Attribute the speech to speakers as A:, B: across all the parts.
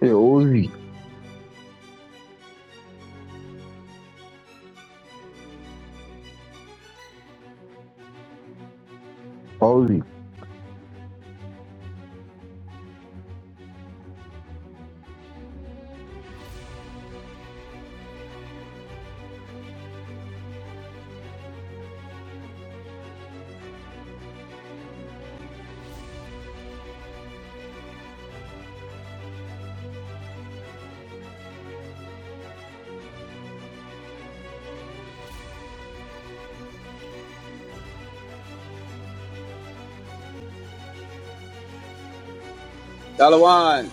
A: Hey, Ozzy. Ozzy.
B: Dalawan.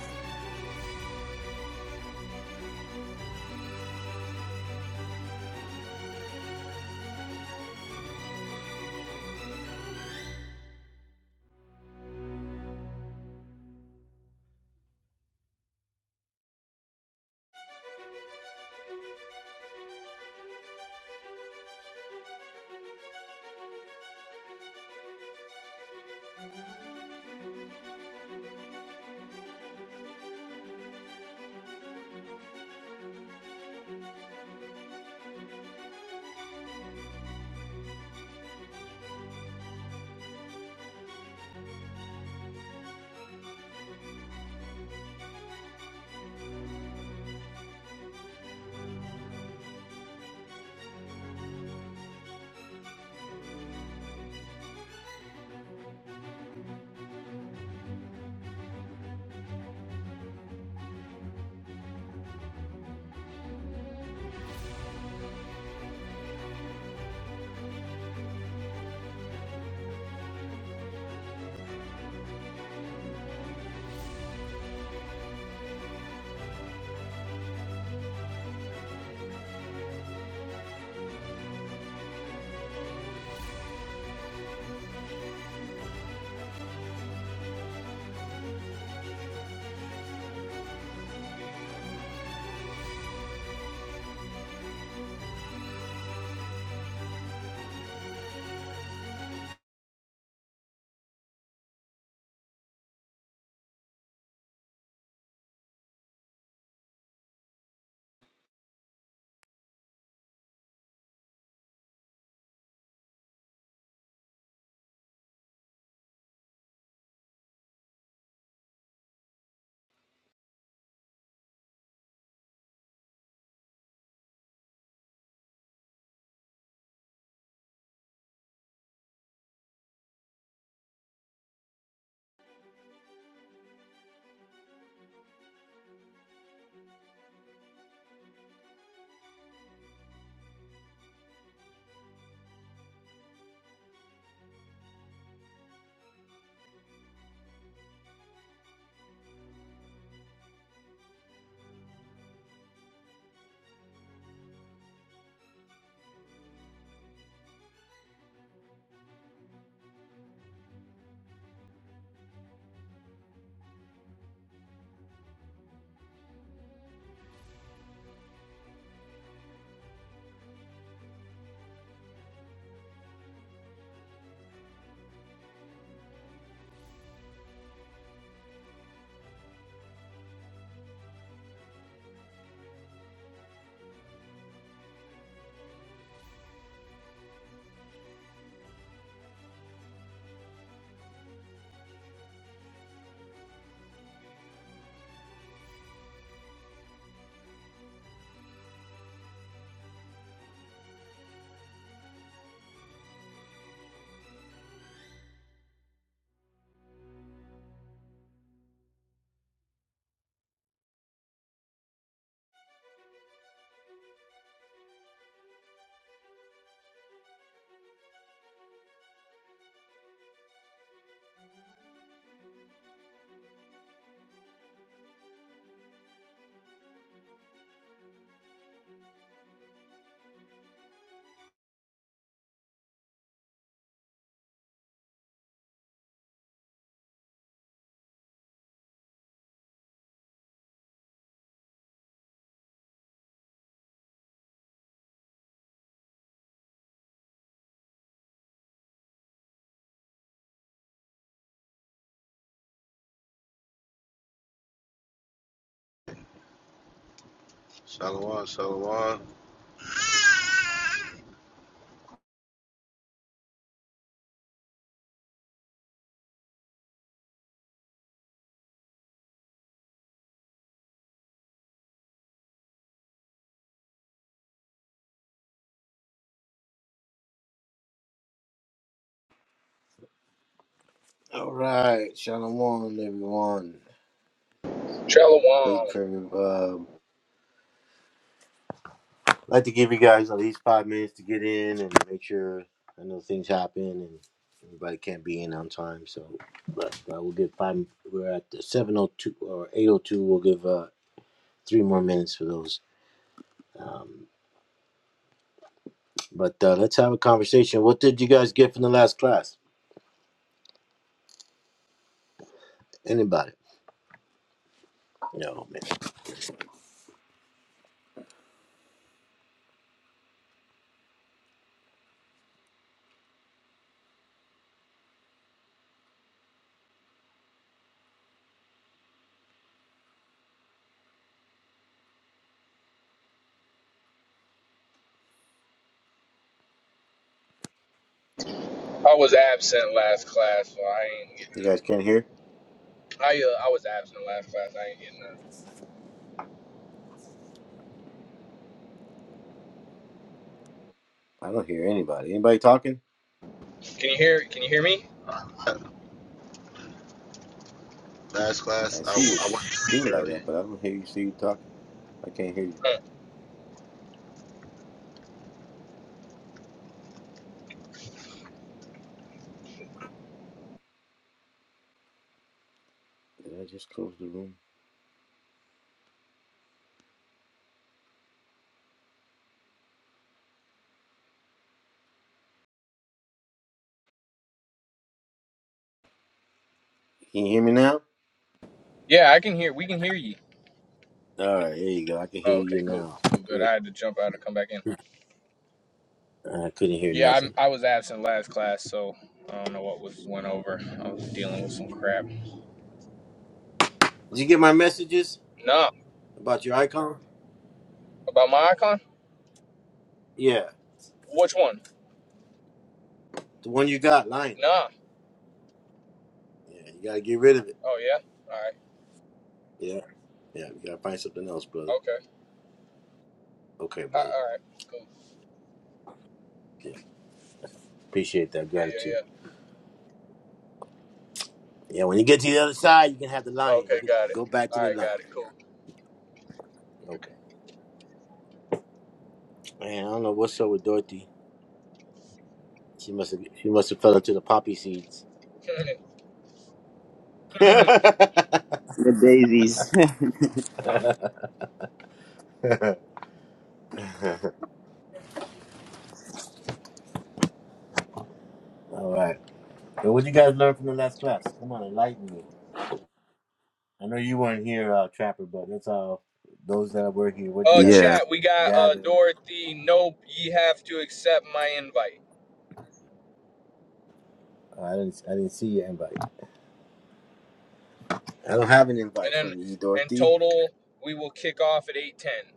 C: Shalom, shalom.
D: Shalom. I was absent last class, so I ain't. Get, I uh, I was absent last class. I ain't getting that. Can you hear? Can you hear me?
C: Last class, I, I went to sleep early.
D: Huh. Yeah, I can hear. We can hear you. Oh, okay, cool, cool, good. I had to jump out and come back in. Yeah, I'm, I was absent last class, so I don't know what was went over. I was dealing with some crap. Nah, about my icon. Which one? Nah. Oh yeah. All right. Okay. Uh, all right. Cool. Yeah, yeah, yeah. Okay, got it. All right, got it. Cool.
B: The daisies.
D: Uh,
B: Yeah.
D: chat. We got uh Dorothy. Nope, ye have to accept my invite. And then in total, we will kick off at eight ten.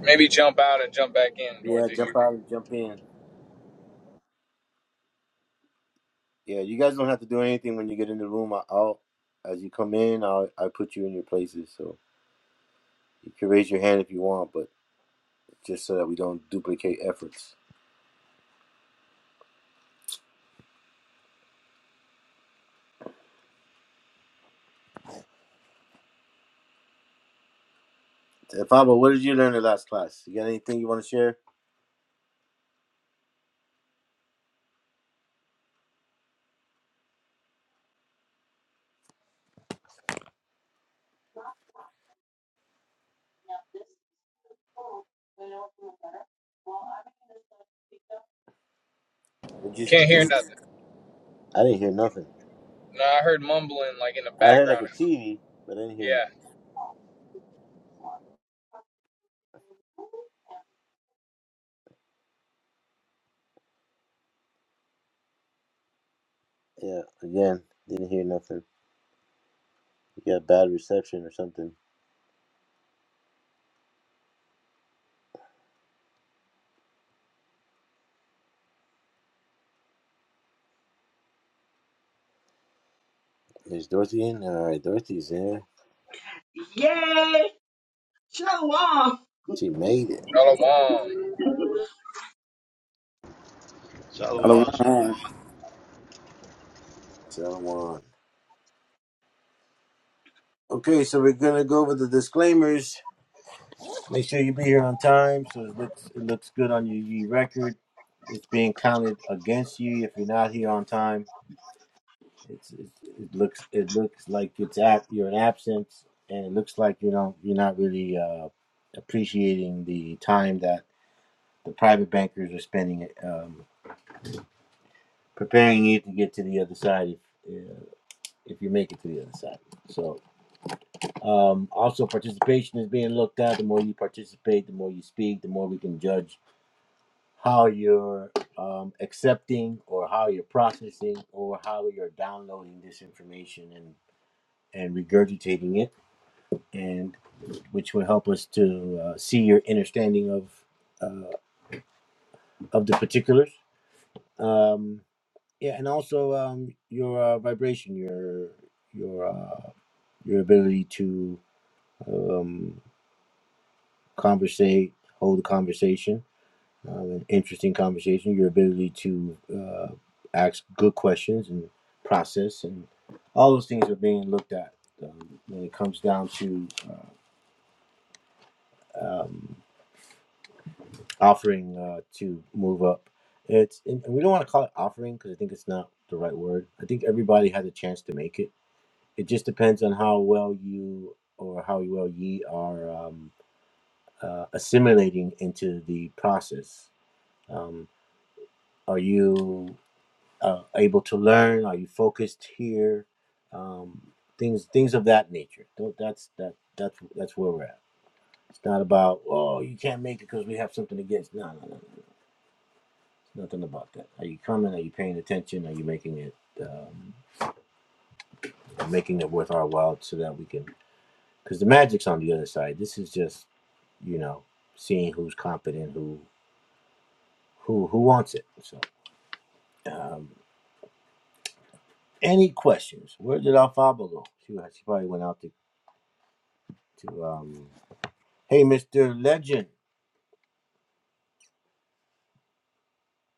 D: Maybe jump out and jump back in, Dorothy. Can't hear nothing. No, I heard mumbling like in the background or something. Yeah.
E: Yay! Show off.
D: Shalom.
C: Shalom.
B: Otherwise,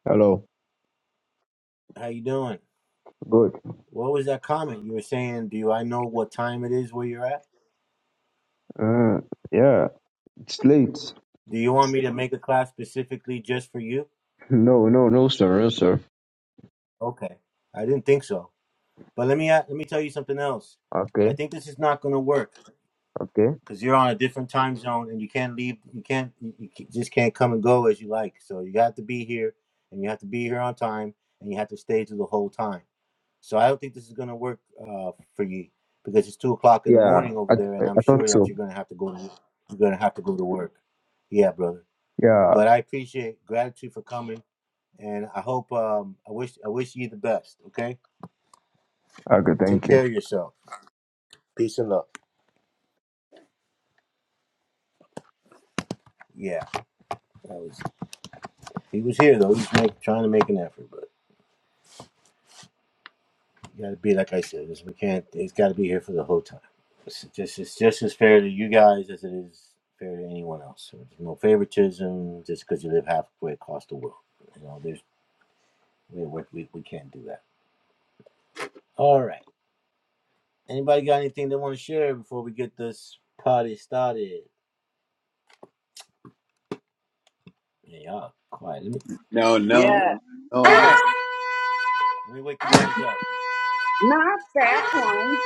A: Hello. Good. Uh, yeah, it's late. No, no, no, sir, no, sir. Okay, okay. Yeah, I, I, I thought so. Yeah, okay, thank you.
B: No, no.
E: Yes,
B: No, i
E: yes, Not that one.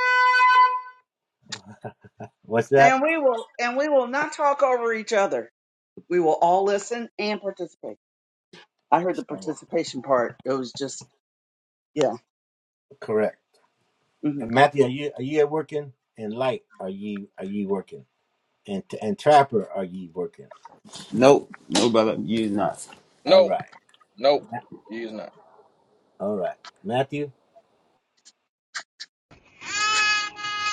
E: and we will, and we will not talk over each other. We will all listen and participate. I heard the participation part. It was just, yeah. hmm
B: nope. No, brother, you not.
D: Nope. Nope. He is not.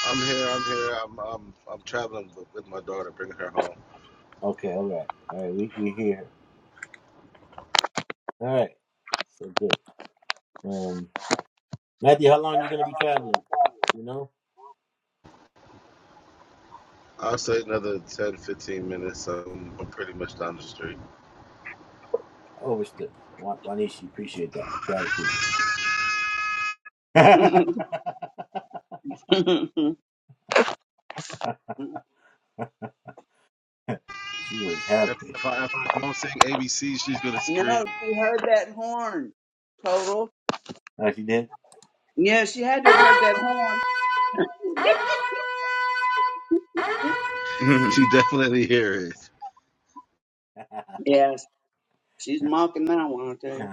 C: I'm here, I'm here. I'm, I'm, I'm traveling with, with my daughter, bringing her home. I'll say another 10, 15 minutes. Um, I'm pretty much down the street.
E: no,
C: If, if, I, if I don't sing ABC, she's going to scream.
E: she heard that horn. Total. Yeah, she had to have heard that horn.
C: She definitely hears it.
E: Yes, she's mocking that one. I tell you.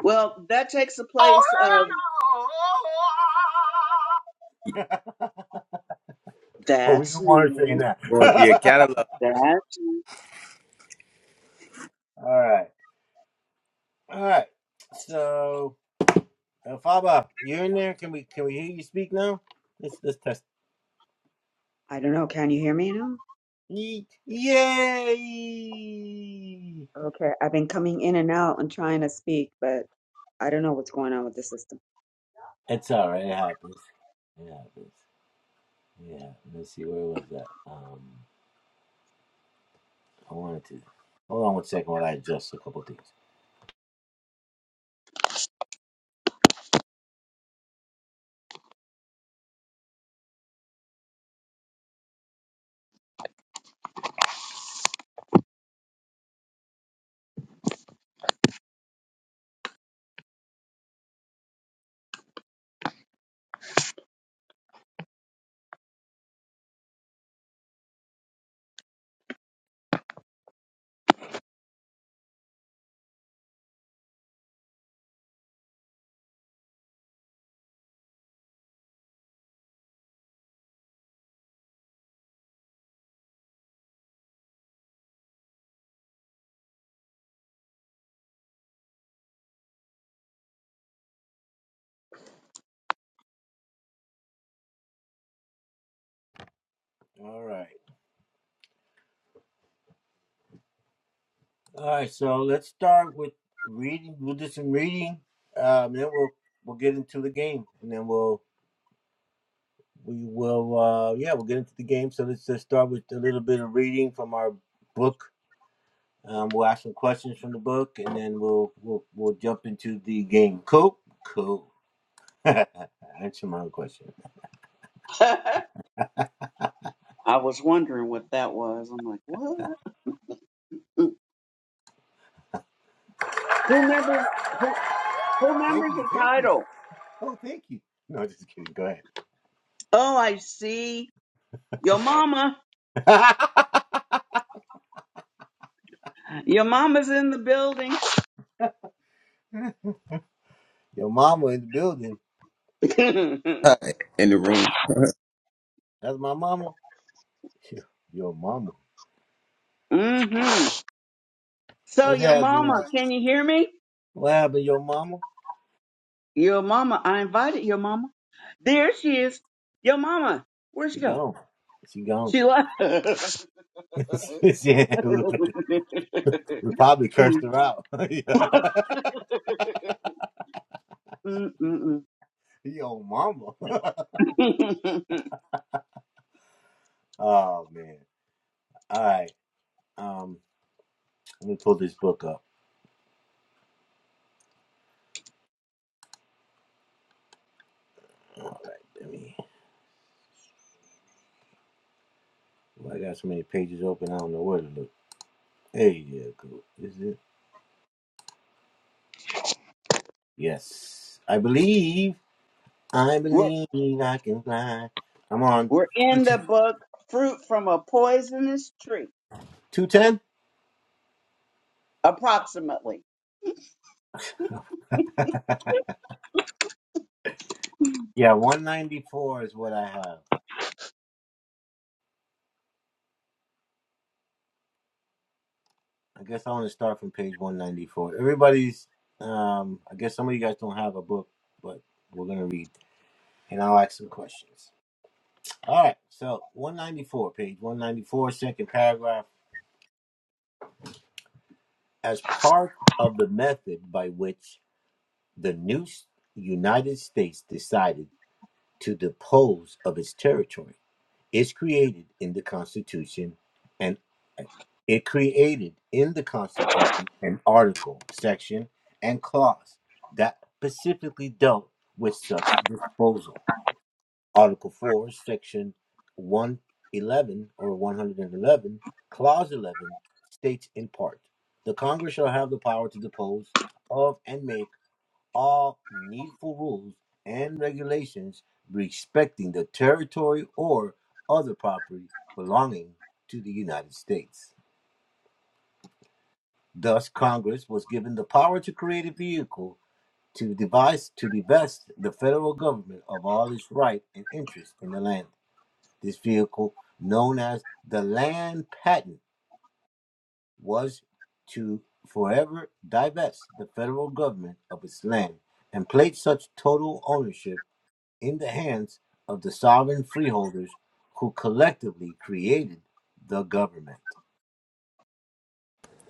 E: Well, that takes the place of that's new.
B: Well, the catalog
E: That's new.
F: I don't know. Can you hear me now? Okay. I've been coming in and out and trying to speak, but I don't know what's going on with this system.
E: I was wondering what that was. I'm like, what? Who members? Who, who members the title? Oh, I see. Your mama. Your mama's in the building.
B: in the room.
E: hmm So, your mama, can you hear me? Your mama. I invited your mama. There she is. Your mama. Where'd she go? She left. Mm, mm, mm, mm. we're, we're in the book Fruit from a Poisonous Tree, approximately.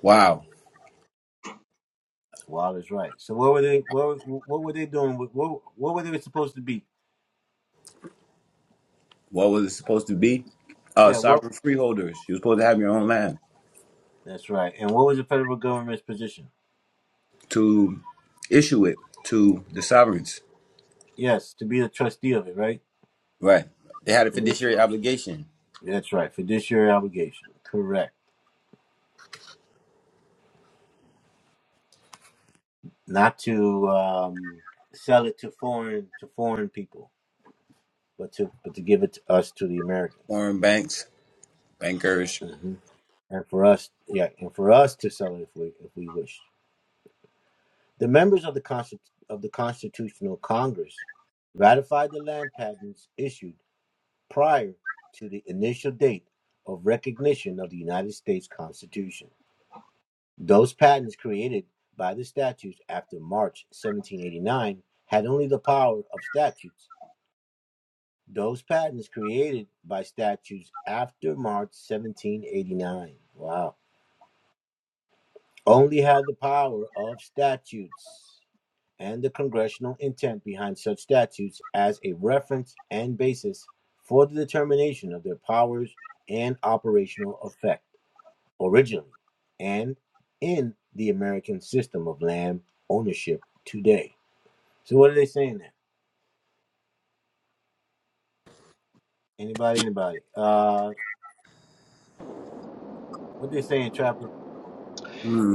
B: Wow. What was it supposed to be? Uh, sovereign freeholders. You're supposed to have your own land to issue it to the sovereigns. Right. They had a fiduciary obligation. Foreign banks, bankers.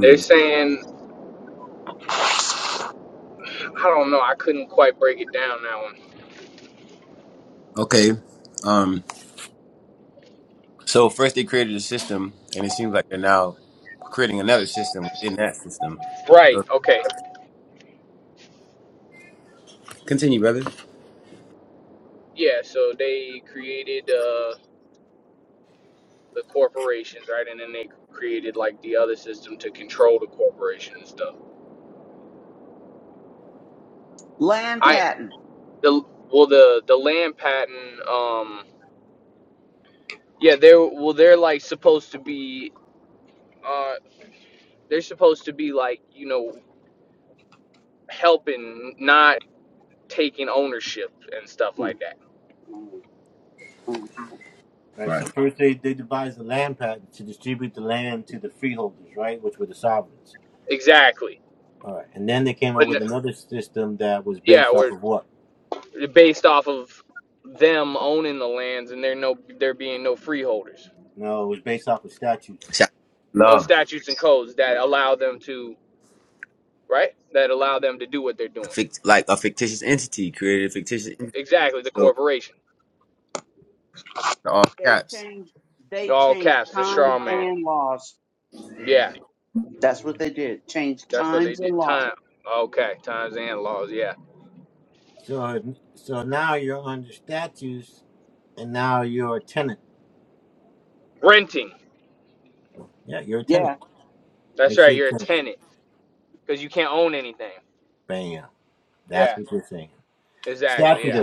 D: They're saying I don't know. I couldn't quite break it down that one.
B: Okay. Um. So first they created a system, and it seems like they're now creating another system within that system. So
D: Right. Okay.
B: continue, brother.
D: Yeah. So they created. uh, the corporations, right? And then they created like the other system to control the corporation and stuff.
E: Land
D: I
E: patent.
D: the well the the land patent, um, yeah, they're well they're like supposed to be, uh, they're supposed to be like you know helping, not taking ownership and stuff like that.
B: All Right.
D: Exactly. But n- yeah, we're based off of them owning the lands and there no there being no freeholders
B: Shall-
D: or
B: Love,
D: statutes and codes that allow them to right? That allow them to do what they're doing.
B: Fict- like a fictitious entity created a fictitious entity.
D: Exactly, the
B: So
D: corporation.
B: in all
E: They
B: caps,
E: changed. They
D: All
E: changed
D: caps, the
E: times
D: straw man.
E: and laws.
D: Yeah,
E: That's what they did. Change
D: that's what they
E: times
D: did.
E: and laws.
D: Time. Okay, times and laws. Yeah. Renting.
E: Yeah.
D: That's right, you're a tenant because you can't own anything. Yeah, exactly. Yeah.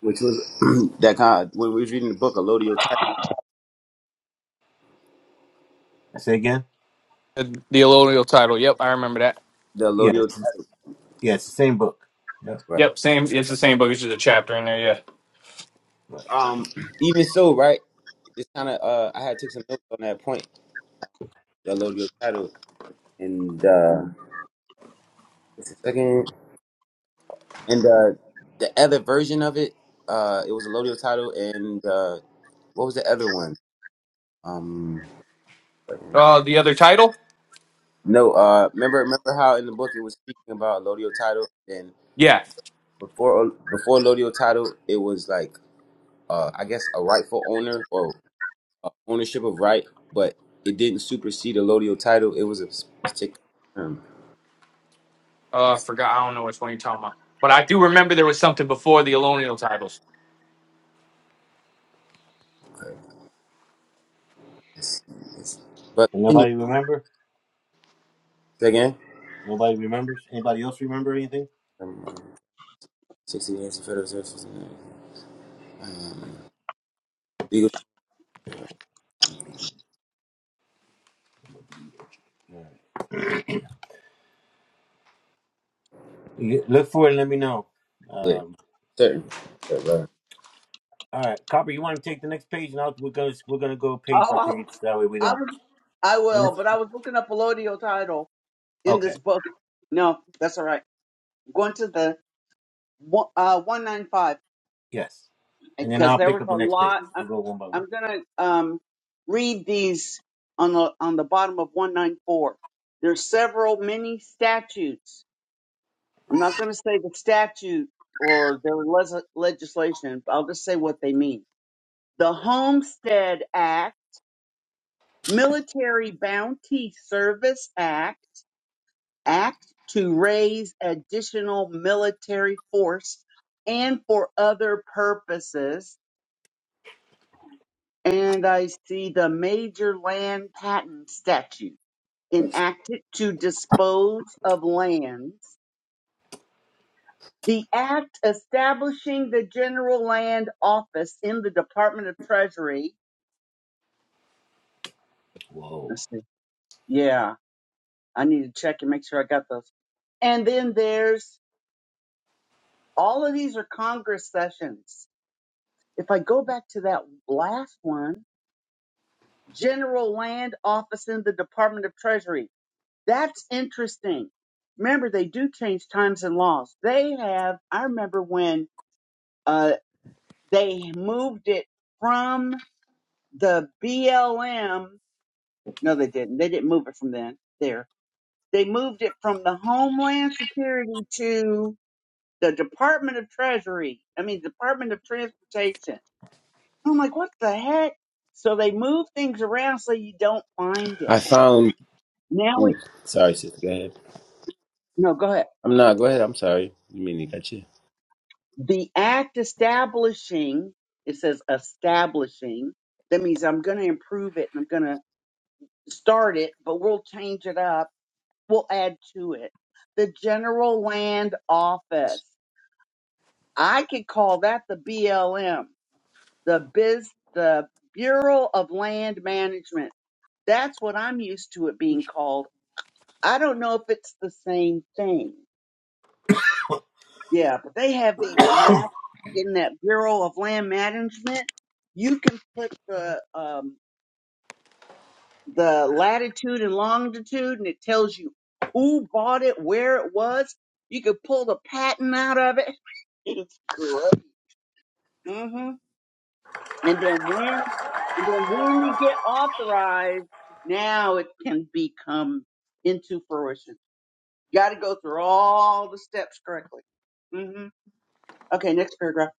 B: which was that kind. Of, when we was reading the book, Elodio title,
D: The the allodial title. Yep, I remember that.
B: the Elodio title. Right.
D: Yep, same. It's the same book. It's just a chapter in there. Yeah.
B: Um. Even so, right. Just kind of. Uh, I had took some notes on that point. The Elodio title, and uh, just a second. And uh, the other version of it, uh, it was a Lodio title, and uh, what was the other one? Um,
D: Uh, the other title?
B: no, uh, remember remember how in the book it was speaking about Lodio title, and
D: Yeah.
B: before before Lodio title, it was like uh, I guess a rightful owner or uh, ownership of right, but it didn't supersede a Lodio title. It was a s- particular term.
D: Uh,
B: It's-
D: forgot. I don't know which one you're talking about. But I do remember there was something before the allodial titles.
B: it's- But continue Say again. Um, Sixty years of federal service. Um, Look, certain. Right.
E: I, I was. I was. I will. But I was looking up a Lodio title in this book. No, that's all right. I'm going to the one- uh, one nine five because there was a lot. I, I'm gonna um read these on the on the bottom of one nine four. There's several mini statutes I'm not going to say the statute or their les- legislation. I'll just say what they mean. The Homestead Act, Military Bounty Service Act, Act to raise additional military force and for other purposes. And I see the Major Land Patent Statute enacted to dispose of lands The act establishing the general land office in the Department of Treasury. Let's see. Yeah, I need to check and make sure I got those. And then there's all of these are Congress sessions. If I go back to that last one, general land office in the Department of Treasury. That's interesting. Remember, they do change times and laws. They have, I remember when uh, they moved it from the BLM No, they didn't. They didn't move it from then there. They moved it from the Homeland Security to the Department of Treasury. I mean, Department of Transportation. I'm like, what the heck? So they move things around so you don't find it.
B: I found.
E: Now
B: Ooh,
E: we
B: sorry, sister. Go ahead.
E: no, go ahead.
B: I'm not. Go ahead. I'm sorry. You mean to got you?
E: The act establishing it says establishing. That means I'm going to improve it and I'm going to start it, but we'll change it up. We'll add to it. The General Land Office. I could call that the BLM, the biz, the Bureau of Land Management. That's what I'm used to it being called. I don't know if it's the same thing. Yeah, but they have these maps in that Bureau of Land Management. You can put the um, the latitude and longitude, and it tells you who bought it, where it was. You could pull the patent out of it. It's great. hmm And then when, and then when you get authorized, now it can become into fruition. You got to go through all the steps correctly. hmm Okay, next paragraph.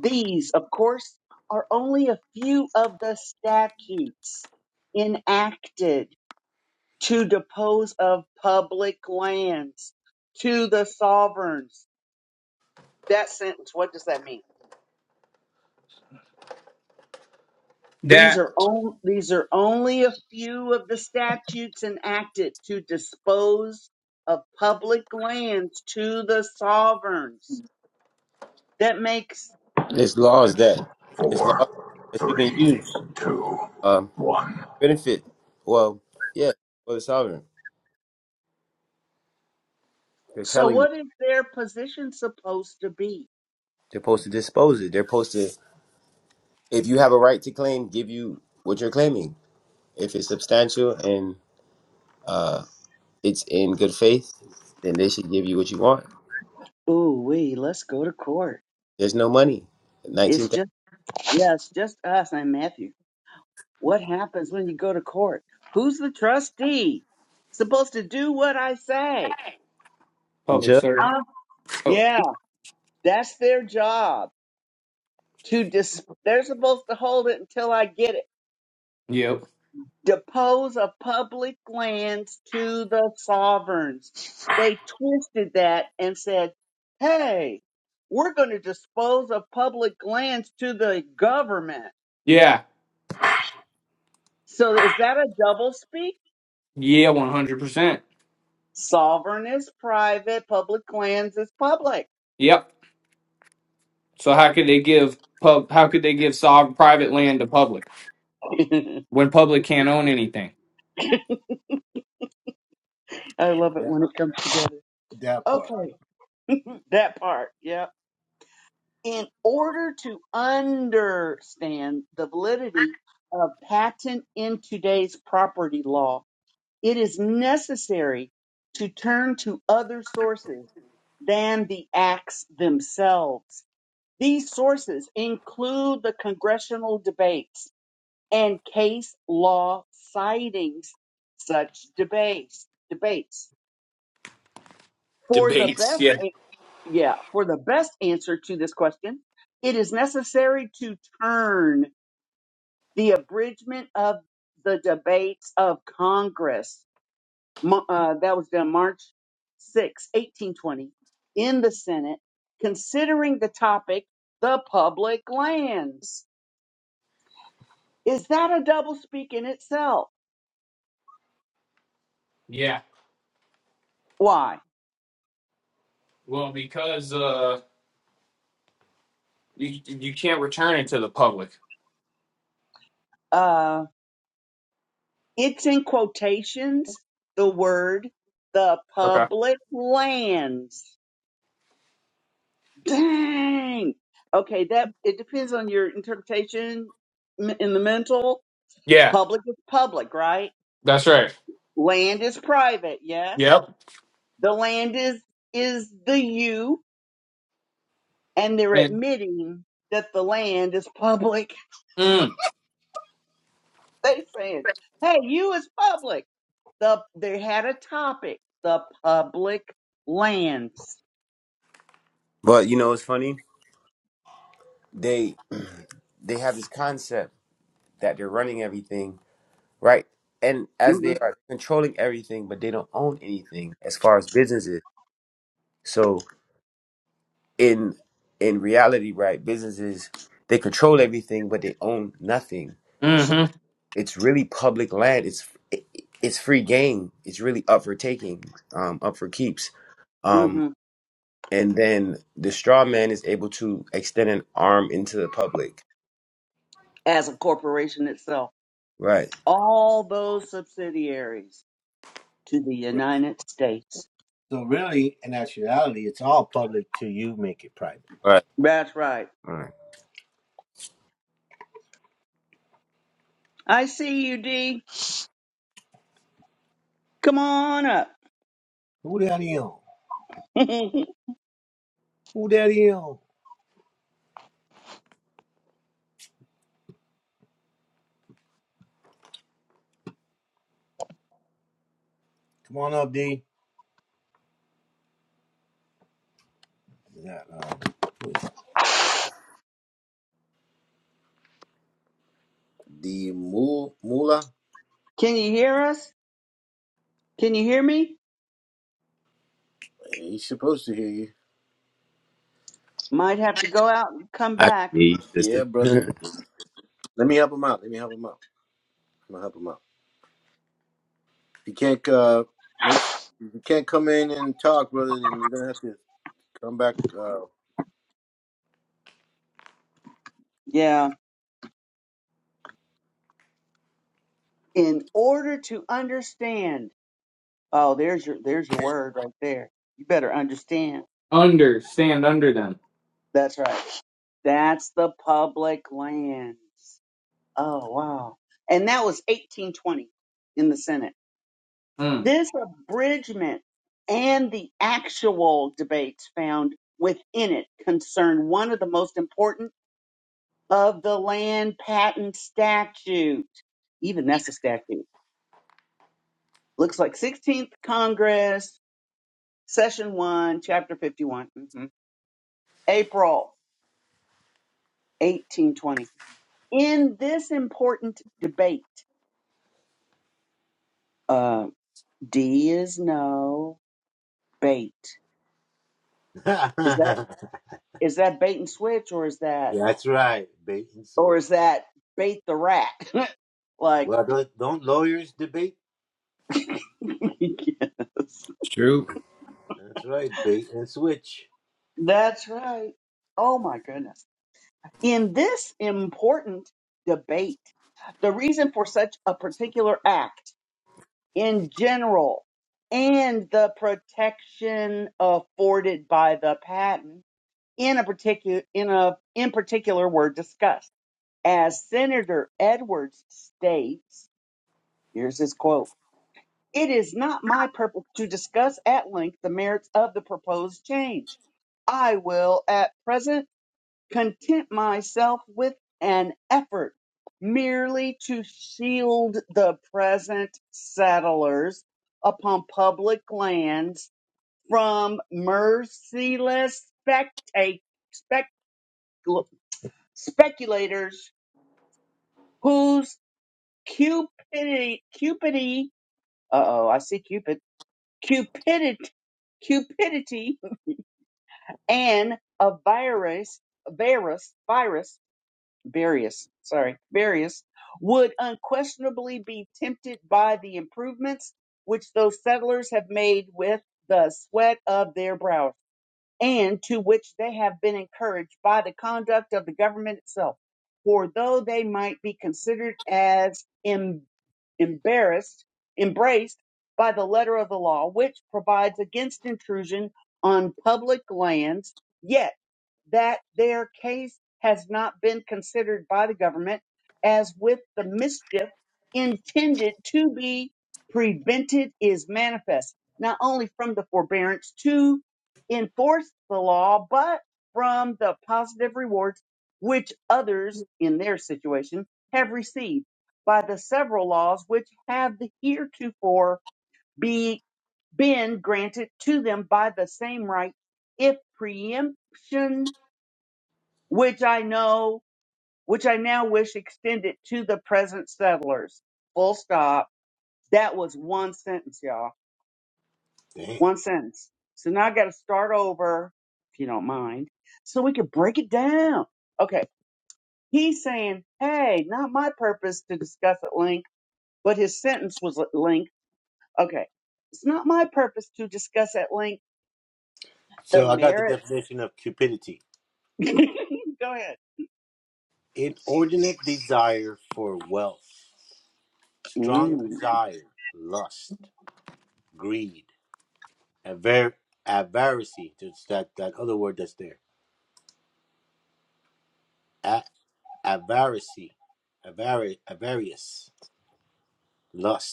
E: These, of course, are only a few of the statutes enacted to depose of public lands to the sovereigns. That sentence, what does that mean? These
D: That.
E: are on, these are only a few of the statutes enacted to dispose of public lands to the sovereigns. That makes
B: It's laws
G: Five,
B: that. It's laws
G: four,
B: that you can
G: three,
B: use.
G: two,
B: Um,
G: one.
B: benefit. Well, yeah. For the sovereign, they're
E: so
B: telling you
E: what is their position supposed to be?
B: they're supposed to dispose it. They're supposed to. If you have a right to claim, give you what you're claiming. If it's substantial and uh, it's in good faith, then they should give you what you want.
E: Ooh wee, let's go to court.
B: There's no money.
E: It's
B: 19,000.
E: just yeah, it's just us and Matthew. What happens when you go to court? Who's the trustee? Supposed to do what I say.
D: Public service.
E: Uh,
D: Oh,
E: yeah, that's their job. to dis- they're supposed to hold it until I get it.
D: yep.
E: Depose of public lands to the sovereigns. They twisted that and said, hey, we're going to dispose of public lands to the government.
D: Yeah.
E: So is that a double speak?
D: Yeah, one hundred percent.
E: Sovereign is private, public lands is public.
D: Yep. So how could they give pub? How could they give sovereign private land to public
E: I
D: when public can't own anything?
E: love it when it comes together. Okay, that part. Yeah. in order to understand the validity of patent in today's property law, it is necessary to turn to other sources than the acts themselves. These sources include the congressional debates and case law sightings such debates, debates for the
D: Debates.
E: best
D: Yeah.
E: yeah, for the best answer to this question, it is necessary to turn the abridgment of the debates of Congress, mo- uh, that was done March 6, 1820, in the Senate, considering the topic, the public lands. Is that a doublespeak in itself?
D: Yeah.
E: Why?
D: Well, because uh, you you can't return it to the public.
E: Uh, it's in quotations, the word, the
D: Okay.
E: public lands Dang. Okay, that it depends on your interpretation m- in the mental.
D: Yeah,
E: Public is public, right?
D: that's right.
E: Land is private, yes.
D: Yep.
E: The land is is the you, and they're
D: And
E: admitting that the land is public.
D: mm,
E: They saying, "Hey, you is public." The they had a topic, the public lands,
B: But you know, it's funny. they they have this concept that they're running everything right and as
E: hmm
B: they are controlling everything but they don't own anything as far as businesses so in in reality right businesses they control everything but they own nothing so
D: mm-hmm.
B: it's really public land it's it, it's free game it's really up for taking um up for keeps um
E: hmm
B: and then the straw man is able to extend an arm into the public
E: as a corporation itself.
B: right
E: All those subsidiaries to the United States.
B: right
E: That's right.
B: Right.
E: I see you, D. Come on up. Can you hear us? Can you hear me? Might have to go out and come
B: I
E: back.
B: need sister.
E: Yeah. In order to understand. Oh, there's your there's your word right there. You better understand.
D: Under stand under them.
E: That's right. That's the public lands. Oh wow. And that was 1820 in the Senate.
D: Mm.
E: This abridgment and the actual debates found within it concern one of the most important of the land patent statute. Even that's a statute. Looks like 16th Congress, Session 1, Chapter 51, mhm, April 1820. In this important debate, uh, D is no, bait. Is that is that bait and switch or is that or is that bait the rat? Like, yes,
B: It's true.
E: that's right. Oh my goodness. In this important debate, the reason for such a particular act in general and the protection afforded by the patent in a particular in a in particular were discussed. As Senator Edwards states, here's his quote. It is not my purpose to discuss at length the merits of the proposed change. I will at present content myself with an effort merely to shield the present settlers upon public lands from merciless specta- spec- speculators whose cupidity, cupidity, uh oh, I see cupid cupidity, cupidity and a virus, virus, virus, various, sorry, various would unquestionably be tempted by the improvements which those settlers have made with the sweat of their brow and to which they have been encouraged by the conduct of the government itself. For though they might be considered as em- embarrassed, embraced by the letter of the law, which provides against intrusion on public lands, yet that their case has not been considered by the government as with the mischief intended to be prevented is manifest, not only from the forbearance to enforce the law, but from the positive rewards which others in their situation have received by the several laws which have heretofore be, been granted to them by the same right, if preemption which I know, which I now wish extended to the present settlers. Full stop. That was one sentence, y'all. One sentence. So now I got to start over, if you don't mind, so we can break it down. Okay. He's saying, hey, not my purpose to discuss at length, but his sentence was at length. Okay. It's not my purpose to discuss at length the merits. Go ahead. Mm.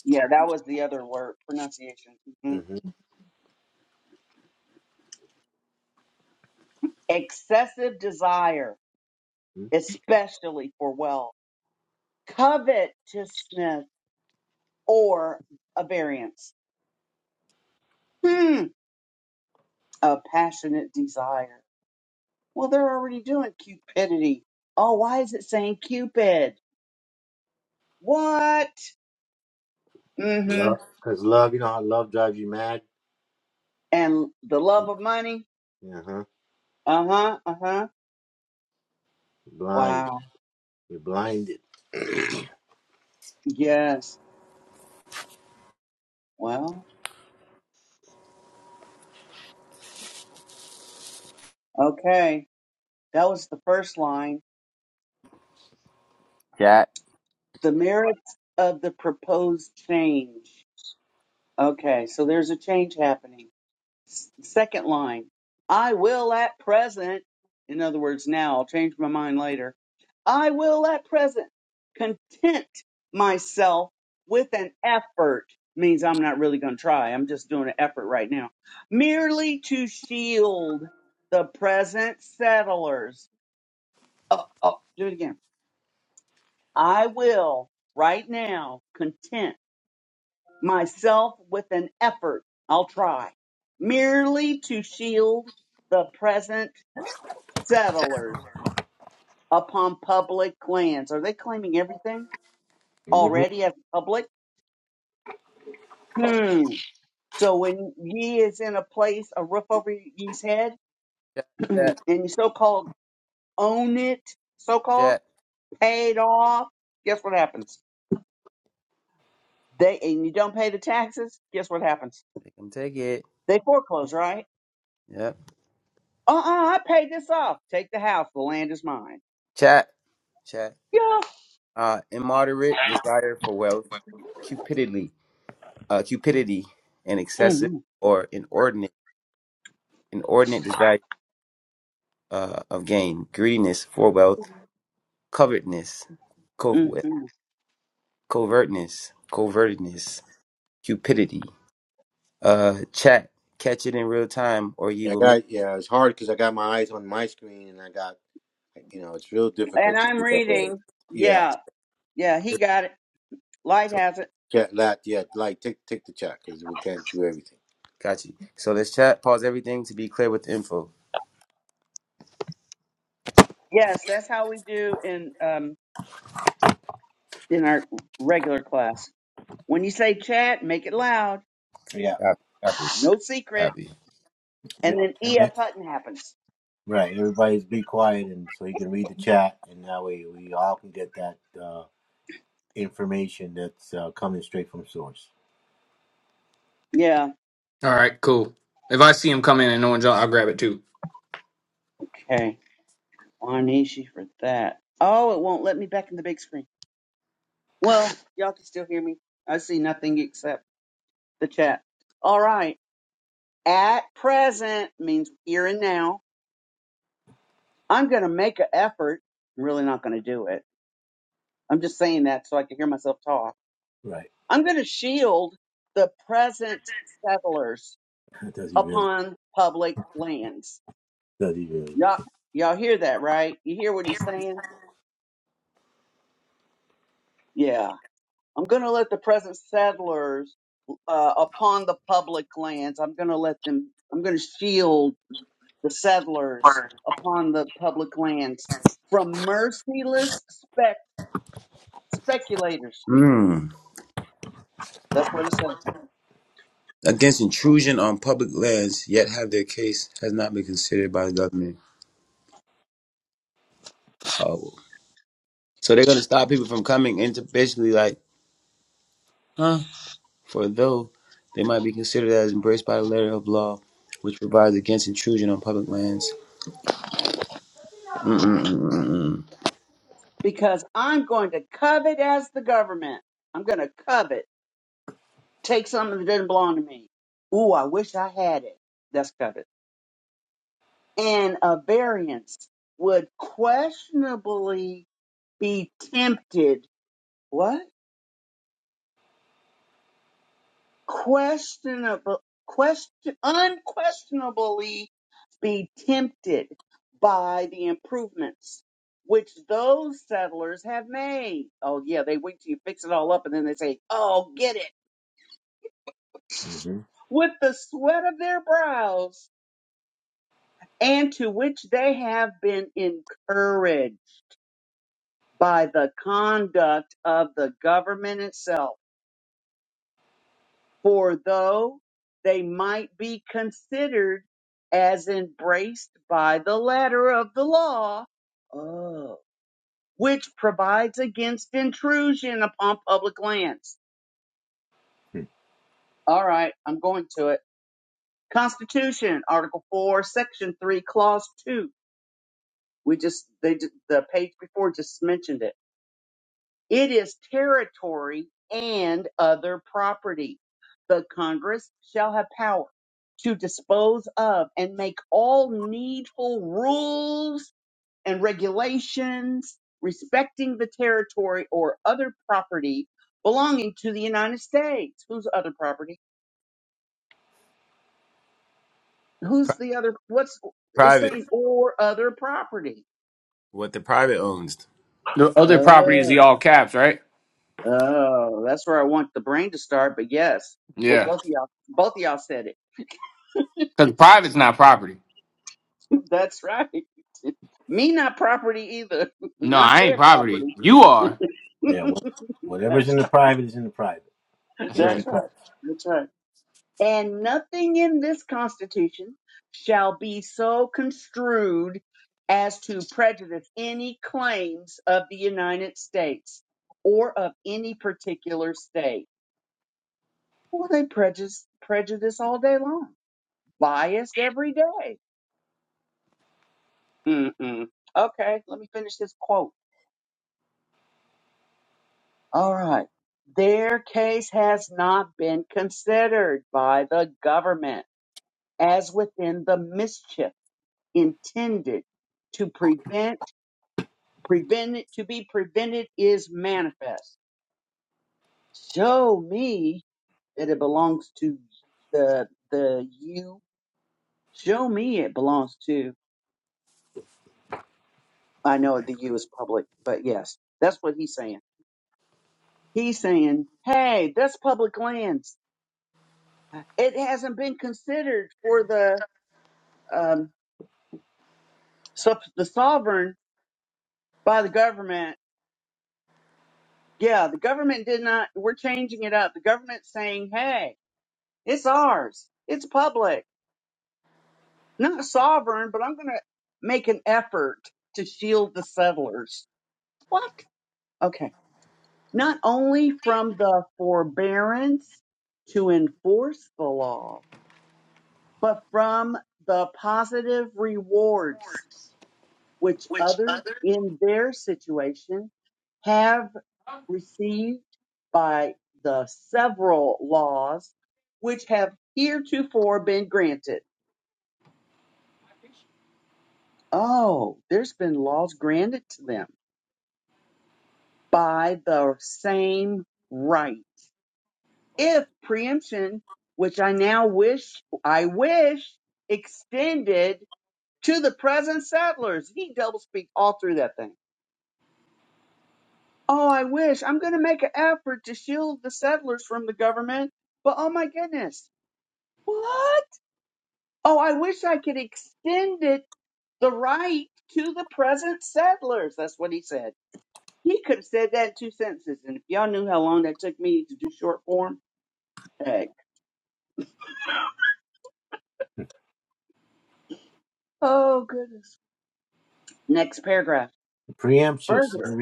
E: Yeah, that was the other word, pronunciation. Mhm. Excessive desire, especially for wealth, covetousness, or a variance. Hmm. a passionate desire. Well, they're already doing cupidity. Oh, why is it saying Cupid? What? Mm-hmm. And the love of money? Uh-huh. Uh-huh. Wow. Yes. Well, okay. That was the first line.
B: chat,
E: The merits of the proposed change. Okay, so there's a change happening. S- Second line, I will at present, in other words, now, I'll change my mind later. I will at present content myself with an effort, means I'm not really going to try. I'm just doing an effort right now, merely to shield the present settlers. Oh, oh, do it again. I will right now content myself with an effort, I'll try, merely to shield the present settlers upon public lands. Are they claiming everything already as public? Hmm. So when ye is in a place, a roof over ye's head,
B: chat,
E: and
B: chat,
E: you so-called own it, so-called
B: chat.
E: paid off, guess what happens? They and you don't pay the taxes, guess what happens?
B: They can take it.
E: They foreclose, right?
B: Yep.
E: Uh-uh, I paid this off. Take the house. The land is mine.
B: Chat, chat.
E: Yo,
B: Uh, immoderate desire for wealth, cupidity, uh, cupidity, and excessive
E: hmm
B: or inordinate, inordinate desire uh, of gain, greediness for wealth, covetousness, cov-
E: hmm
B: covertness, covertedness, cupidity. Uh, chat, catch it in real time, or you will miss.
E: And I'm reading. Yeah, yeah, he
B: it.
E: got it. Light
B: So
E: has it.
B: Got you. So let's chat, pause everything to be clear with the info.
E: Yes, that's how we do in um in our regular class. When you say chat, make it loud,
B: Copy. Copy.
E: no secret,
B: Copy.
E: and then E.F. Hutton happens. Yeah.
D: All right. Cool. If I see him come in and no one's, on, I'll grab it too.
E: Okay. Wanishi for that. Oh, it won't let me back in the big screen. Well, y'all can still hear me. I see nothing except the chat. All right. At present means here and now. I'm gonna make an effort. I'm really not gonna do it I'm just saying that so I can hear myself talk. I'm going to shield the present settlers upon public lands. Y'all, y'all hear that, right? You hear what he's saying? Yeah. I'm going to let the present settlers uh, upon the public lands. I'm going to let them, I'm going to shield the settlers
D: Word.
E: upon the public lands from merciless spec- speculators.
B: Mm.
E: That's what it says.
B: Against intrusion on public lands, yet have their case has not been considered by the government. Oh. So they're going to stop people from coming into basically like, huh, for though they might be considered as embraced by the letter of law, which provides against intrusion on public lands. Mm-mm-mm-mm.
E: because I'm going to covet as the government. I'm going to covet, take something that didn't belong to me. Ooh, I wish I had it. That's covet. And a variance would questionably be tempted. What? Questionable, question, unquestionably be tempted by the improvements which those settlers have made. Oh yeah, they wait till you fix it all up and then they say, "Oh, get it." with the sweat of their brows, and to which they have been encouraged by the conduct of the government itself. For though they might be considered as embraced by the letter of the law, oh, which provides against intrusion upon public lands. All right, I'm going to it. Constitution, Article 4, Section 3, Clause 2 We just they ju- the page before just mentioned it. It is territory and other property. The Congress shall have power to dispose of and make all needful rules and regulations respecting the territory or other property belonging to the United States. Whose other property?
B: Pri-
E: Who's the other? What's it's
B: Private.
E: saying or other property?
B: What the private owns.
D: The other property is the all caps, right?
E: Oh, that's where I want the brain to start. But yes, well,
D: Yeah.
E: both of y'all, both of y'all said it.
D: Because private's not property.
E: that's right. Me not property either.
D: No,
E: not
D: I ain't
E: their
D: poverty.
E: property.
D: You are.
E: that's right.
D: That's right.
E: That's right. That's right. And nothing in this Constitution shall be so construed as to prejudice any claims of the United States or of any particular state. Well, they prejudice prejudice all day long. biased every day. Mm-hmm. Okay, let me finish this quote. All right. Their case has not been considered by the government as within the mischief intended to prevent prevented to be prevented is manifest. Show me that it belongs to the the you. Show me it belongs to I know the you is public, but yes, that's what he's saying He's saying, hey, that's public lands. It hasn't been considered for the um, sub- the sovereign by the government. Yeah, the government did not. We're changing it up. The government's saying, hey, it's ours. It's public, not sovereign, but I'm going to make an effort to shield the settlers. What? Okay. Not only from the forbearance to enforce the law but from the positive rewards which others in their situation have received by the several laws which have heretofore been granted. Oh, there's been laws granted to them by the same right. If preemption, which I now wish, I wish extended to the present settlers, he double speak all through that thing Oh, I wish. I'm going to make an effort to shield the settlers from the government, but oh my goodness. What? Oh, I wish I could extend it the right to the present settlers. That's what he said. He could have said that in two sentences. And if y'all knew how long that took me to do short form, heck. Oh, goodness. Next paragraph. Further,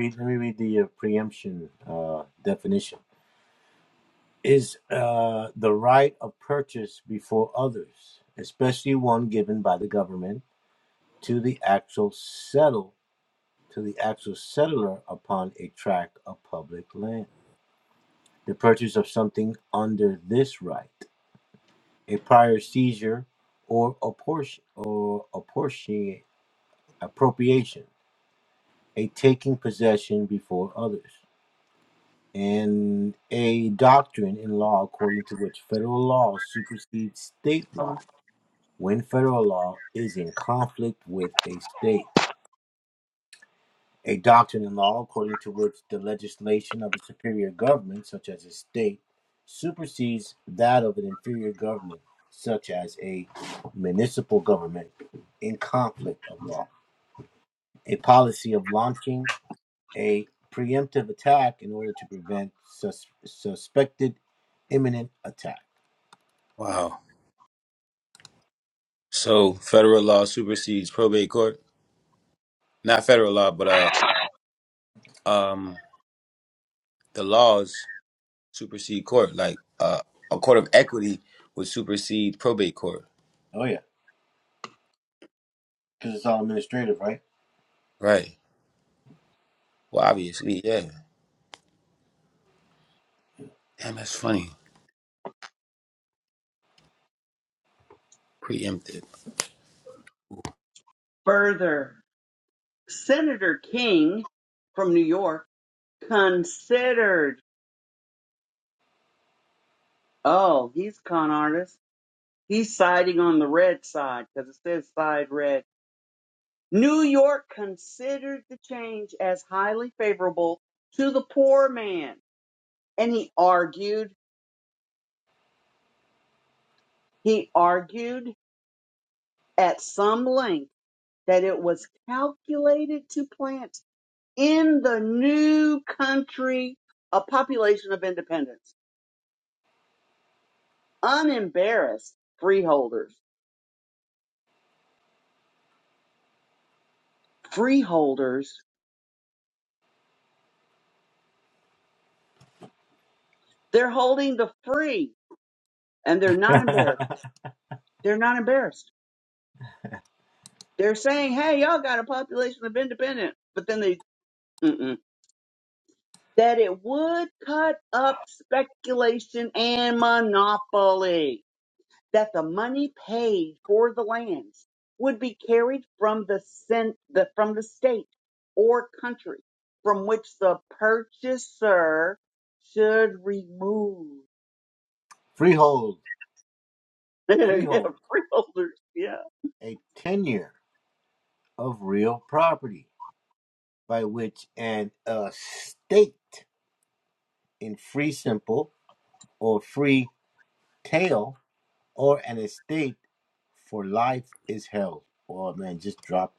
B: Wow. So federal law supersedes probate court. Not federal law, but uh, um, the laws supersede court. Like uh, a court of equity would supersede probate court. Right. Well, obviously, yeah. Damn, that's funny. Preempted.
E: further. Senator King from New York considered, oh, he's a con artist He's siding on the red side because it says side red. New York considered the change as highly favorable to the poor man. And he argued, he argued at some length that it was calculated to plant in the new country a population of independents, unembarrassed freeholders. Freeholders, they're holding the free and they're not embarrassed. They're not embarrassed. They're saying, hey, y'all got a population of independent, but then they, mm-mm, that it would cut up speculation and monopoly, that the money paid for the lands would be carried from the, cent- the from the state or country from which the purchaser should remove. yeah, freeholders. Yeah.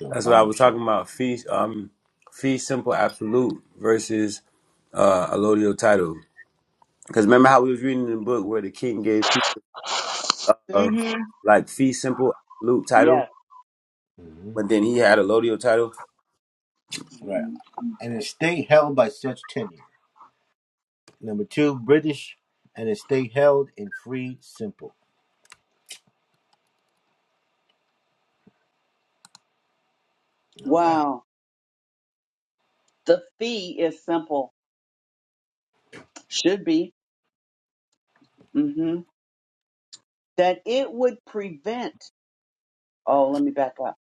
B: That's what I was talking about. Fee, um, fee simple absolute versus uh, allodial title. Because remember how we was reading the book where the king gave people uh,
E: hmm
B: like fee simple absolute title,
E: Yes.
B: but then he had allodial title.
E: Wow. The fee is simple. Should be. Mhm. that it would prevent, oh, let me back up.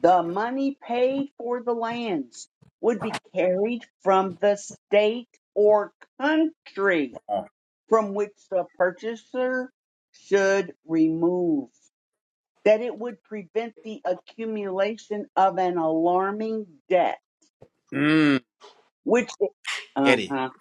E: The money paid for the lands would be carried from the state or country
B: Uh,
E: from which the purchaser should remove. That it would prevent the accumulation of an alarming debt,
B: mm,
E: which,
B: get it.
E: uh-huh,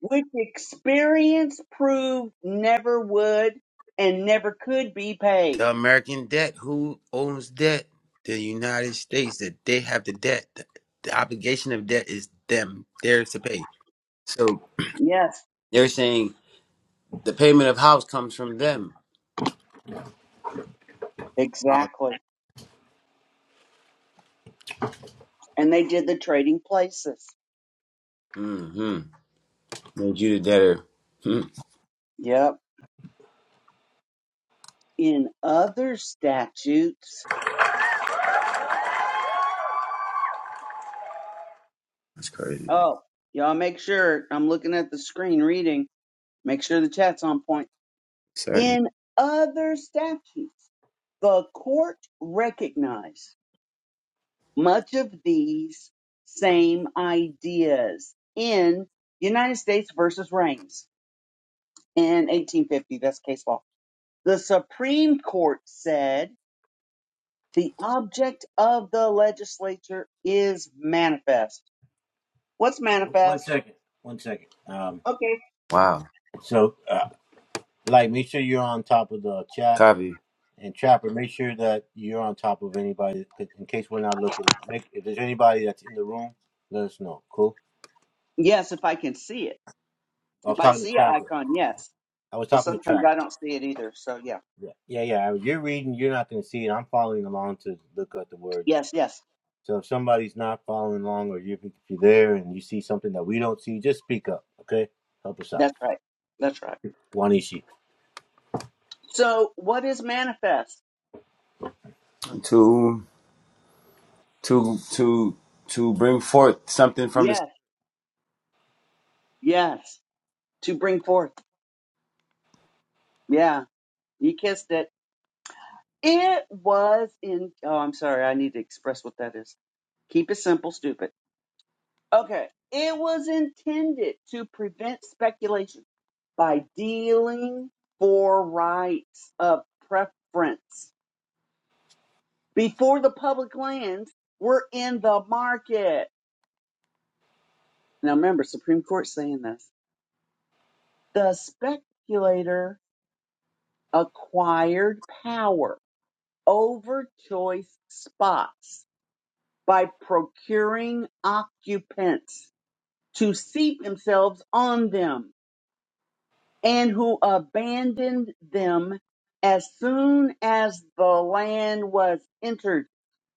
E: which experience proved never would and never could be paid.
B: The American debt, who owns debt? The United States, that they have the debt. The, the obligation of debt is them. They're to pay. So
E: Yes,
B: they're saying the payment of house comes from them. Uh,
E: exactly. and they did the trading places.
B: hmm Made you the debtor. Hmm.
E: Yep. In other statutes,
B: That's crazy.
E: oh, y'all make sure I'm looking at the screen reading, make sure the chat's on point.
B: Certain.
E: In other statutes, the court recognized much of these same ideas in United States versus Reigns in 1850. That's case law. The Supreme Court said The object of the legislature is manifest. What's manifest? Okay.
B: Wow. Copy.
E: Yes, if I can see it. If I see an icon, yes. But sometimes I don't see it either. So, yeah. Yes, yes. That's right. That's right. So, what is manifest?
B: To to to to bring forth something from this.
E: Yes, yes. To bring forth. Yeah. You kissed it. It was in. Oh, I'm sorry. I need to express what that is. Keep it simple, stupid. Okay. It was intended to prevent speculation by dealing for rights of preference before the public lands were in the market. Now remember, Supreme Court saying this. The speculator acquired power over choice spots by procuring occupants to seat themselves on them and who abandoned them as soon as the land was entered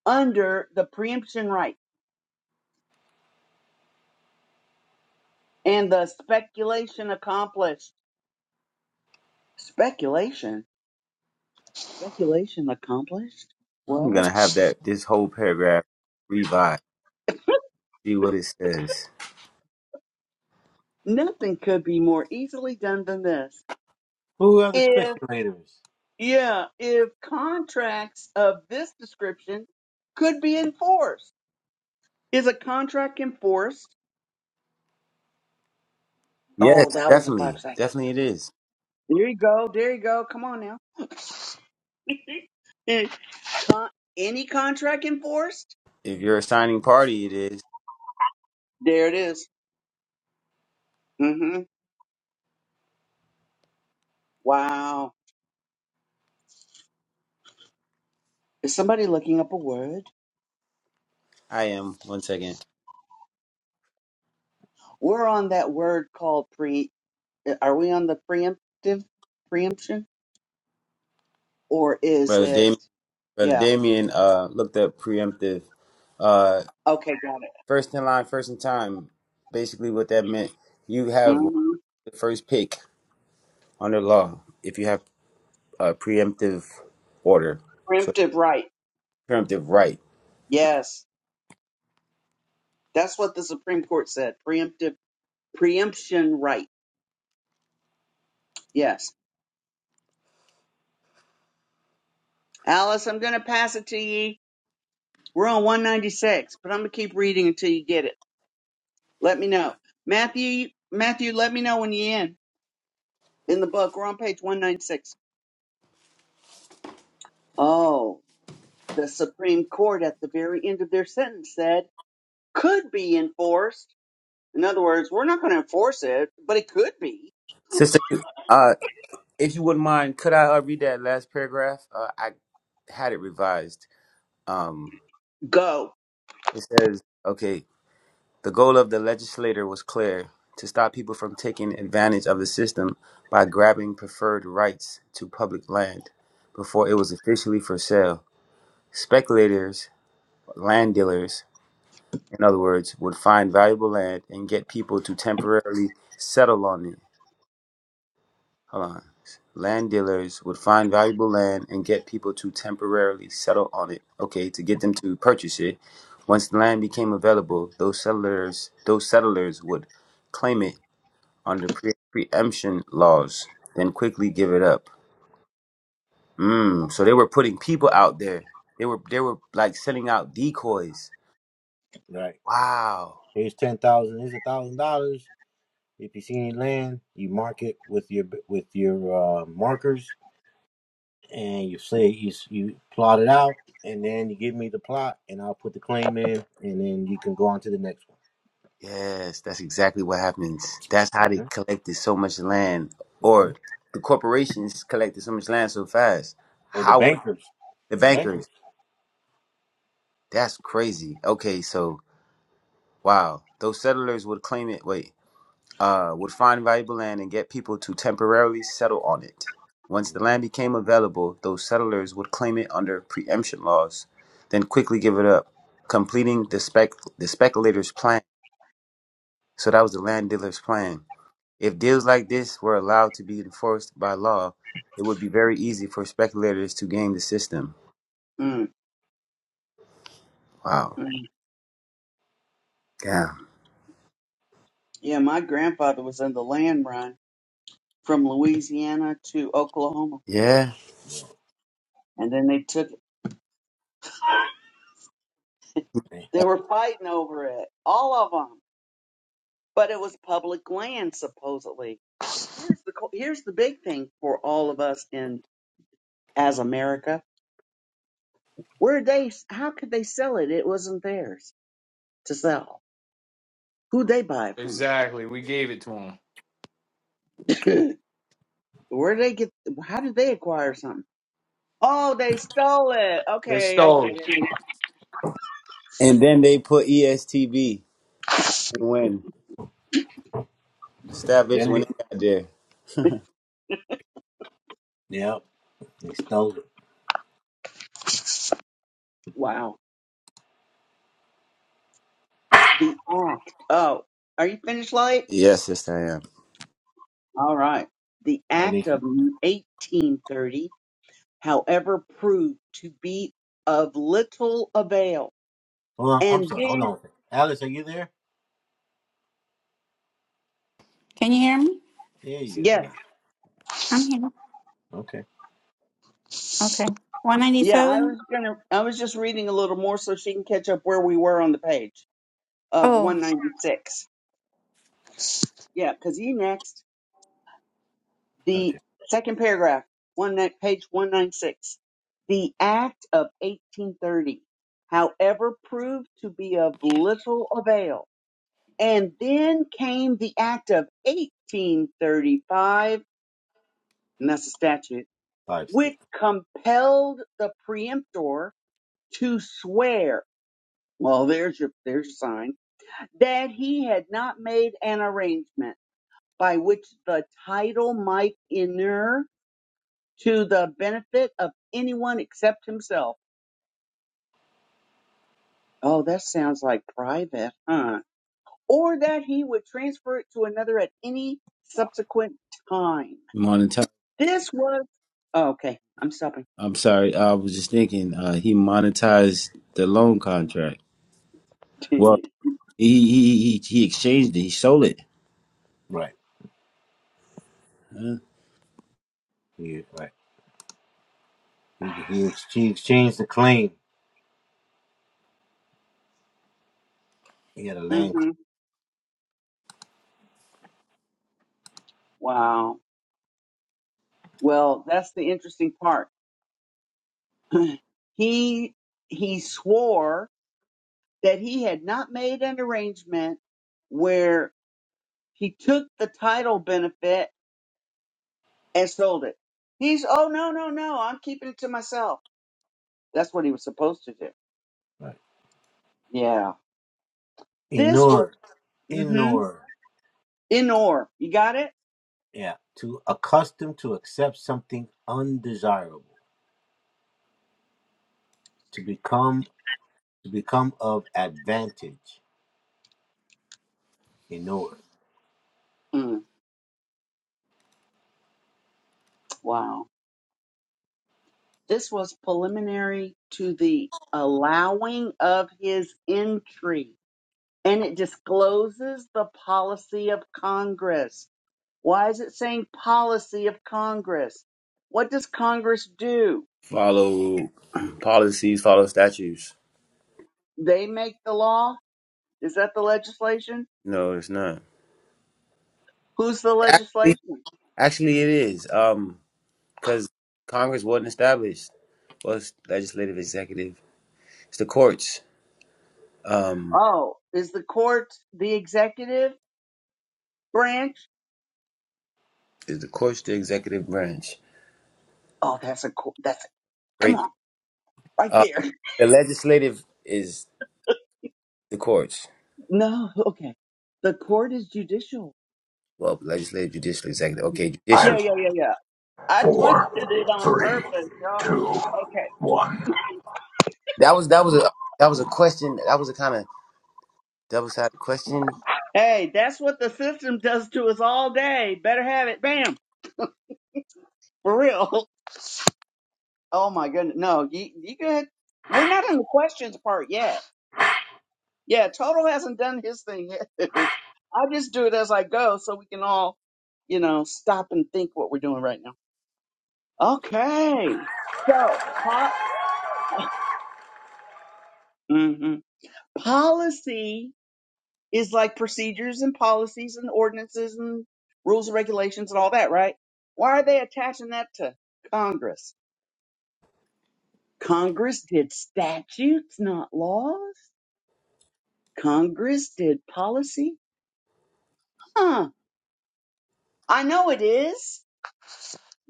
E: under the preemption right and the speculation accomplished. Speculation? Speculation accomplished?
B: I'm
E: What?
B: gonna have that this whole paragraph revised. See what it says.
E: Nothing could be more easily done than this. If, yeah, if contracts of this description could be enforced. Is a contract enforced? Oh,
B: Yes,
E: that was a five
B: definitely.
E: second.
B: Definitely it is.
E: There you go. There you go. Come on now. And con- any contract enforced?
B: If you're a signing party, it is.
E: There it is. Mm-hmm. Wow. Is somebody looking up a word?
B: I am. One second,
E: We're on that word called pre. Are we on the preemptive preemption, or is
B: brother
E: it?
B: Damien. Brother
E: Yeah.
B: Damien uh, looked up preemptive. Uh,
E: Okay, got it.
B: first in line, first in time. Basically, what that meant, you have
E: hmm
B: the first pick under law if you have a preemptive order. So
E: Preemptive right.
B: preemptive right,
E: Yes, that's what the Supreme Court said. Preemptive preemption right. Yes. Alice, I'm going to pass it to you. We're on 196, but I'm going to keep reading until you get it. Let me know. Matthew, Matthew, let me know when you're in, in the book. We're on page 196. Oh, the Supreme Court at the very end of their sentence said could be enforced. In other words, we're not going to enforce it, but it could be.
B: sister. Uh, if you wouldn't mind, could I uh, read that last paragraph? Uh, I had it revised. Um,
E: Go.
B: it says, okay. The goal of the legislator was clear to stop people from taking advantage of the system by grabbing preferred rights to public land before it was officially for sale. Speculators, land dealers, in other words, would find valuable land and get people to temporarily settle on it. Hold on. Land dealers would find valuable land and get people to temporarily settle on it, okay, to get them to purchase it. Once the land became available, those settlers those settlers would claim it under pre- preemption laws, then quickly give it up. Mm, so they were putting people out there. They were they were like sending out decoys. Wow. Yes, that's exactly what happens. That's how they collected so much land, or the corporations collected so much land so fast. How were the bankers? That's crazy. Okay, so wow, those settlers would claim it. Wait, uh, would find valuable land and get people to temporarily settle on it. Once the land became available, those settlers would claim it under preemption laws, then quickly give it up, completing the, spec- the speculator's plan. So that was the land dealer's plan. If deals like this were allowed to be enforced by law, it would be very easy for speculators to game the system.
E: Mm,
B: Wow.
E: mm.
B: Damn.
E: Yeah, my grandfather was in the land run from Louisiana to Oklahoma.
B: Yeah.
E: And then they took, it. they were fighting over it, all of them. But it was public land, supposedly. Here's the, co- here's the big thing for all of us in as America. Where they, how could they sell it? It wasn't theirs to sell. Who they buy it from?
D: Exactly. We gave it to them.
E: Where did they get? How did they acquire something? Oh, they stole it.
D: They
E: Okay, I
D: stole
E: get it.
D: it.
B: And then they put ESTB and when established when it got there.
E: Wow, the act. Oh, are you finished, light?
B: Yes, sister, I am.
E: All right. The act of 1830, however, proved to be of little avail, and then
H: Can you hear me?
E: yes,
H: I'm here. Okay.
E: yeah, I
H: 197?
E: was gonna. I was just reading a little more so she can catch up where we were on the page. of
H: Oh,
E: 196. Yeah, because you next, the second paragraph, one that page 196. The Act of 1830, however, proved to be of little avail. And then came the Act of 1835, and that's a statute, which compelled the preemptor to swear. Well, there's your there's your sign that he had not made an arrangement by which the title might inure to the benefit of anyone except himself. Oh, that sounds like private, huh? Or that he would transfer it to another at any subsequent time.
B: Morning,
E: This was oh, okay. I'm stopping.
B: I'm sorry. I was just thinking. Uh, he monetized the loan contract. Well, he he he, he exchanged it. He sold it. Huh?
E: mm-hmm. Wow. Well, that's the interesting part. he he swore that he had not made an arrangement where he took the title benefit and sold it. He's, oh, no, no, no, I'm keeping it to myself. That's what he was supposed to do. Yeah. This was, mm-hmm, in or. You got it? Mm, wow. This was preliminary to the allowing of his entry, and it discloses the policy of Congress. Why is it saying policy of Congress? What does Congress do?
B: Follow policies. Follow statutes.
E: They make the law? Is that the legislation?
B: No, it's not.
E: Who's the
B: Actually,
E: legislation?
B: actually, it is. Um, because Congress wasn't established. Well, it's legislative, executive. It's the courts. Um,
E: Oh, is the court the executive branch?
B: is the courts the executive branch?
E: Oh, that's a court. That's a, come
B: Great.
E: on right
B: Uh,
E: there.
B: the legislative is the courts.
E: No, okay. The court is judicial.
B: Well, legislative, judicial, executive. Okay, judicial.
E: Yeah,
G: Five,
E: yeah, yeah, yeah. I twisted it
G: four,
E: on
G: three,
E: purpose, y'all.
G: two,
E: Okay.
G: one.
B: That was that was a that was a question. That was a kind of double sided question.
E: Hey, that's what the system does to us all day. Better have it. Bam. For real. Oh my goodness. No, you you good? We're not in the questions part yet. Yeah, Toto hasn't done his thing yet. I just do it as I go so we can all, you know, stop and think what we're doing right now. Okay. So, pop, hmm policy is like procedures and policies and ordinances and rules and regulations and all that, right? Why are they attaching that to Congress? Congress did statutes, not laws. Congress did policy. Huh. I know it is.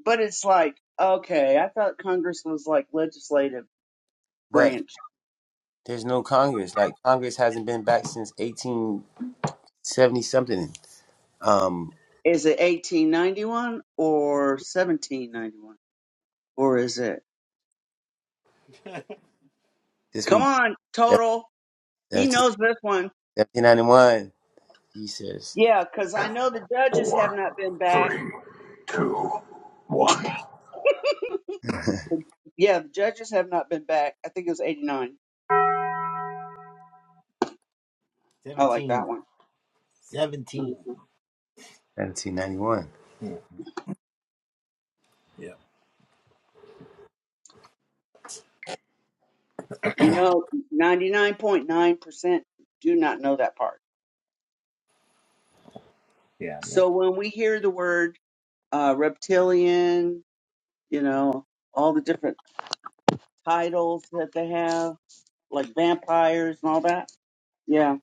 E: But it's like, okay, I thought Congress was like legislative
B: But
E: branch.
B: there's no Congress. Like Congress hasn't been back since 1870 something. Um,
E: Is it 1891 or 1791? Or is it?
B: this
E: Come
B: week
E: on,
B: 17,
E: total. He knows this one.
B: 1791. He says
E: Yeah, because I know the judges have
G: Four,
E: not been back.
G: three, two, one.
E: Yeah, the judges have not been back. I think it was 89. I like that one. Mhm.
B: 1791.
E: You know, 99.9% do not know that part. So when we hear the word uh, reptilian, you know, all the different titles that they have, like vampires and all that. Yeah,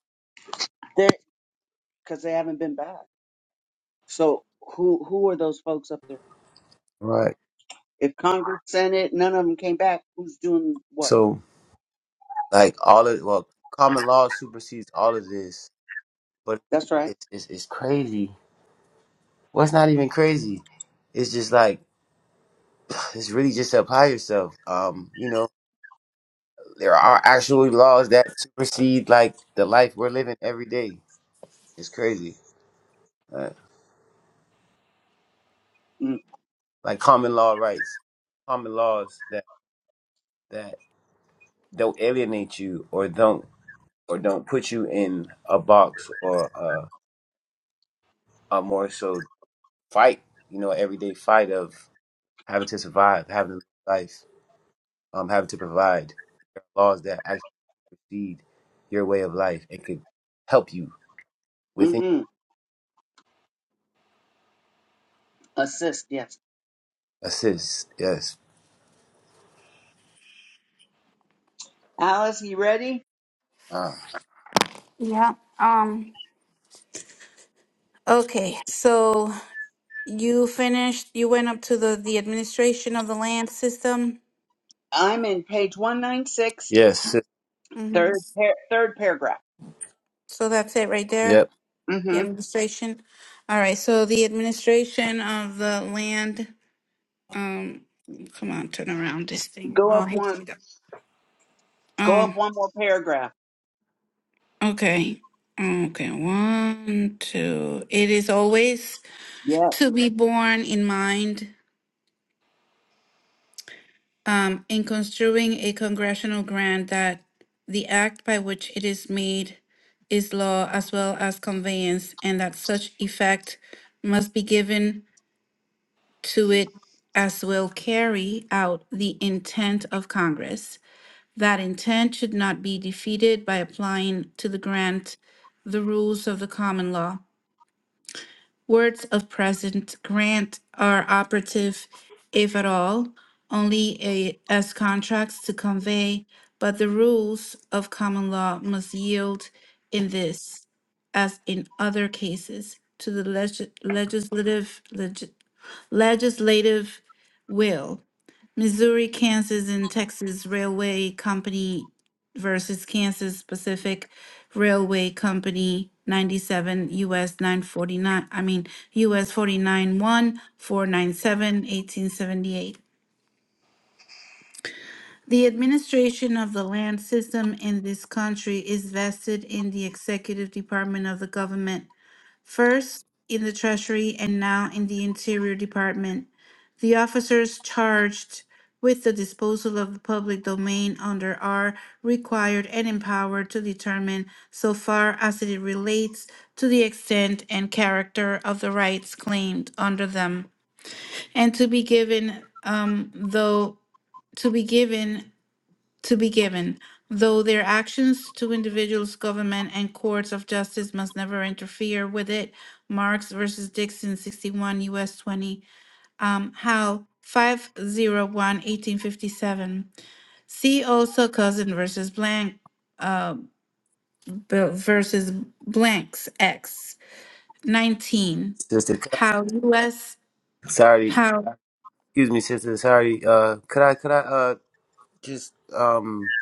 E: because they haven't been back. So who who are those folks up there?
B: Right.
E: If Congress, Senate, none of them came back, who's doing what?
B: So like all of well, common law supersedes all of this. But
E: That's right.
B: it's it's, it's crazy. Well, it's not even crazy. It's just like it's really just apply yourself. Um, you know, There are actual laws that supersede like the life we're living every day. It's crazy. Uh, like common law rights, common laws that that don't alienate you or don't or don't put you in a box or uh, a more so fight. You know, everyday fight of having to survive, having to live life, um, having to provide. There are laws that actually feed your way of life. It could help you within
E: Mm-hmm. Assist. Yes.
B: assist. Yes.
E: Alice, you ready?
B: Uh,
H: yeah. Um okay. So you finished you went up to the the administration of the land system.
E: I'm in page one nine six,
B: yes. sis.
H: hmm
E: third par- third paragraph.
H: So that's it right there.
B: Yep.
H: The
E: Mm-hmm.
H: administration. All right. So the administration of the land um come on, turn around this thing.
E: Go
H: Oh, I
E: up
H: hate to do
E: one.
H: that.
E: Go
H: Um
E: up one more paragraph.
H: okay. Okay, one, two. It is always
E: Yeah.
H: to be borne in mind um, in construing a congressional grant that the act by which it is made is law as well as conveyance, and that such effect must be given to it as will carry out the intent of Congress. That intent should not be defeated by applying to the grant the rules of the common law Words of present grant are operative, if at all, only a- as contracts to convey, but the rules of common law must yield in this, as in other cases, to the legis- legislative, legis- legislative will. Missouri, Kansas, and Texas Railway Company versus Kansas Pacific Railway Company, 97 U.S. 949, I mean, U.S. forty-nine one four nine seven, eighteen seventy-eight. The administration of the land system in this country is vested in the executive department of the government first in the Treasury and now in the Interior Department. The officers charged with the disposal of the public domain under are required and empowered to determine so far as it relates to the extent and character of the rights claimed under them and to be given um though to be given to be given, though their actions to individuals, government, and courts of justice must never interfere with it. Marx versus Dixon, 61 U.S. 20. Um, Howe, 501, See also Cousin versus Blank, uh, Bill versus Blanks X, 19.
B: Sister Ka-
H: How U.S.
B: sorry,
H: How.
B: excuse me, sister. Sorry. Uh, could I could I uh just um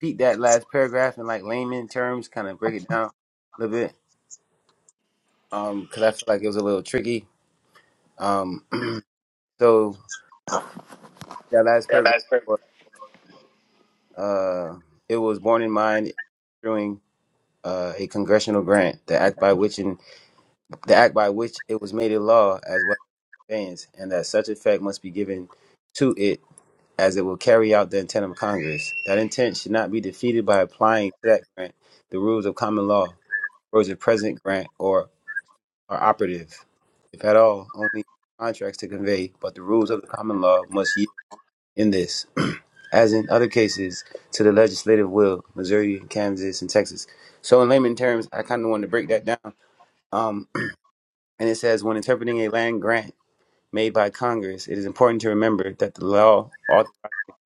B: repeat that last paragraph in like layman terms, kind of break it down a little bit? Um, because I feel like it was a little tricky. Um, so that last
H: Yeah,
B: paragraph,
H: that's perfect.
B: was, uh, it was born in mind during uh a congressional grant, the act by which in the act by which it was made a law as well as advance, and that such effect must be given to it as it will carry out the intent of Congress. That intent should not be defeated by applying to that grant the rules of common law, rules of present grant, or are operative, if at all, only contracts to convey, but the rules of the common law must yield in this, as in other cases, to the legislative will, Missouri, Kansas, and Texas. So in layman terms, I kind of wanted to break that down. Um, and it says, when interpreting a land grant made by Congress, it is important to remember that the law authorizes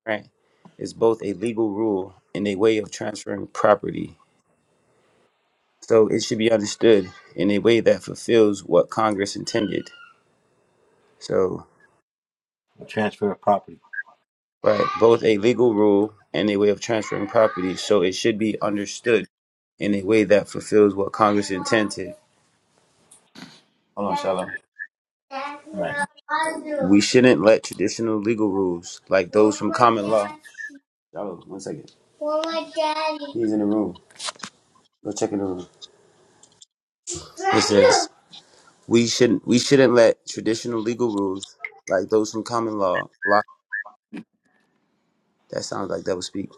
B: grant is both a legal rule and a way of transferring property. So it should be understood in a way that fulfills what Congress intended. So, right, both a legal rule and a way of transferring property. So it should be understood in a way that fulfills what Congress intended. Hold on, Shalom. We shouldn't let traditional legal rules, like those from common law. Shalom, one second. He's in the room. Go check in the room. We shouldn't we shouldn't let traditional legal rules like those from common law block that sounds like double speak.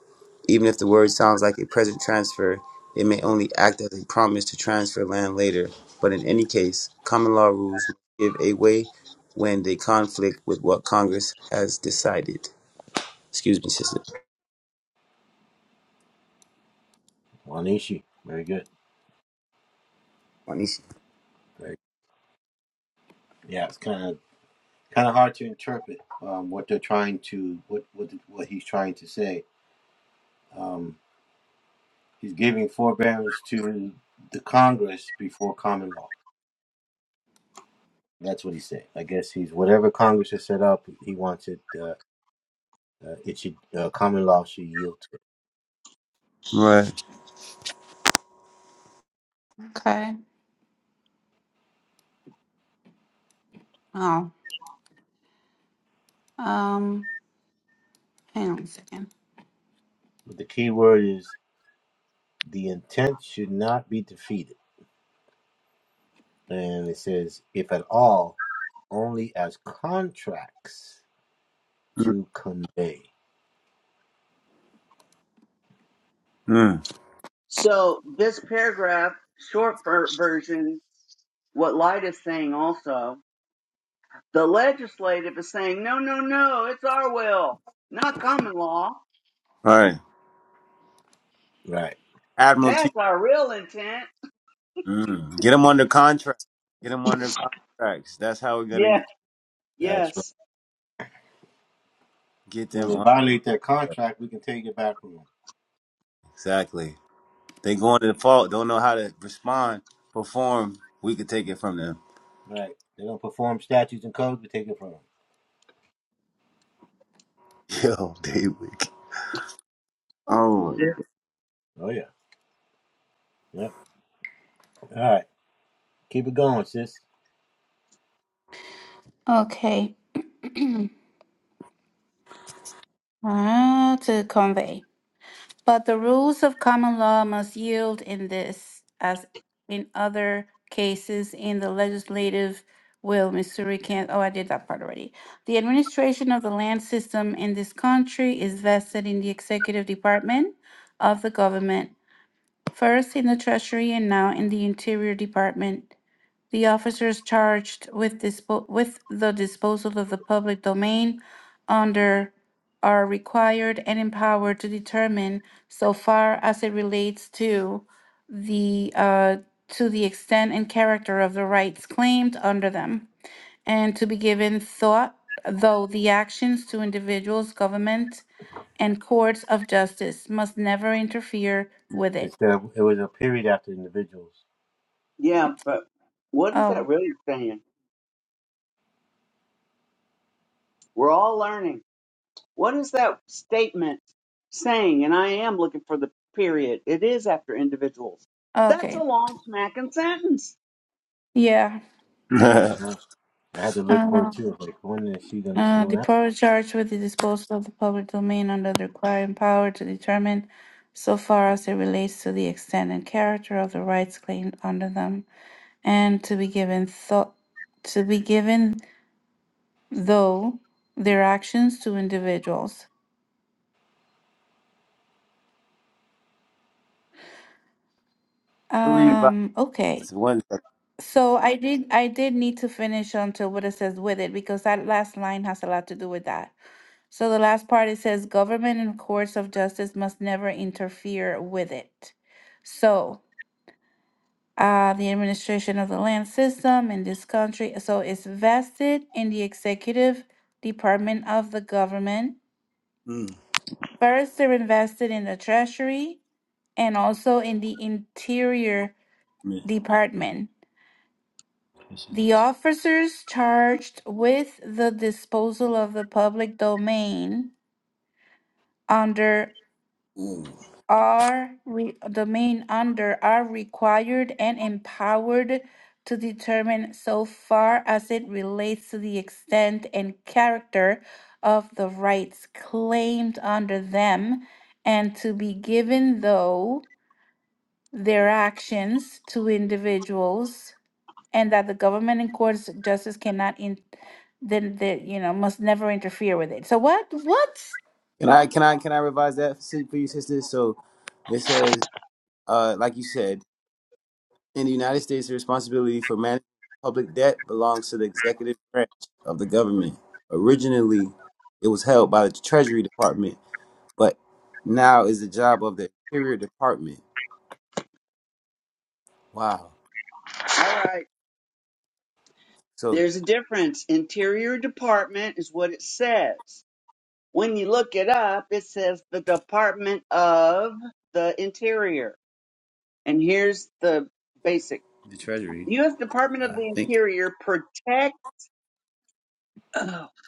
B: Even if the word sounds like a present transfer, it may only act as a promise to transfer land later. But in any case, common law rules give a way when they conflict with what Congress has decided. Excuse me, sister. Juanishi. Right.
H: Okay. Oh, um, hang on a second.
B: Mm. Mm.
E: So this paragraph, short ver- version, what Light is saying also The legislative is saying, no, no, no, it's our will, not common law.
B: All right. Admiralty.
E: That's our real intent.
B: Mm. Get them under contract. Get them under contracts. That's how we're gonna get
E: Yeah, yes.
B: get them on. Exactly. They going to the fault, don't know how to respond, perform. We could take it from them. Yo, they wicked.
E: Yeah.
B: Oh
H: Okay. Ah, to convey. But the rules of common law must yield in this, as in other cases in the legislative will. Missouri can't, oh, I did that part already. The administration of the land system in this country is vested in the executive department of the government, first in the Treasury and now in the Interior Department. The officers charged with dispo- with the disposal of the public domain under are required and empowered to determine so far as it relates to the uh, to the extent and character of the rights claimed under them and to be given thought though the actions to individuals government and courts of justice must never interfere with it
E: Yeah, but what is
H: oh
E: that really saying? We're all learning. What is that statement saying? And I am looking for the period. It is after individuals. That's a
H: okay
E: long smacking sentence.
H: yeah
B: my god.
H: I don't know. Uh, The power charged with the disposal of the public domain under the requiring power to determine, so far as it relates to the extent and character of the rights claimed under them, and to be given thought to be given though their actions to individuals.
B: Revise
H: Um, okay.
B: one second.
H: So I did I did need to finish until what it says with it because that last line has a lot to do with that. So the last part it says government and courts of justice must never interfere with it. So uh, the administration of the land system in this country, so it's vested in the executive department of the government.
B: Mm.
H: First, they're invested in the treasury and also in the interior
B: man,
H: department.
B: this
H: The
B: is-
H: officers charged with the disposal of the public domain under
B: mm.
H: are re- the main under are required and empowered to determine so far as it relates to the extent and character of the rights claimed under them and to be given though their actions to individuals and that the government and courts of justice cannot in then the you know must never interfere with it so what what
B: Can I can I can I revise that si- for you, sister? So it says, uh, like you said, in the United States, the responsibility for managing public debt belongs to the executive branch of the government. Originally, it was held by the Treasury Department, but now is the job of the Interior Department. Wow.
E: All right.
B: So
E: There's a difference. Interior Department is what it says. When you look it up, it says the Department of the Interior. And here's the basic.
B: the Treasury,
E: U.S. Department of
B: I
E: the
B: think
E: Interior protect,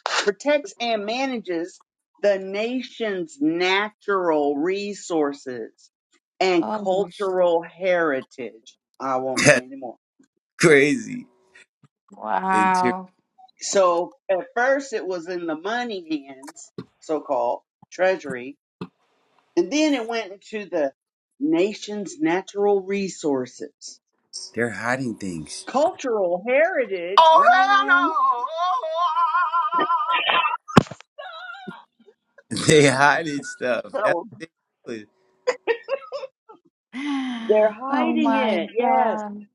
E: protects and manages the nation's natural resources and
H: oh
E: cultural heritage. I won't say
B: that's
E: anymore.
B: crazy. And ter-
H: wow
E: So at first it was in the money hands, so called treasury, And then it went into the nation's natural resources.
B: they're hiding things.
E: Cultural heritage,
G: Oh, hell no!
E: wrong.
B: They hiding stuff. That's
E: No,
B: what they doing.
E: They're
H: Oh
E: hiding
H: my
E: it, yes.
H: god.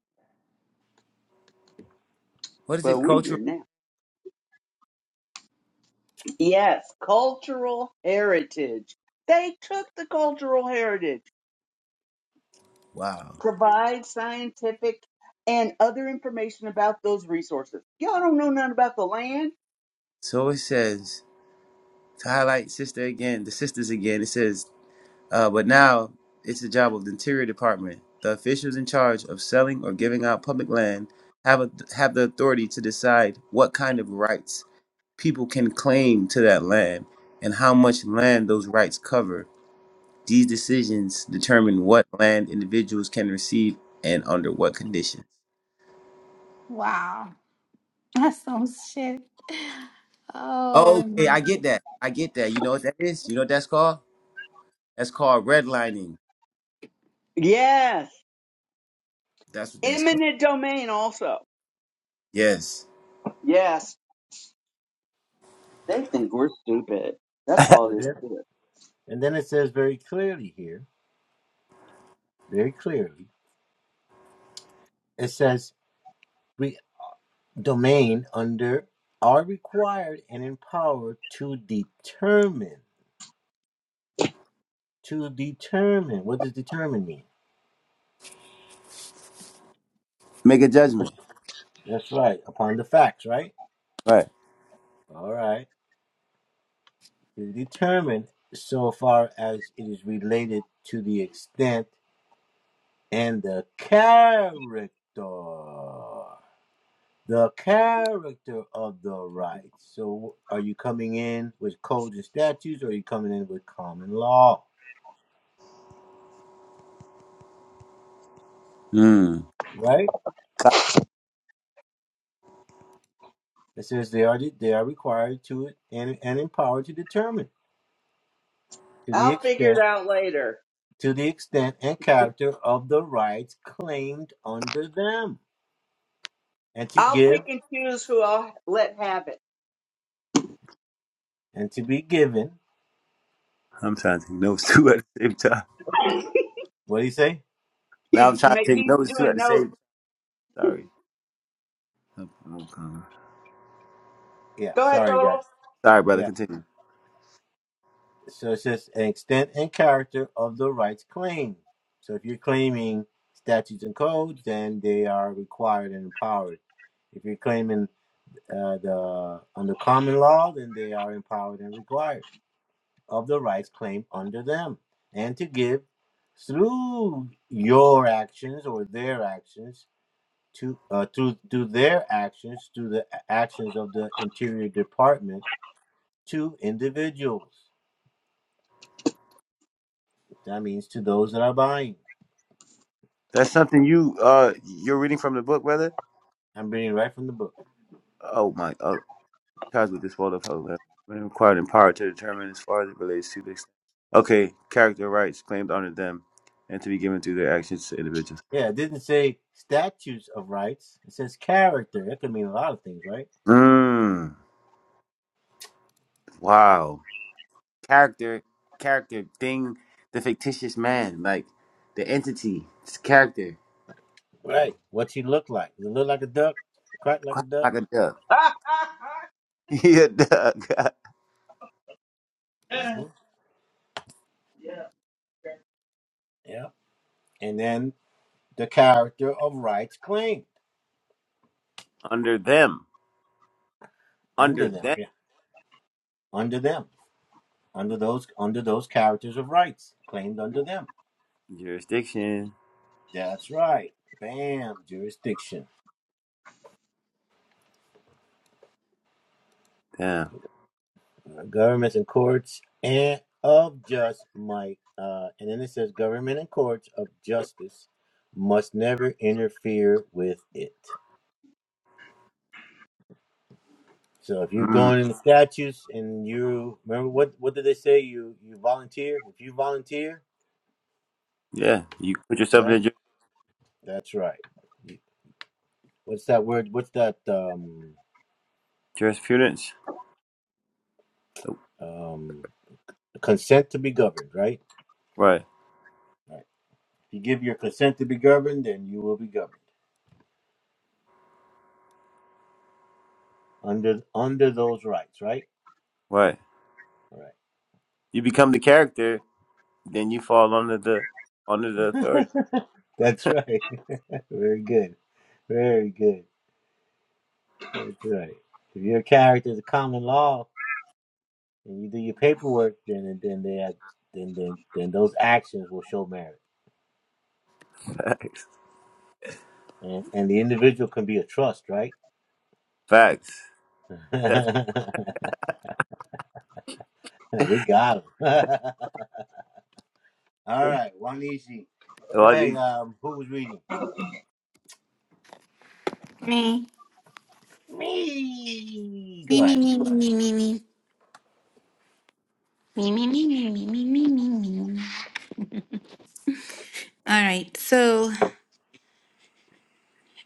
B: What is
E: But
B: it?
E: we're here
B: Cultural.
E: now. Yes, cultural heritage. They took the cultural heritage,
B: Wow.
E: provide scientific and other information about those resources. Y'all don't know nothing about the land?
B: So it says to highlight sister again, the sisters again. It says, uh, but now it's the job of the Interior Department. The officials in charge of selling or giving out public land have a, have the authority to decide what kind of rights people can claim to that land and how much land those rights cover. These decisions determine what land individuals can receive and under what conditions.
H: Wow. That's so
B: Okay, I get that. I get that. You know what that is? You know what that's called? That's called redlining.
E: Yes.
B: That's what that's called.
E: Eminent domain also.
B: Yes.
E: Yes. They think we're stupid. That's all this is.
B: Make a judgment. Right. Hmm.
E: I'll figure it out later. I'll pick and choose who I'll let have it.
B: I'm trying to take notes too at the same time. Now
E: He's
B: I'm trying
E: ma-
B: to take
E: he's
B: notes too at
E: doing
B: the same
E: notes.
B: time. Sorry. I'm- I'm kinda-
E: Go ahead, total.
B: Sorry, brother. Continue. That's something you uh you're reading from the book, brother? Oh my. cosmic disposal of when required in power to determine as far as it relates to the extent. Okay, character rights claimed under them and to be given through their actions to individuals. Mmm. Wow. Character, character, thing, the fictitious man, like the entity, it's character, quack like a duck. yeah, duck. under them, under them jurisdiction. Damn. Mm. Yeah, you put yourself in the jurisprudence. Right, right. You become the character then you fall under the under the authority. Facts. Facts. That's a lot of these.
H: me. Me me me me me me me me me me me me me me me. All right. So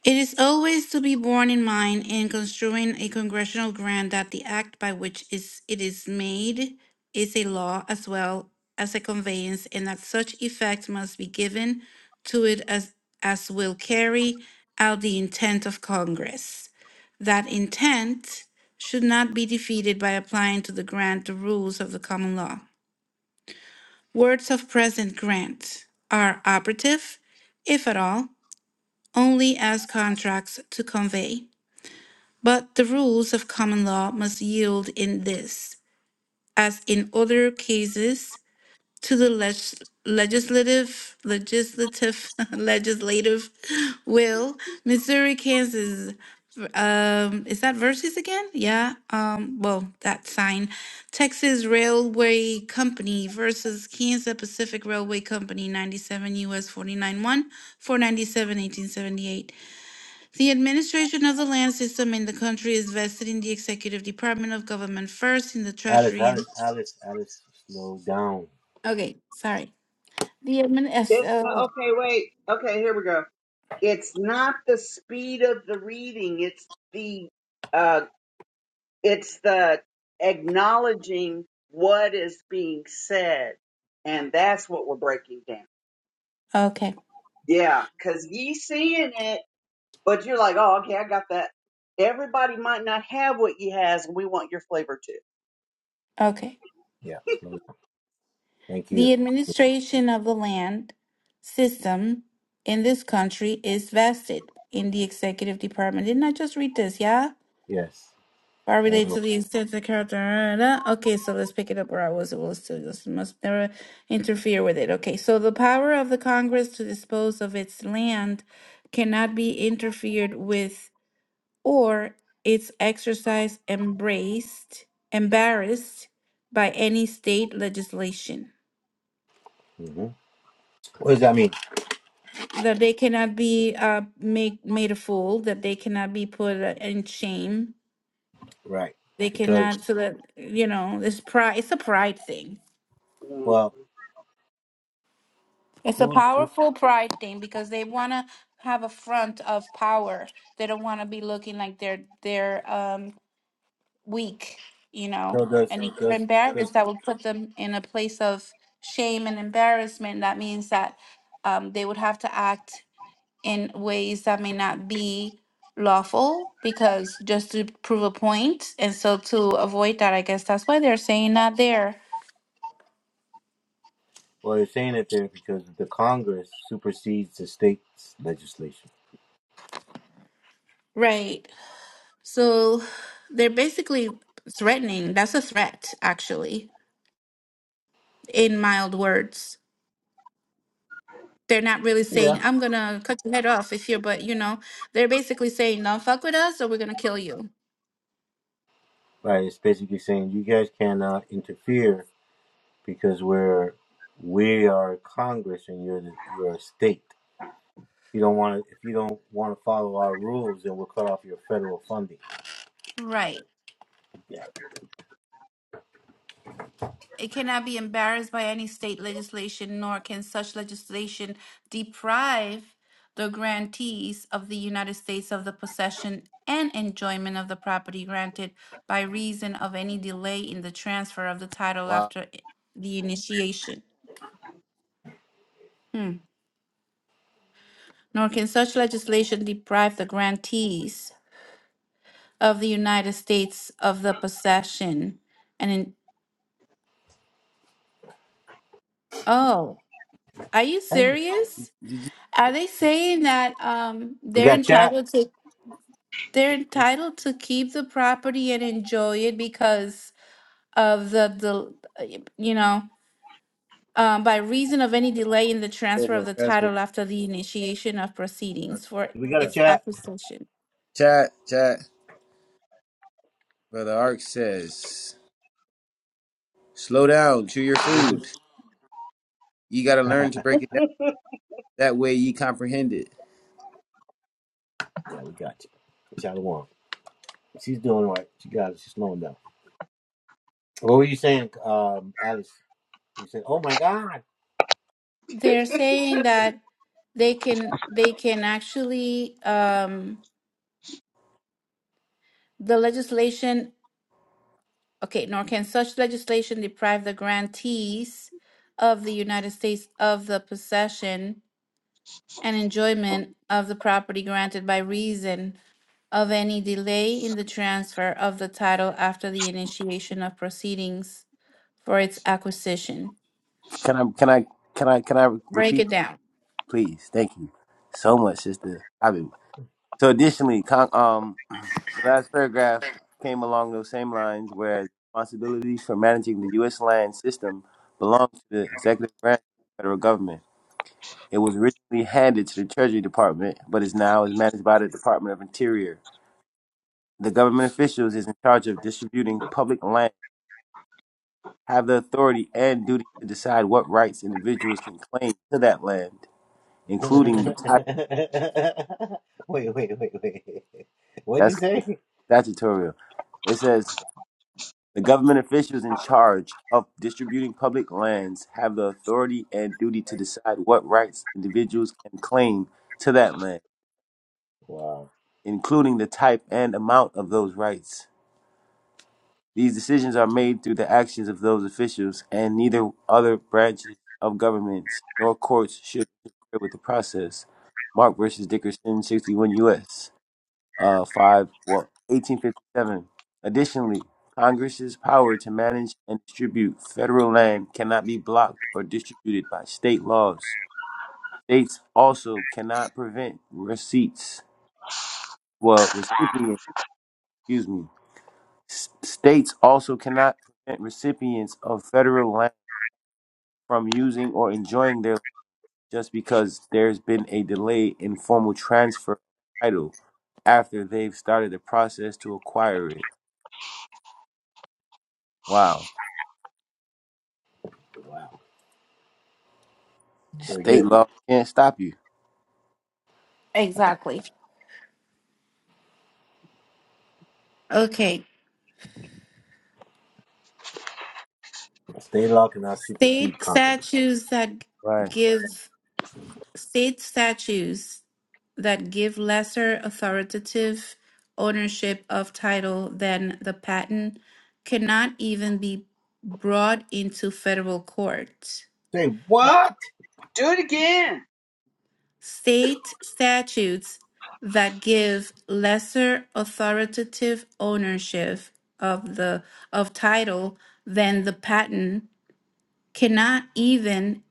H: It is always to be borne in mind in construing a congressional grant that the act by which is- it is made is a law as well as a conveyance, and that such effect must be given to it as, as will carry out the intent of Congress. That intent should not be defeated by applying to the grant the rules of the common law. Words of present grant are operative, if at all, only as contracts to convey. But the rules of common law must yield in this, as in other cases, to the leg- legislative, legislative, legislative will. Missouri, Kansas, um, is that versus again? Yeah. Um, well, that sign. Texas Railway Company versus Kansas Pacific Railway Company, 97 U.S. forty-nine one four ninety-seven eighteen seventy-eight. The administration of the land system in the country is vested in the executive department of government first, in the treasury and. Okay, sorry. The admin, yes,
E: it's uh,
H: oh,
E: okay. Wait. Okay. Here we go. It's not the speed of the reading. It's the uh. It's the acknowledging what is being said, and that's what we're breaking down.
H: okay,
E: Yeah, because ye seeing it. But you're like, oh, okay, I got that. Everybody might not have what he has, and we want your flavor too.
H: okay. The administration of the land system in this country is vested in the executive department. Didn't I just read this? Yeah. Bar relate to the extent the character. da, da. Okay, so let's pick it up where I was. It was still just must never interfere with it. Okay, so the power of the Congress to dispose of its land cannot be interfered with or its exercise embraced, embarrassed by any state legislation. That they cannot be uh, make, made a fool, that they cannot be put uh, in shame. They cannot, so that, you know, this pride, it's a pride thing
E: Mm.
H: It's a powerful pride thing because they want to have a front of power. They don't want to be looking like they're they're um weak, you know. And if they're embarrassed, that would put them in a place of shame and embarrassment. That means that um, they would have to act in ways that may not be lawful because just to prove a point. And so to avoid that, I guess that's why they're saying not there. Right. So they're basically threatening. That's a threat, actually, in mild words. They're not really saying, I'm gonna cut your head off if you're, but you know, they're basically saying, don't fuck with us or we're gonna kill you. Right. It cannot be embarrassed by any state legislation, nor can such legislation deprive the grantees of the United States of the possession and enjoyment of the property granted by reason of any delay in the transfer of the title
B: Wow.
H: after i- the initiation. Hmm. Nor can such legislation deprive the grantees of the United States of the possession and in, oh, are you serious?
B: Did you
H: Are they saying that um they're entitled to they're entitled to keep the property and enjoy it because of the the you know um, by reason of any delay in the
B: say
H: transfer of
B: more?
H: the
B: That's very
H: title after the initiation of
B: nice.
H: proceedings for
B: All right.
H: its acquisition
B: Chat, chat. Brother Ark says, slow down, chew your food. You got to learn to break it down. That way you comprehend it.
H: they're saying that they can they can actually um the legislation okay nor can such legislation deprive the grantees of the united states of the possession and enjoyment of the property granted by reason of any delay in the transfer of the title after the initiation of proceedings for its acquisition.
B: Can I, can I, can I, can I
H: Break
B: repeat
H: it
B: that,
H: down.
B: please? Thank you so much, sister. So additionally, con- um, the last paragraph came along those same lines, whereas responsibilities for managing the U.S. land system belong to the executive branch of the federal government. It was originally handed to the Treasury Department, but is now is managed by the Department of Interior. The government officials is in charge of distributing public land, have the authority and duty to decide what rights individuals can claim to that land, including the title. That's statutory. It says The government officials in charge of distributing public lands have the authority and duty to decide what rights individuals can claim to that land, including the type and amount of those rights. These decisions are made through the actions of those officials, and neither other branches of government nor courts should interfere with the process. Mark versus Dickerson, 61 U.S. uh, 5, well, 1857. Additionally, Congress's power to manage and distribute federal land cannot be blocked or distributed by state laws. States also cannot prevent receipts, well, recipients, excuse me. S- States also cannot prevent recipients of federal land from using or enjoying their land just because there's been a delay in formal transfer of title after they've started the process to acquire it. Wow. State law can't stop you.
H: Exactly. Okay. State statutes that
B: Right.
H: give state statutes that give lesser authoritative ownership of title than the patent cannot even be brought into federal court.
E: Do it again.
H: state statutes that give lesser authoritative ownership of the of title than the patent cannot even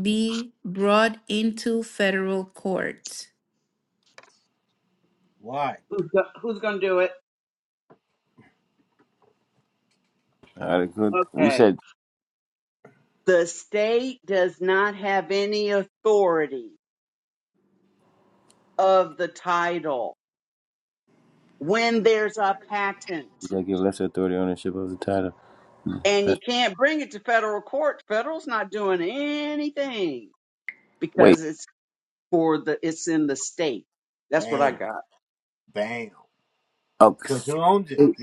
H: be brought into federal court.
E: Who's, go- who's going to do it?
B: All right, good. You
E: Okay.
B: said
E: The state does not have any authority of the title when there's a patent,
B: you gotta give lesser authority ownership of the title.
E: and
B: Uh,
E: you can't bring it to federal court. Federal's not doing anything
B: Wait.
E: because it's for the it's in the state. That's what I got.
B: Oh, state.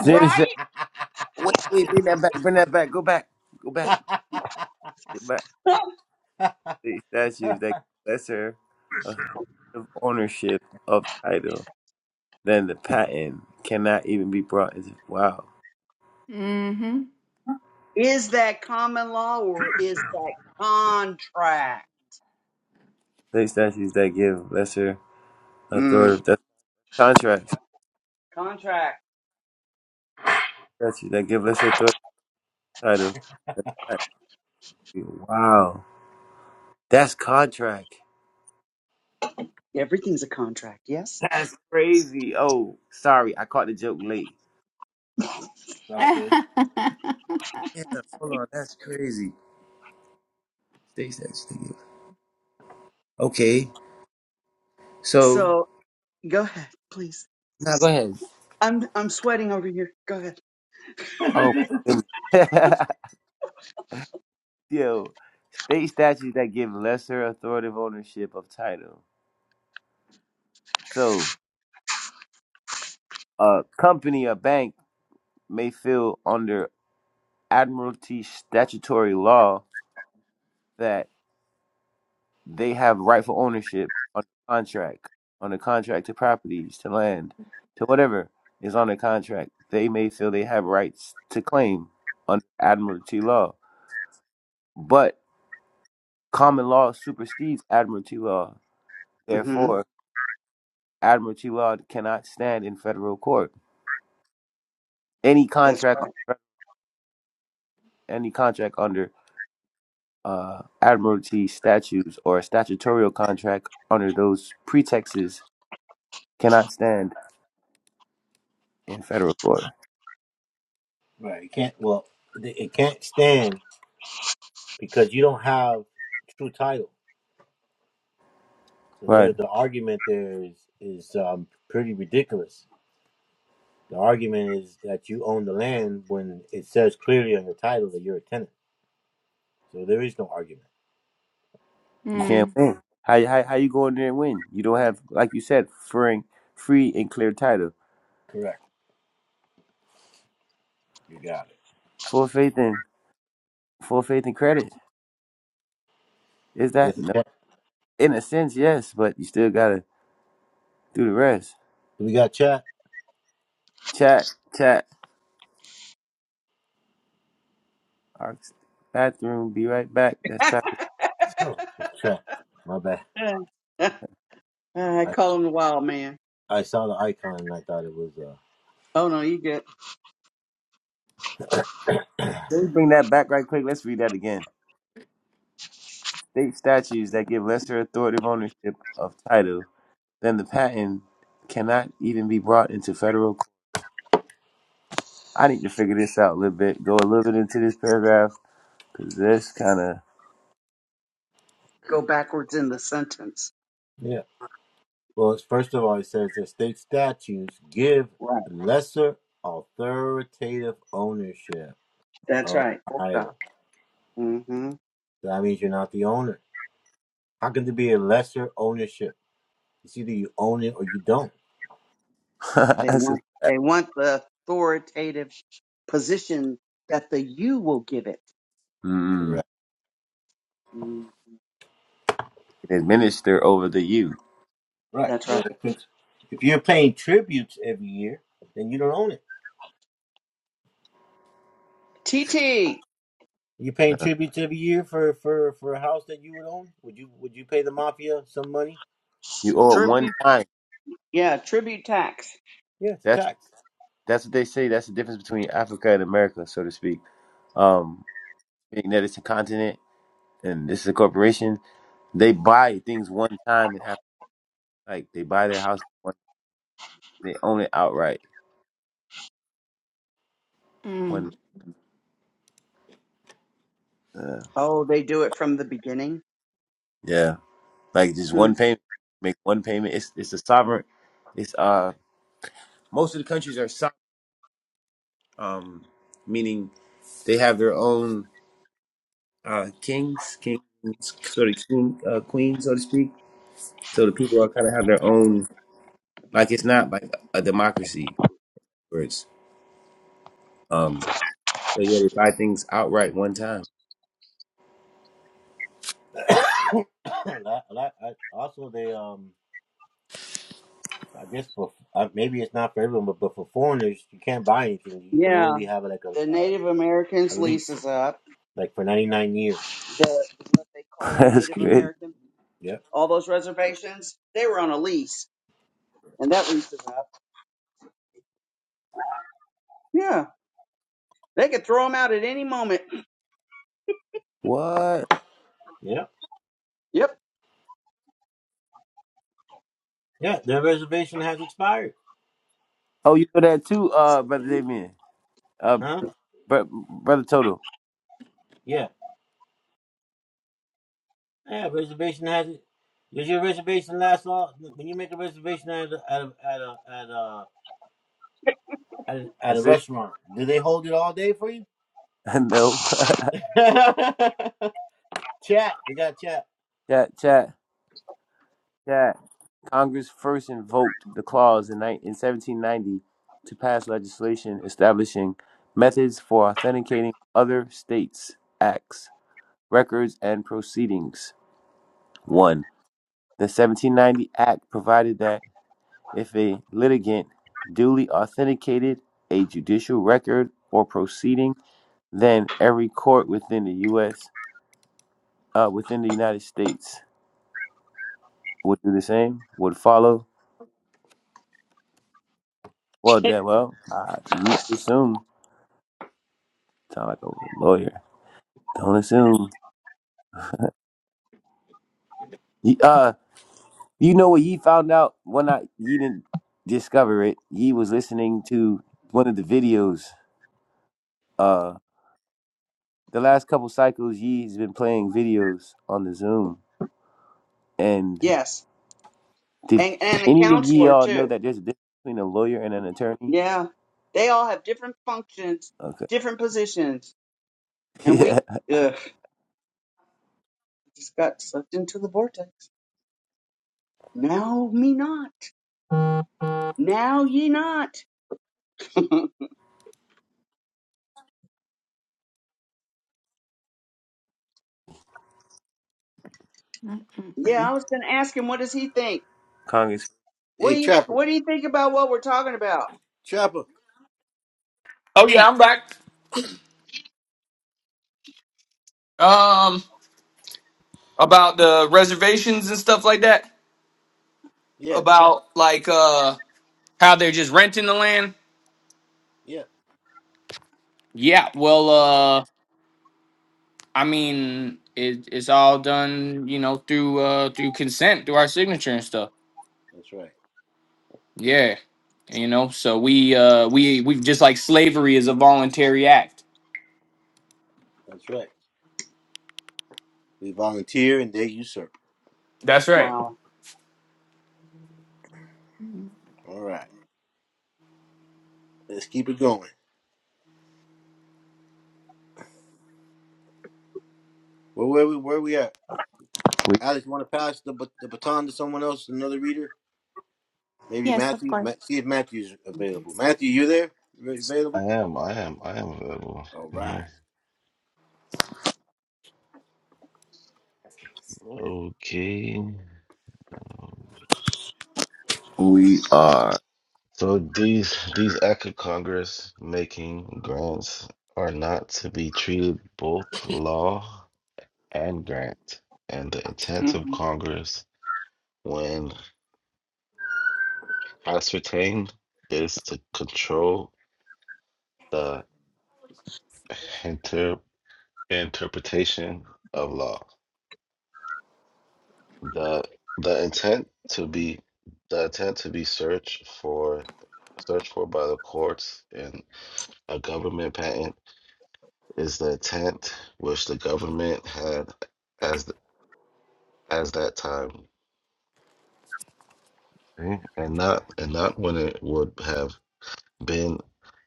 B: City said, wait, wait, bring that back, bring that back, go back, go back, go back. State statutes that give lesser
G: Finish
B: of ownership of title than the patent cannot even be brought into. Wow.
H: Mm-hmm.
E: Is that common law or
G: Finish Finish
E: is that contract?
B: State statutes that give lesser
E: Mm,
B: authority, that's contracts.
E: contract.
B: Statutes that give lesser authority to title. than the patent. Wow. That's contract.
E: Everything's a contract, yes?
B: That's crazy. Oh, sorry, I caught the joke late. Yeah, hold on, that's crazy. Stay safe, stay safe. Okay, so
E: So go ahead, please.
B: now go ahead.
E: I'm I'm sweating over here. Go ahead.
B: Oh, goodness. yo, state statutes that give lesser authoritative ownership of title. So, a company, a bank may feel under admiralty statutory law that. they have rightful ownership on the contract, on the contract to properties, to land, to whatever is on the contract. They may feel they have rights to claim under admiralty law, but common law supersedes admiralty law.
E: mm hmm
B: Therefore, admiralty law cannot stand in federal court. Any
E: That's
B: contract, any contract under uh, admiralty statutes or a statutorial contract under those pretexts cannot stand in federal court. Right. You can't
H: mm-hmm.
B: win. How how how you go in there and win? You don't have like you said, free free and clear title. Full faith and full faith and credit. Is that no? In a sense, yes, but you still gotta do the rest. Chat, chat. Our bathroom. Be right back. That's traffic.
E: right. Yeah. I call him the wild man. Oh no, you get
B: Let me bring that back right quick. Let's read that again. State statutes that give lesser authoritative ownership of title than the patent cannot even be brought into federal. court. I need to figure this out a little bit. Go a little bit into this paragraph because this kind of
E: go backwards in the sentence. Right. That's right. That's up. hmm They
B: That's a-
E: want they want the authoritative position that the you will give it.
B: mm,
E: Mm,
B: administer over the you.
E: that's right. TT,
B: You owe it
E: tribute
B: one time.
E: Yeah, tribute tax.
B: That's that's what they say. That's the difference between Africa and America, so to speak. Um, being that it's a continent and this is a corporation, they buy things one time in Africa. Like they buy their house, one- they own it outright. One, uh,
E: Oh, they do it from the beginning.
B: yeah, like just
E: Hmm.
B: one payment. Make one payment. It's it's a sovereign. It's uh most of the countries are sovereign, um, meaning they have their own. uh, kings, kings, sort of king, uh, queen, so to speak. So the people are kind of have their own, like it's not like a democracy where it's, um, so yeah, they buy things outright one time.
E: Yeah, the Native Americans leases up the what they call a
B: That's
E: Native
B: great.
E: American. All those reservations, they were on a lease, and that lease is up. Yeah, they could throw them out at any moment.
B: What?
E: Yep.
B: Oh, you know that too, uh, brother Damien. Uh, br- brother Toto. That's it. I know. chat, chat, chat. Congress first invoked the clause in, ni- in 1790 to pass legislation establishing methods for authenticating other states' acts, records, and proceedings. 1. The 1790 Act provided that if a litigant duly authenticated a judicial record or proceeding, then every court within the U.S. Uh, within the United States would do the same. Would follow. Well, then, well, uh, you could assume Sound like a lawyer. Don't assume. Ye- Uh, you know what? Ye found out when I ye didn't discover it. Ye was listening to one of the videos. Uh, the last couple cycles, ye's been playing videos on the Zoom. And
E: Yes,
B: did
E: and and a
B: any of ye
E: counselor
B: all know
E: too.
B: that there's a difference between a lawyer and an attorney?
E: Yeah, they all have different functions,
B: Okay.
E: different positions, and
B: Yeah,
E: we ugh, just got sucked into the vortex. Now me not. Now ye not. yeah, I was going to ask him, what does he think?
B: Congress.
E: What do you, what do you think about what we're talking about?
D: Oh yeah, I'm back. Um, about the reservations and stuff like that. About like uh how they're just renting the land. Yeah. Well, uh, I mean, it, it's all done, you know, through uh through consent, through our signature and stuff. Yeah. You know, so we uh we we just like slavery is a voluntary act. That's right.
E: Wow.
B: We
H: Yes, of course.
C: I am, I am, I am available. I'm here. Okay. Um,
B: we are.
C: So these these act of Congress making grants are not to be treated both law and grant, and the
E: hmm
C: intent of Congress, when ascertained, is to control the inter- interpretation of law. the The intent to be the intent to be searched for searched for by the courts in a government patent is the intent which the government had as th- as that time, okay? and not and not when it would have been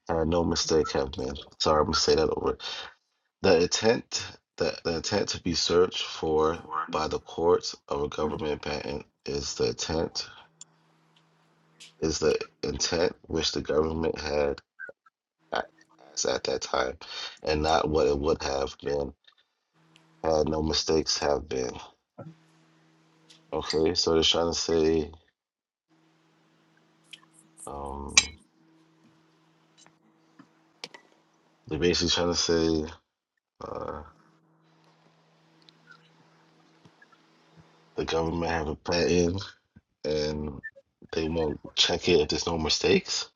C: had no mistake have been. Sorry, I'm gonna say that over. The intent the, the intent to be searched for by the courts of a government patent is the intent is the intent which the government had a- as at that time, and not what it would have been had no mistakes have been. Okay, so they're trying to say Um, they're basically trying to say uh, the government have a patent and they won't check it if there's no mistakes.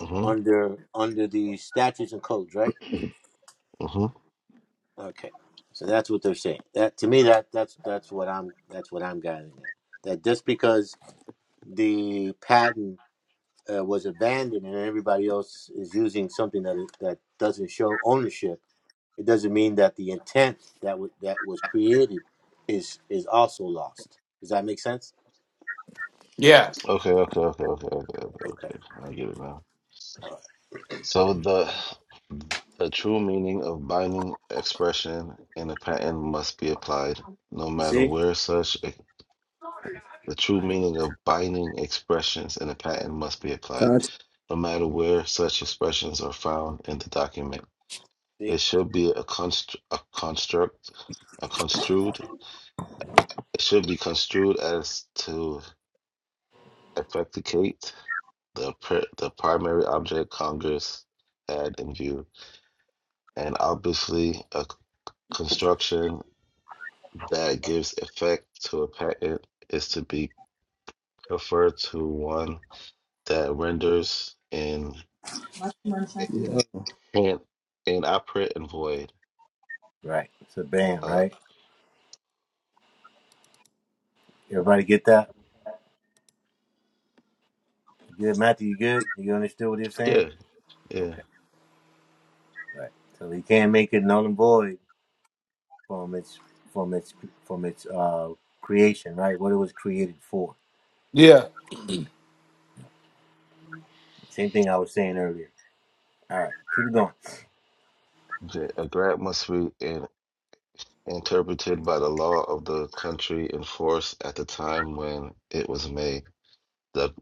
C: hmm hmm
D: Yeah.
C: Okay, okay, okay, okay, okay, okay, okay. okay. I get it now. So the the true meaning of binding expression in a patent must be applied, no matter where such e- the true meaning of binding expressions in a patent must be applied,
B: Content.
C: no matter where such expressions are found in the document. It should be a, const- a construct, a construed. It should be construed as to effectuate the pr- the primary object Congress had in view, and obviously a c- construction that gives effect to a patent is to be preferred to one that renders in in
B: Yeah.
C: in inoperant and void. Uh, yeah, yeah.
D: Yeah.
C: The- A grant must be in. interpreted by the law of the country in force at the time when it was made. The,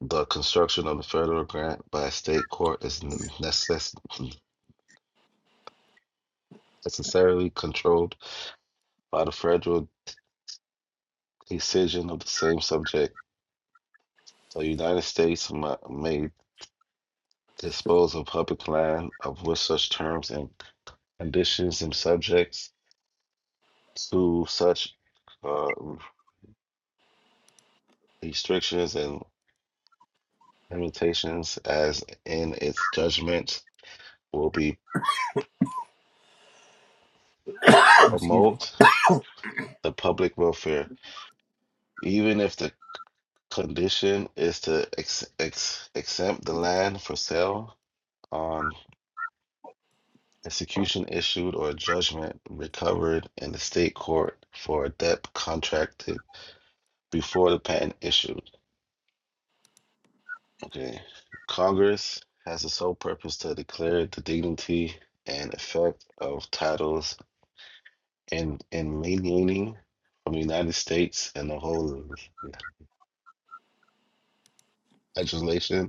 C: the construction of the federal grant by a state court is necess- necessarily controlled by the federal decision of the same subject. The United States mu- may dispose of public land of which such terms and conditions and subjects to such uh, restrictions and limitations as in its judgment will be promotes the public welfare, even if the condition is to ex- ex- exempt the land for sale on execution issued or judgment recovered in the state court for a debt contracted before the patent issued. Okay. Congress has the sole purpose to declare the dignity and effect of titles in in maintaining from the United States and the whole legislation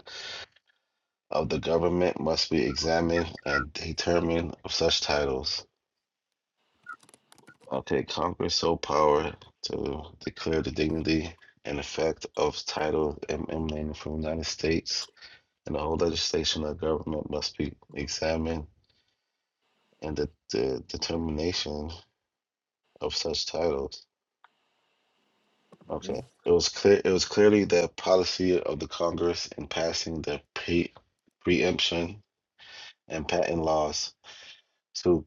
C: of the government must be examined and determined of such titles. Okay, Congress sole power to declare the dignity and effect of titles em- emanating from the United States, and the whole legislation of government must be examined and the, the determination of such titles. Okay, it was clear. It was clearly the policy of the Congress in passing the pre- preemption and patent laws to.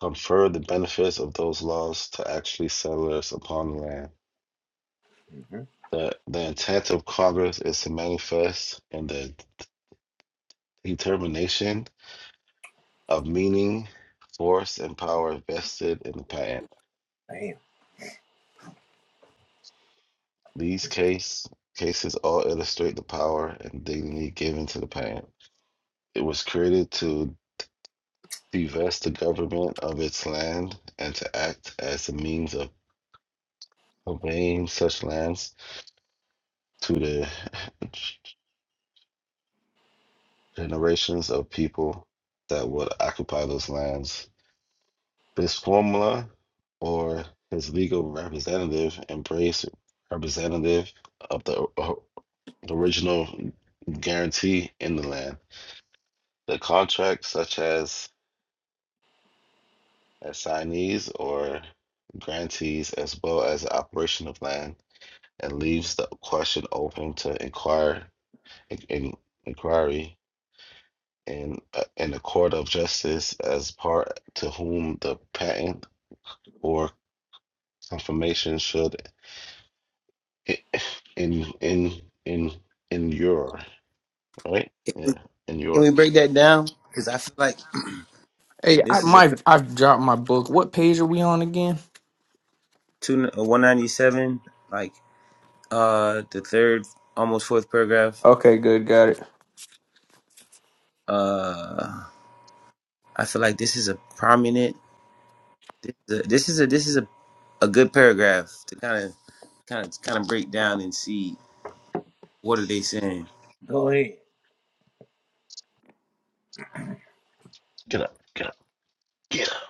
C: confer the benefits of those laws to actually settlers upon the land. The, the intent of Congress is to manifest in the determination of meaning, force, and power vested in the patent. These case, cases all illustrate the power and dignity given to the patent. It was created to divest the government of its land and to act as a means of conveying such lands to the generations of people that would occupy those lands. This formula or his legal representative embrace representative of the original guarantee in the land. The contract, such as assignees or grantees, as well as the operation of land, and leaves the question open to inquire in, in- inquiry in uh, in the court of justice as part to whom the patent or confirmation should i- in in in endure right
B: Can we
C: yeah
B: can
C: endure
B: we break that down? Because I feel like
D: Hey, I,
B: this is a
D: my I've dropped my book. What page are we on again?
B: two a one ninety seven. like. uh the third almost fourth paragraph
D: Okay, good, got it.
B: uh i feel like this is a prominent this is a this is a this is a, a good paragraph to kind of kind of kind of break down and see what are they saying
C: get up get up get up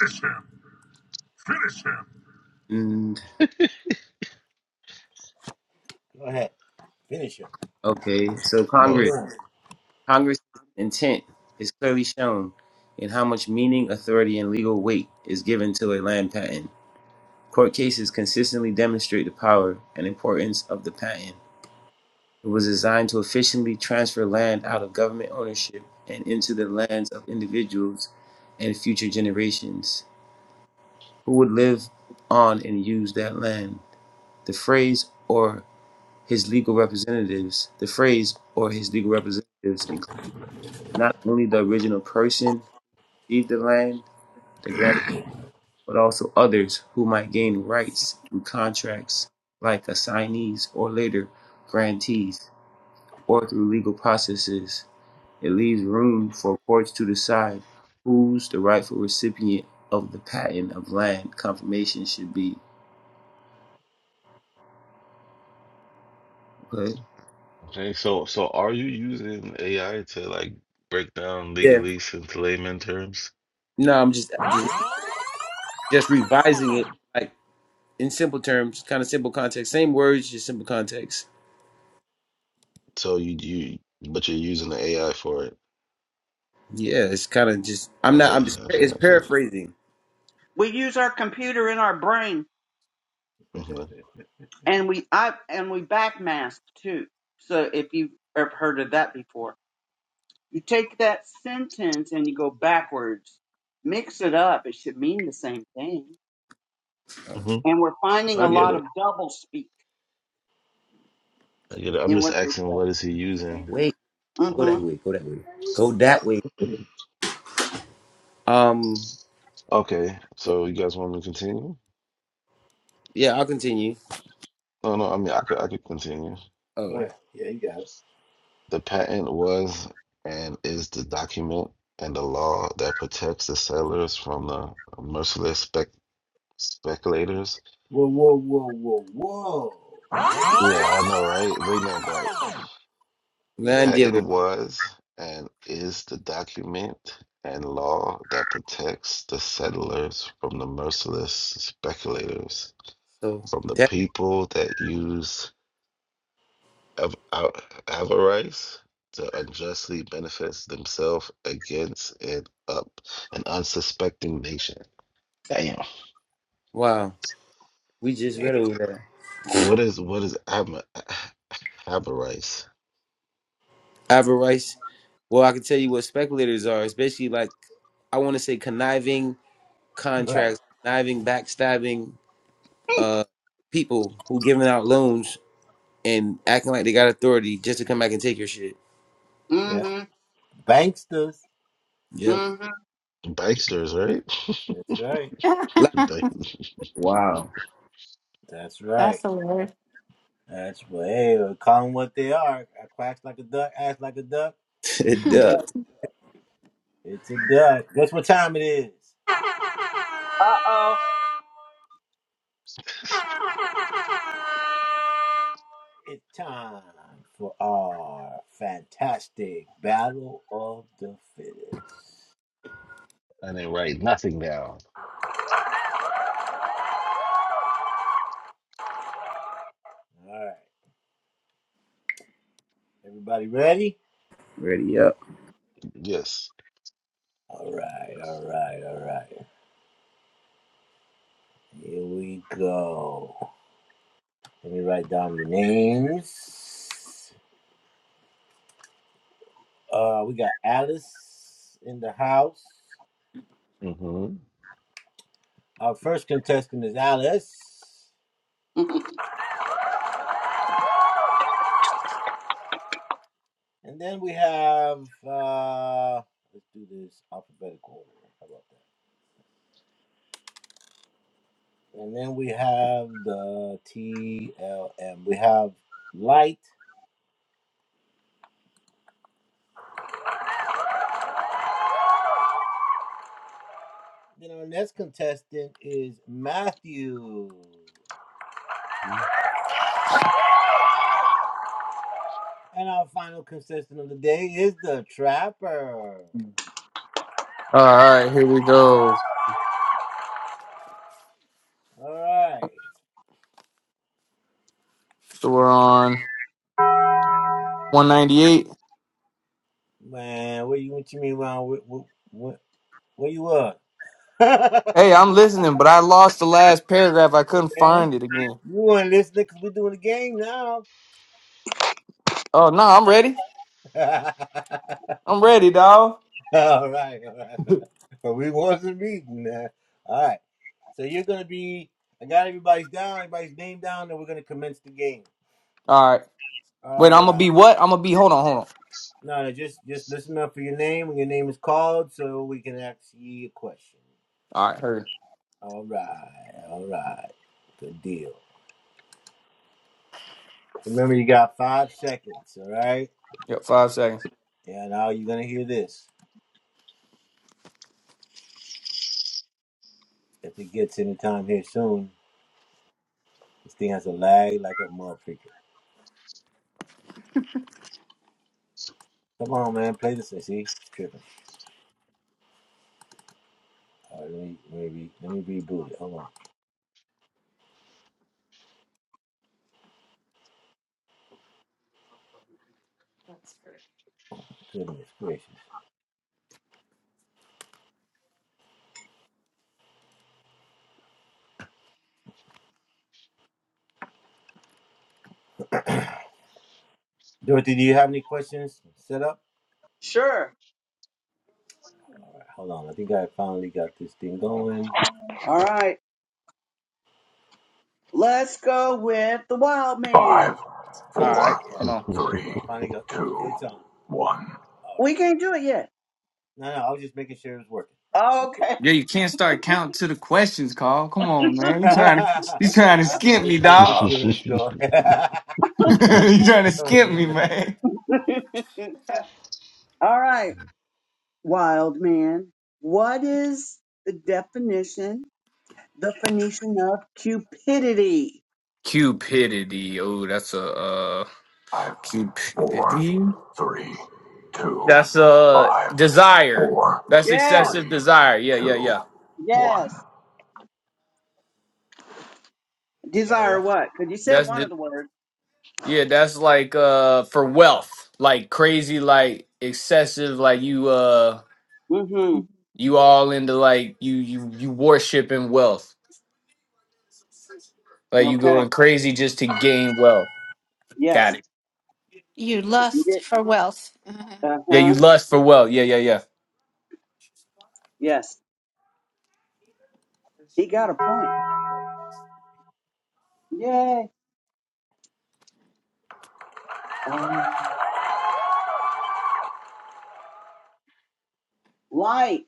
G: Finish him. him. him. Finish him.
B: and okay so
C: oh
B: congress congress intent is clearly shown in how much meaning authority and legal weight is given to a land patent court cases consistently demonstrate the power and importance of the patent It was designed to efficiently transfer land out of government ownership and into the lands of individuals and future generations who would live on and use that land. The phrase or his legal representatives, the phrase or his legal representatives include not only the original person who received the land, the grant, but also others who might gain rights through contracts like assignees or later grantees or through legal processes It leaves room for courts to decide who's the rightful recipient of the patent of land confirmation should be. Okay.
C: okay so so are you using AI to like break down
B: Yeah.
C: legalese into layman terms
B: No, I'm just
G: Five,
B: just just revising it like in simple terms, kind of simple context, same words, just simple context.
C: so you you but you're using the AI for it
B: Yeah, it's kind of just I'm not
C: okay
B: I'm just,
C: okay
B: it's
C: okay
B: paraphrasing.
E: We use our computer in our brain,
C: hmm
E: and we I and we backmask too. So if you've ever heard of that before, you take that sentence and you go backwards, mix it up. It should mean the same thing.
C: hmm
E: And we're finding
C: I
E: a
C: get
E: lot of
C: it
E: double speak
C: I get it I'm
E: in
C: just
E: what they
C: asking
E: say.
C: what is he using
B: Wait, go that
C: um
E: Mm-hmm.
B: way, go that way, go that way. Um,
C: Okay, so you guys want me to continue?
B: yeah, I'll continue.
C: No, no, I mean I could I could continue.
B: Oh,
C: The patent was and is the document and the law that protects the settlers from the merciless spec speculators. Yeah, I know, right? Bring that back. The
B: land dealer.
C: patent was and is the document and law that protects the settlers from the merciless speculators,
B: So
C: from the
B: that
C: people that use av- av- avarice to unjustly benefits themselves against an up an unsuspecting nation. Damn.
B: wow, we just read over that.
C: What is what is av- avarice?
B: Avarice. Well, I can tell you what speculators are, especially like I want to say conniving contracts, conniving, backstabbing uh people who giving out loans and acting like they got authority just to come back and take your shit.
E: Mm-hmm.
B: Yep.
E: Mm-hmm.
C: Banksters, right?
B: Like
C: They-
B: Wow.
H: That's the word.
B: it does.
E: Uh oh.
C: I didn't write nothing down.
B: Ready up.
C: Yes. hmm
D: All right, here we go. So we're on 198. Hey, I'm listening, but I lost the last paragraph. I couldn't find it again. Oh no, I'm ready. I'm ready, dog. All right. Wait, I'm gonna be what? I'm gonna be. Hold on, hold on. All right, hurry. Yep, five seconds.
E: sure. All right. Let's go with the wild man.
D: All right,
G: four,
D: come on.
G: three, one.
E: We can't do it yet. Okay.
D: Yeah, you can't start counting to the questions, Carl. Come on, man. You trying to you trying to skimp me, dog? you trying to skimp me, man?
E: All right, wild man. What is the definition, the Phoenician of cupidity?
D: Cupidity. Oh, that's a uh
G: Five, four,
D: cupidity.
G: three, two.
D: That's a
G: Five,
D: desire.
G: four,
D: That's
E: Yeah,
D: excessive
G: three,
D: desire. Yeah, yeah,
G: two,
D: yeah.
E: yes.
G: one.
E: Desire what? Because you said
D: That's
E: one of
D: the
E: the words.
D: yeah. That's like uh for wealth, like crazy, like excessive, like you uh
E: Mm-hmm.
D: you all into like you you you worshiping wealth, like you
E: Okay.
D: going crazy just to gain wealth.
E: Yes.
D: Got it.
H: You
E: You
H: lust
E: did.
H: for wealth.
D: Yeah, you
E: Uh-huh.
D: lust for wealth. Yeah, yeah, yeah.
E: Yes. He got a point. Yay. Um, light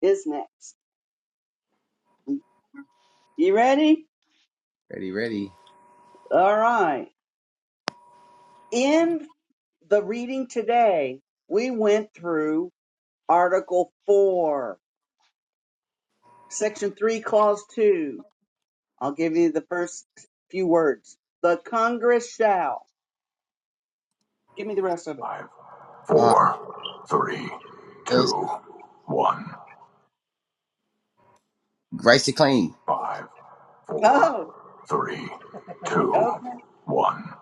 E: is next. You ready?
B: Ready, ready.
E: All right. in the reading today, we went through Article 4, Section 3, Clause 2. I'll give you the first few words. The Congress shall. Give me the rest of it.
G: Five,
B: Uh
G: four, three,
B: let's
G: two, one.
B: see, claim.
G: Five, four, three,
E: Oh,
G: two,
E: okay.
G: one.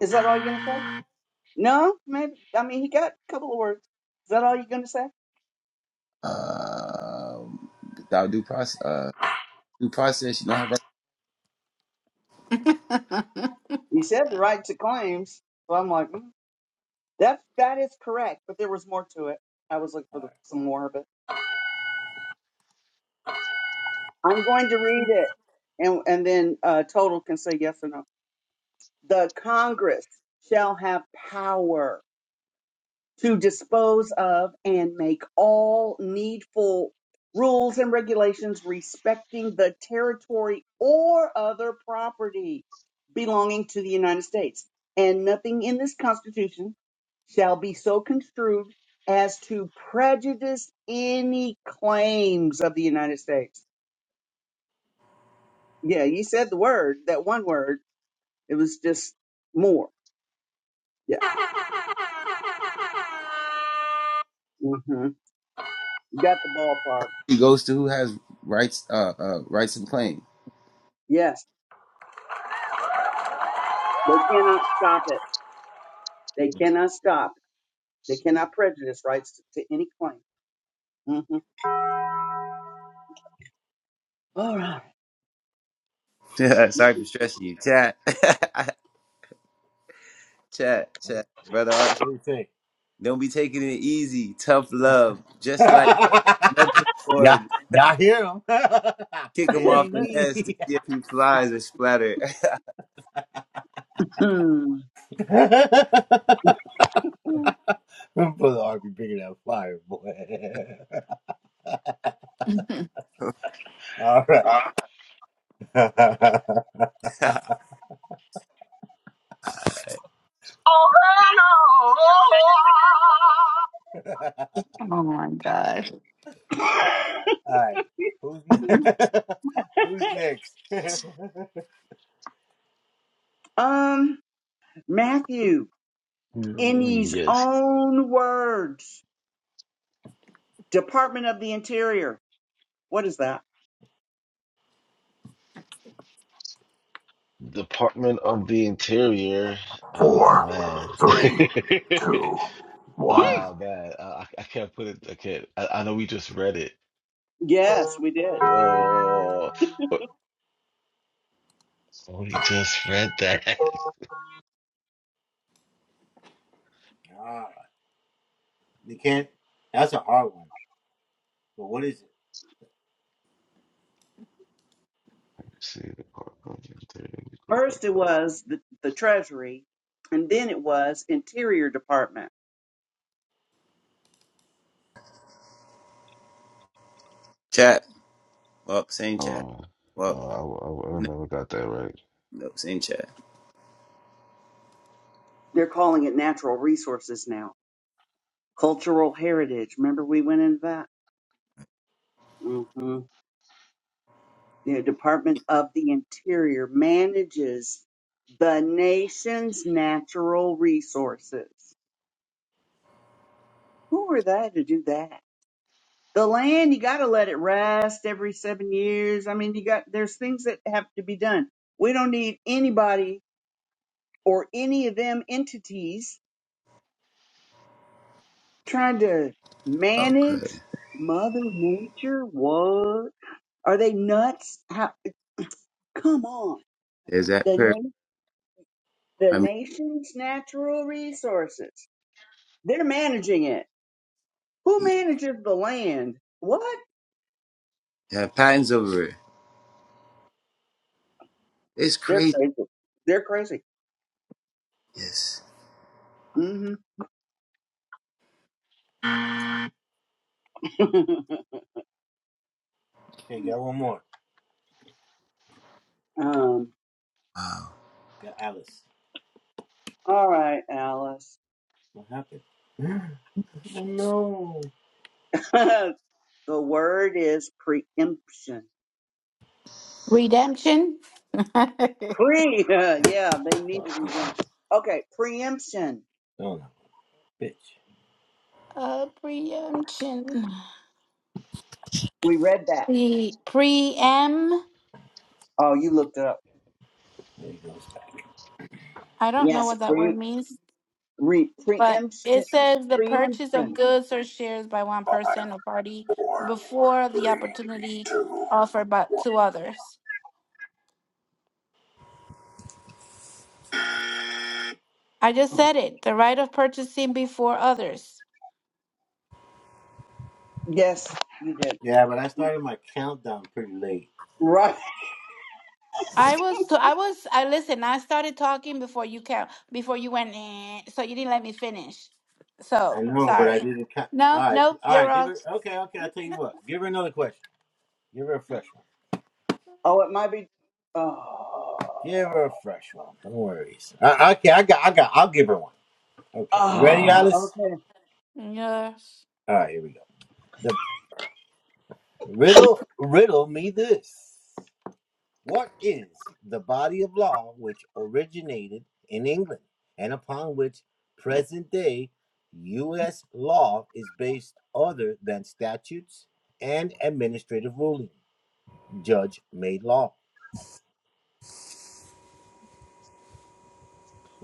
E: Is that all you're going to say? No, maybe. I mean, he got a couple of words. Is that all you're going to say?
B: Uh without due process uh due process, you don't have rights.
E: He said the right to claims. So I'm like, mm, that, that is correct, but there was more to it. I was looking for the, some more of it. I'm going to read it, and and then uh, total can say yes or no. The Congress shall have power to dispose of and make all needful rules and regulations respecting the territory or other property belonging to the United States, and nothing in this Constitution shall be so construed as to prejudice any claims of the United States Yeah, you said the word, that one word. It was just more. Yeah. hmm You got the ballpark.
B: It goes to who has rights uh uh rights and claim.
E: Yes. They cannot stop it. They cannot stop. it. They cannot prejudice rights to, to any claim. hmm All right.
B: Sorry for stressing you. Chat, chat, chat. Brother Don't be taking it easy. Tough love. Just like motherboard. Kick him off the nest to see if he flies or splatter.
E: Hmm.
H: oh my
E: Um, Matthew, in his
C: yes.
E: own words, Department of the Interior. What is that?
C: Department of the Interior. Oh
G: Four,
C: man.
G: three, two, one.
C: Oh man, uh, I, I can't put it. I can't. I, I know we just read it.
E: Yes, we did.
C: Oh, but we just read that. let me see the part Let me go back
E: First, it
C: up.
E: was the, the Treasury, and then it was Interior Department.
B: Chat. Well, same chat.
C: Oh,
B: Well,
C: oh, I, I, I
B: no,
C: never got that right.
B: no, same chat.
E: They're calling it natural resources now. Cultural heritage. Remember we went into that? hmm The Department of the Interior manages the nation's natural resources. Who are they to do that? The land, you gotta let it rest every seven years. I mean, you got, there's things that have to be done. We don't need anybody or any of them entities trying to
B: Okay.
E: manage Mother Nature. What? Are they nuts? How, come on.
B: There's that
E: The,
B: per
E: na- the
B: I mean,
E: nation's natural resources. They're managing it. Who manages the land? What?
B: have patents over it. It's
E: They're
B: crazy.
E: crazy. They're crazy.
B: Yes.
E: hmm um, all right, Alice. the word is preemption.
H: Redemption? uh,
E: Pre, yeah, they need to be done. Okay, preemption.
H: preemption.
E: We read that.
H: the preem.
E: Oh, you looked it up.
H: I don't know
E: Yes,
H: what that word
E: pre,
H: means,
E: re,
H: but
E: preemption,
H: it says the purchase
E: preemption.
H: of goods or shares by one
G: Five,
H: person or party
G: four,
H: before the
G: three,
H: opportunity
G: two,
H: offered by,
G: one.
H: to others.
G: Five,
H: I just said it. The right of purchasing before others.
E: Yes, you did. Right.
H: I was to, I was I listen. I started talking before you came before you went in, so you didn't let me finish. So sorry. No, nope, you're wrong.
E: Oh, it might be. Oh. Oh, okay.
H: Yes.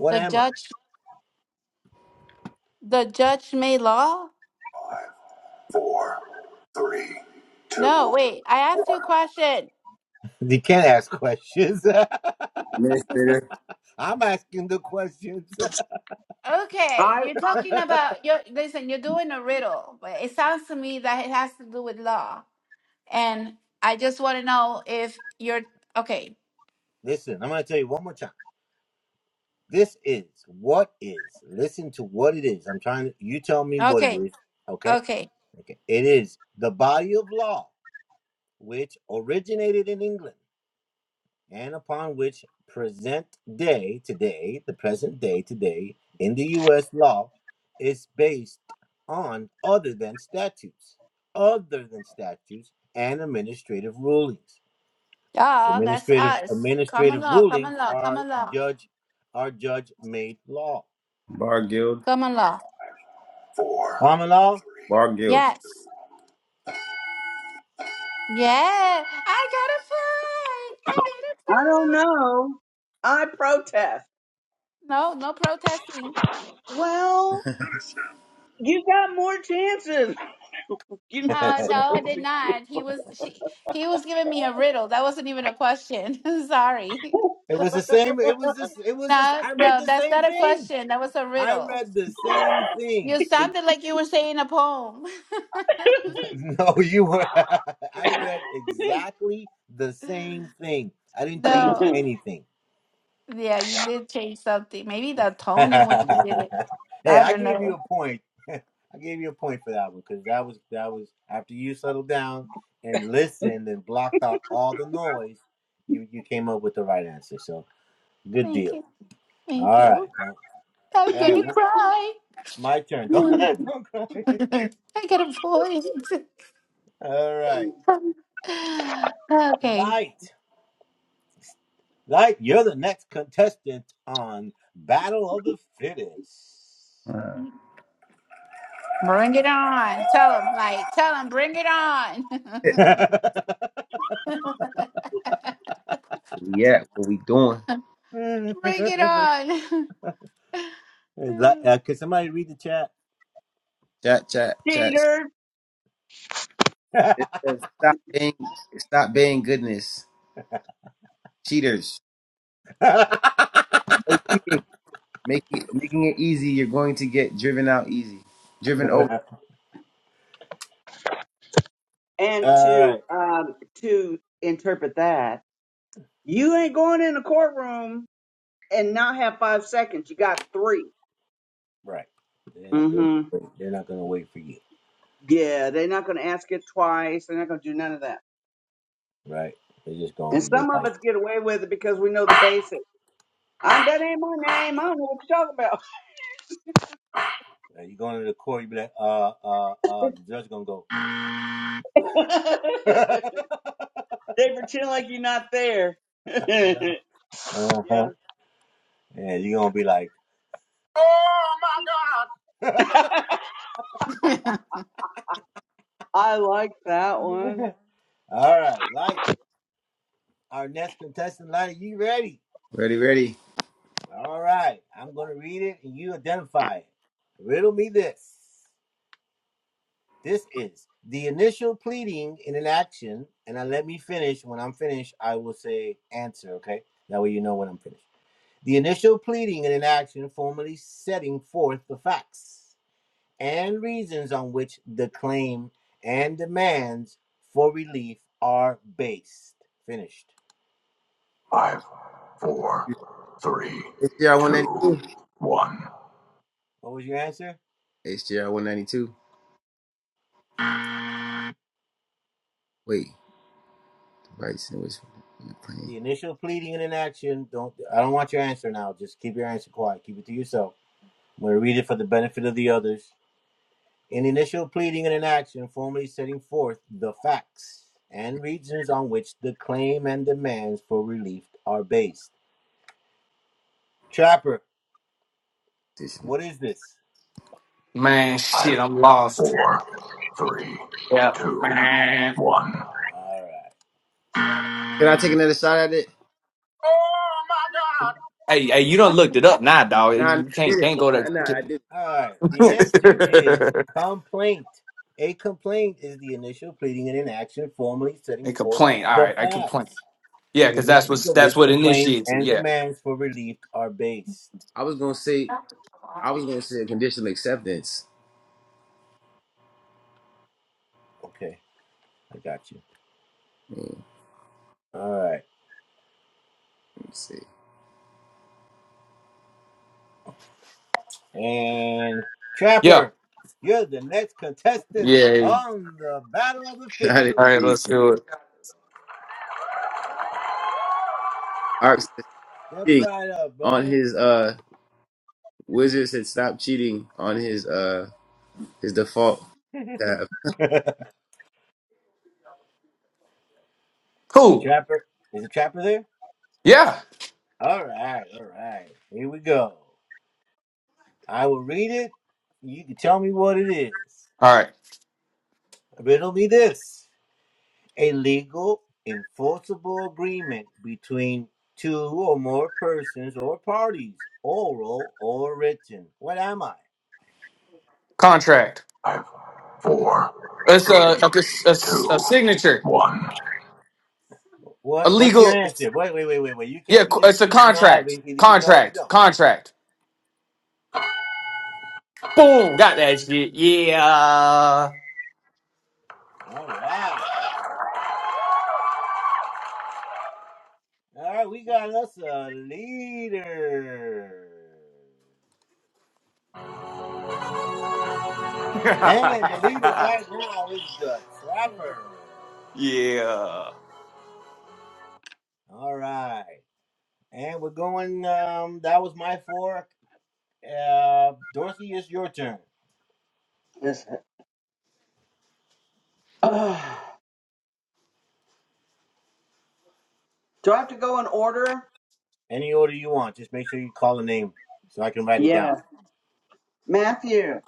H: The judge the judge made law?
G: four, three,
H: No,
G: two, one.
H: wait, I asked you a question.
B: Administrator.
E: I
H: Okay, you're talking about you listen, you're doing a riddle, but it sounds to me that it has to do with law. And I just want to know if you're okay. Okay. Okay. Yeah, that's us. Common law, common law, common law,
B: Bar guild.
H: common law.
G: Four, three.
B: Bar guild.
H: Yes. Yeah. I got a fight. I got a
E: I don't
H: fight.
E: know. I protest.
H: No, no protesting.
E: Well, you got more chances. You're not
H: Uh, no, I
E: supposed
H: did not. He was she, he was giving me a riddle. That wasn't even a question. Sorry. No, no, that's not a question. That was a riddle. You sounded like you were saying a poem.
E: to
H: No. Yeah, you did change something. Maybe the tone in which you did it. I don't know. Thank you. Thank you. I'm gonna cry. I got a point. okay, Bring it on. Tell them, like, tell them, bring it on.
B: Yeah. What we doing?
H: bring it on.
B: Chat, chat, chat.
E: cheater.
B: It says, Stop being, stop being goodness. Cheaters. Make it, making it easy. You're going to get driven out easy. Driven
E: And to um to interpret that, you ain't going in the courtroom and not have five seconds. You got 3 Mm-hmm. Yeah, they're not going to ask it twice. They're not going to do none of that. And some of us get away with it because we know the basics. I'm, that ain't my name. I don't know what you're talking about. they pretend like you're not there. yeah.
G: Oh my God!
E: I like that one.
B: Ready, ready.
G: Five, four, three,
B: HDR 190.
G: two, one.
B: HDR 192. Wait, Bryce, it was playing. Can
D: Man,
G: Five,
D: shit, I'm lost.
G: four, three, two,
D: Yeah.
G: one.
B: I take another shot at it?
G: Oh my
D: Hey, hey, you done looked it up now, dog.
B: Nah, nah, I
D: You
B: did
D: can't
B: it.
D: can't go to
B: Nah, nah, I did it.
D: and complain. All right, I complain. Yeah, because that's what that's what initiates it. Yeah,
B: I was gonna say, I was gonna say a conditional acceptance. Let me see.
D: yeah, yeah.
B: I
D: All
B: didn't
D: right,
B: cheat.
D: let's do it.
B: Arp says cheating on his uh wizard said stop cheating on his uh his default tab.
D: Cool. Yeah. All right. Contract.
G: God! Five, four,
D: It's a
G: three,
D: a, a, a
G: two,
D: signature.
G: one.
D: A legal. Yeah, co- it's a contract. Contract. Contract. Boom. Got that shit. Yeah. yeah.
E: Yes. do I have to go in order? Yeah. Matthew,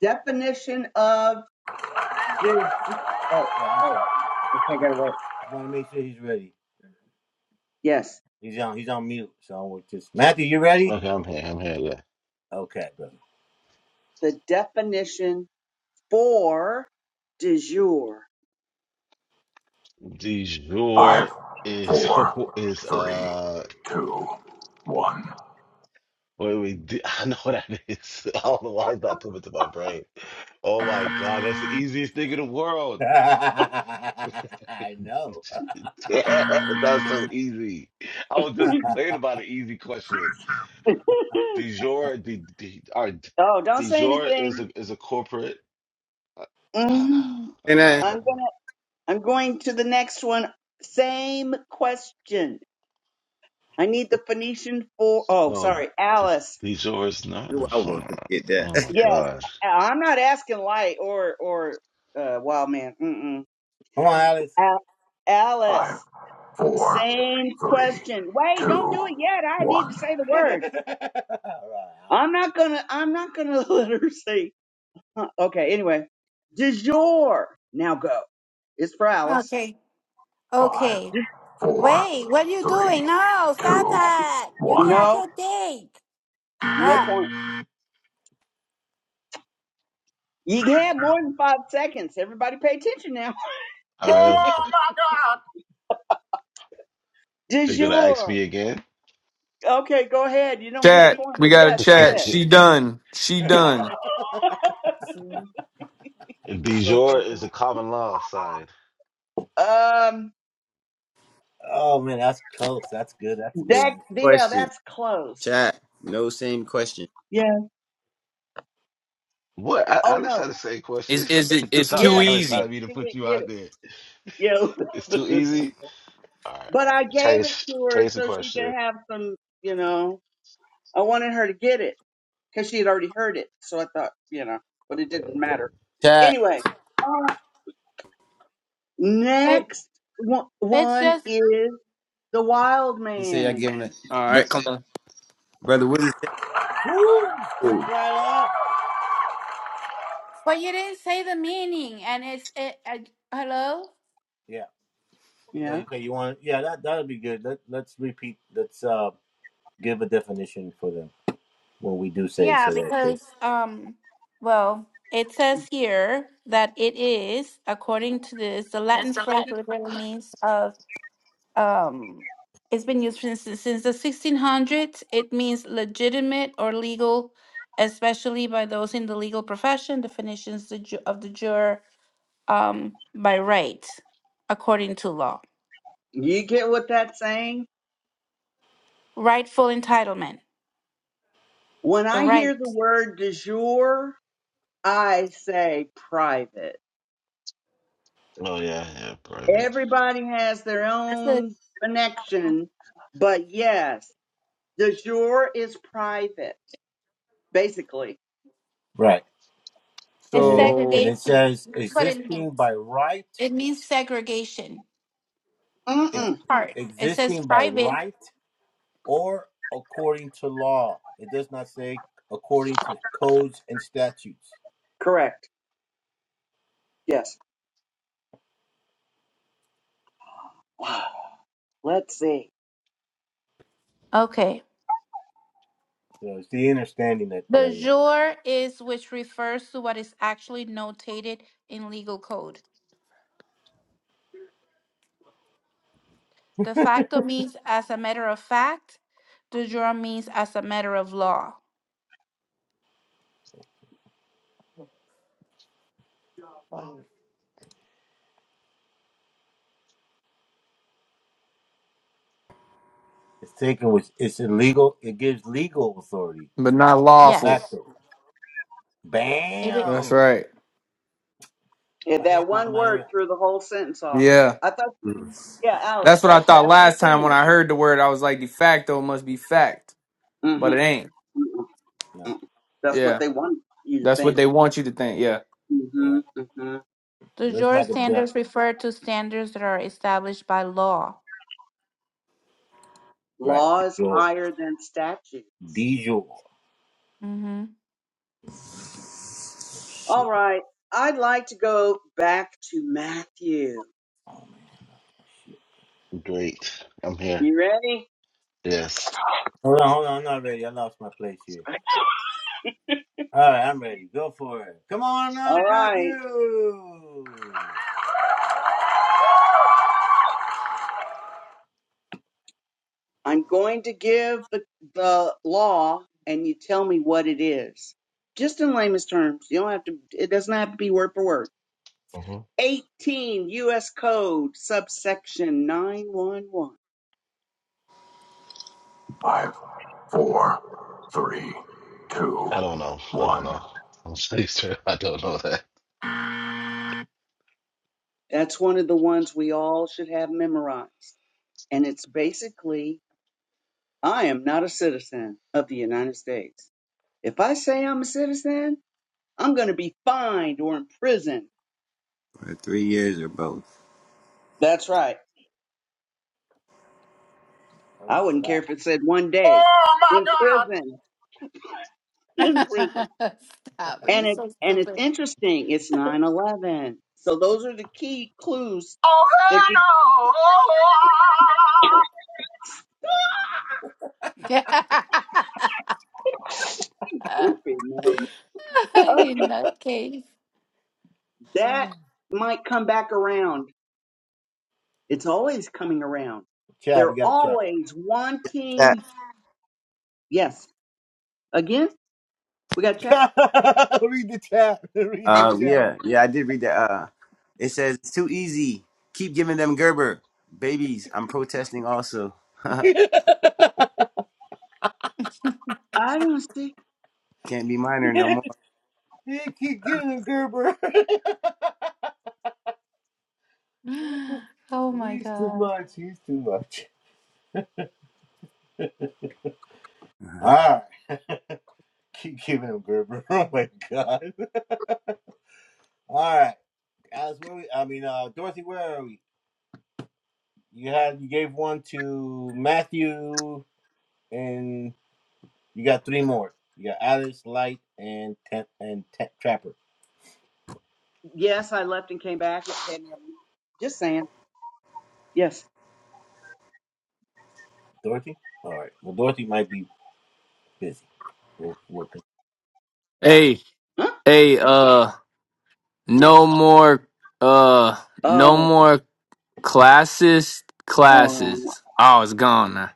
E: definition of. the- Oh, oh, okay, I gotta wait. Yes.
C: Okay, I'm here. I'm here. Yeah.
E: The definition for du jour.
C: Du
G: Five,
C: jour is
G: four,
C: is
G: three,
C: uh.
G: two, one.
C: Wait, wait. d- I know what that is. I don't know why it's not coming to my brain. Oh my God, that's the easiest thing in the world. That's so easy. I was just complaining about an easy question. Du jour, du, du, or,
E: Oh, don't
C: du
E: say
C: jour
E: anything.
C: is a is a corporate. Uh,
B: And I
C: uh,
E: Mhm. I'm going to the next one. Same question. I need the Phoenician for. Oh,
C: no,
E: sorry,
C: du
E: Alice.
C: du jour is not.
B: knew I wouldn't forget
C: Oh
B: that.
C: my
E: Yes,
C: gosh.
E: I- am not asking Light or or uh, Wild Man. Mm-mm. Al-
G: Five,
E: Alice.
G: four,
E: Same
G: three,
E: question. Wait, don't
G: two,
E: do it yet. I need to
G: one.
E: say the word. I'm not gonna. I'm not gonna let her say. Okay. Anyway, du jour. Now go. It's for Alice.
H: okay,
G: Five,
H: okay.
G: four,
H: Wait, what are you
G: three,
H: doing? No, stop
G: two,
H: that. You can't. I
G: one.
E: No,
H: can't think.
E: no
H: Ah,
E: point. You had more than five seconds. Everybody, pay attention now.
C: All right,
G: Oh my
E: De
C: are you gonna ask
E: jure.
C: me again?
E: Okay, go ahead. You don't get a
D: Chat,
E: point,
D: we
E: but
D: got a
E: yes, go
D: chat.
E: ahead.
D: She done. She done.
C: Du jour is a common law side.
E: Um,
B: No
E: that
B: same
E: yeah,
B: question.
E: that's close.
B: Chat. No same question.
E: Yeah.
C: What? A-
E: Oh
C: Alex
E: no.
C: had the same
D: Is
C: question.
D: is it? It's
C: Sorry,
D: too
E: Yeah, she
C: Alex, I
E: could,
D: easy.
C: didn't mean to
E: she
C: put
E: didn't
C: you
E: get
C: out
E: it.
C: there. It's too
E: Yeah.
C: easy. All right, all
E: but
C: right.
E: I gave it
C: Chase,
E: to her
C: Chase, the
E: so she could
C: question.
E: have some. You know, I wanted her to get it because she had already heard it. So I thought, you know, but it
C: Okay,
E: didn't
C: yeah.
E: matter.
B: Chat.
E: Anyway, uh,
H: it,
E: next one
H: it's
E: one
H: just.
E: is the wild
B: You say I
E: man.
B: give him a
D: All right,
B: br-
D: come on.
B: brother. What is?
H: But you didn't say the meaning, and it's it. Uh, hello.
E: Yeah.
H: Yeah, because um, well, it says here that it is according to this the Latin phrase literally means of um, it's been used since, since the 1600s. It means legitimate or legal, especially by those in the legal profession, definitions the ju- of the juror um, by right, according to law.
E: You get what that's saying?
H: Rightful entitlement,
E: When
H: the
E: I hear
H: right.
E: the word du jour, I say private.
C: Oh yeah, yeah. Private.
E: Everybody has their
H: That's what
E: own
H: it's
E: connection, but yes, du jour is private, basically.
H: it's
D: So,
H: segregation. That's what it means. It means segregation, your
E: Mm-mm.
H: part. It says private.
E: Correct. Yes. Wow. Let's see.
H: Okay. The jure is which refers to what is actually notated in legal code. De facto means as a matter of fact. De jure means as a matter of law.
D: but not lawful.
H: Yes. It is.
D: That's right.
E: Yeah, that one word threw the whole sentence off.
D: Yeah,
E: I thought, you, yeah, Alice,
D: that's what I
E: that's
D: thought
E: that's the
D: last time when
E: thing.
D: I heard the word. I was like, de facto must be fact, but it ain't.
E: Mm-hmm. mm That's what
D: Yeah,
E: they want you to
D: that's what
E: think.
D: they want you to think. Yeah.
E: Mm-hmm. Mm-hmm.
H: De jure standards refer to standards that are established by law.
E: Law is higher than statute.
H: hmm
E: All right. I'd like to go back to Matthew.
C: Great. I'm here.
E: You ready?
C: Yes.
E: All right. I'm going to give the, the law and you tell me what it is. Just in layman's terms. You don't have to, it doesn't have to be word for word.
C: hmm
E: 18 U.S. Code, subsection 911.
G: God. Five, four, three, two,
C: I don't know. I don't
G: one.
C: know. I'm so used to it. I don't know that.
E: That's one of the ones we all should have memorized. And it's basically I am not a citizen of the United States. If I say I'm a citizen, I'm going to be fined or in prison.
B: Or three years or both.
E: That's right. I wouldn't care if it said one day
G: Oh my
E: in
G: God.
E: prison, in prison. And it and it's interesting. It's nine eleven. So those are the key clues
G: Oh
E: that
G: hell no.
E: you Goofy man. Oh, that might come back around. It's always coming around. They're always
B: That
E: wanting. Yes. Again, we got to check.
B: Uh, yeah, yeah, I did read that. Uh, it says it's too easy. Keep giving them Gerber babies. I'm protesting also.
E: I want to see.
B: Can't be minor no more.
H: oh my god.
E: Yes, I left and came back. Just saying. Yes.
D: Hey,
E: Huh?
D: hey, uh, no more, uh, no
E: Oh,
D: more classes,
E: hold on.
D: classes. Oh, it's gone now.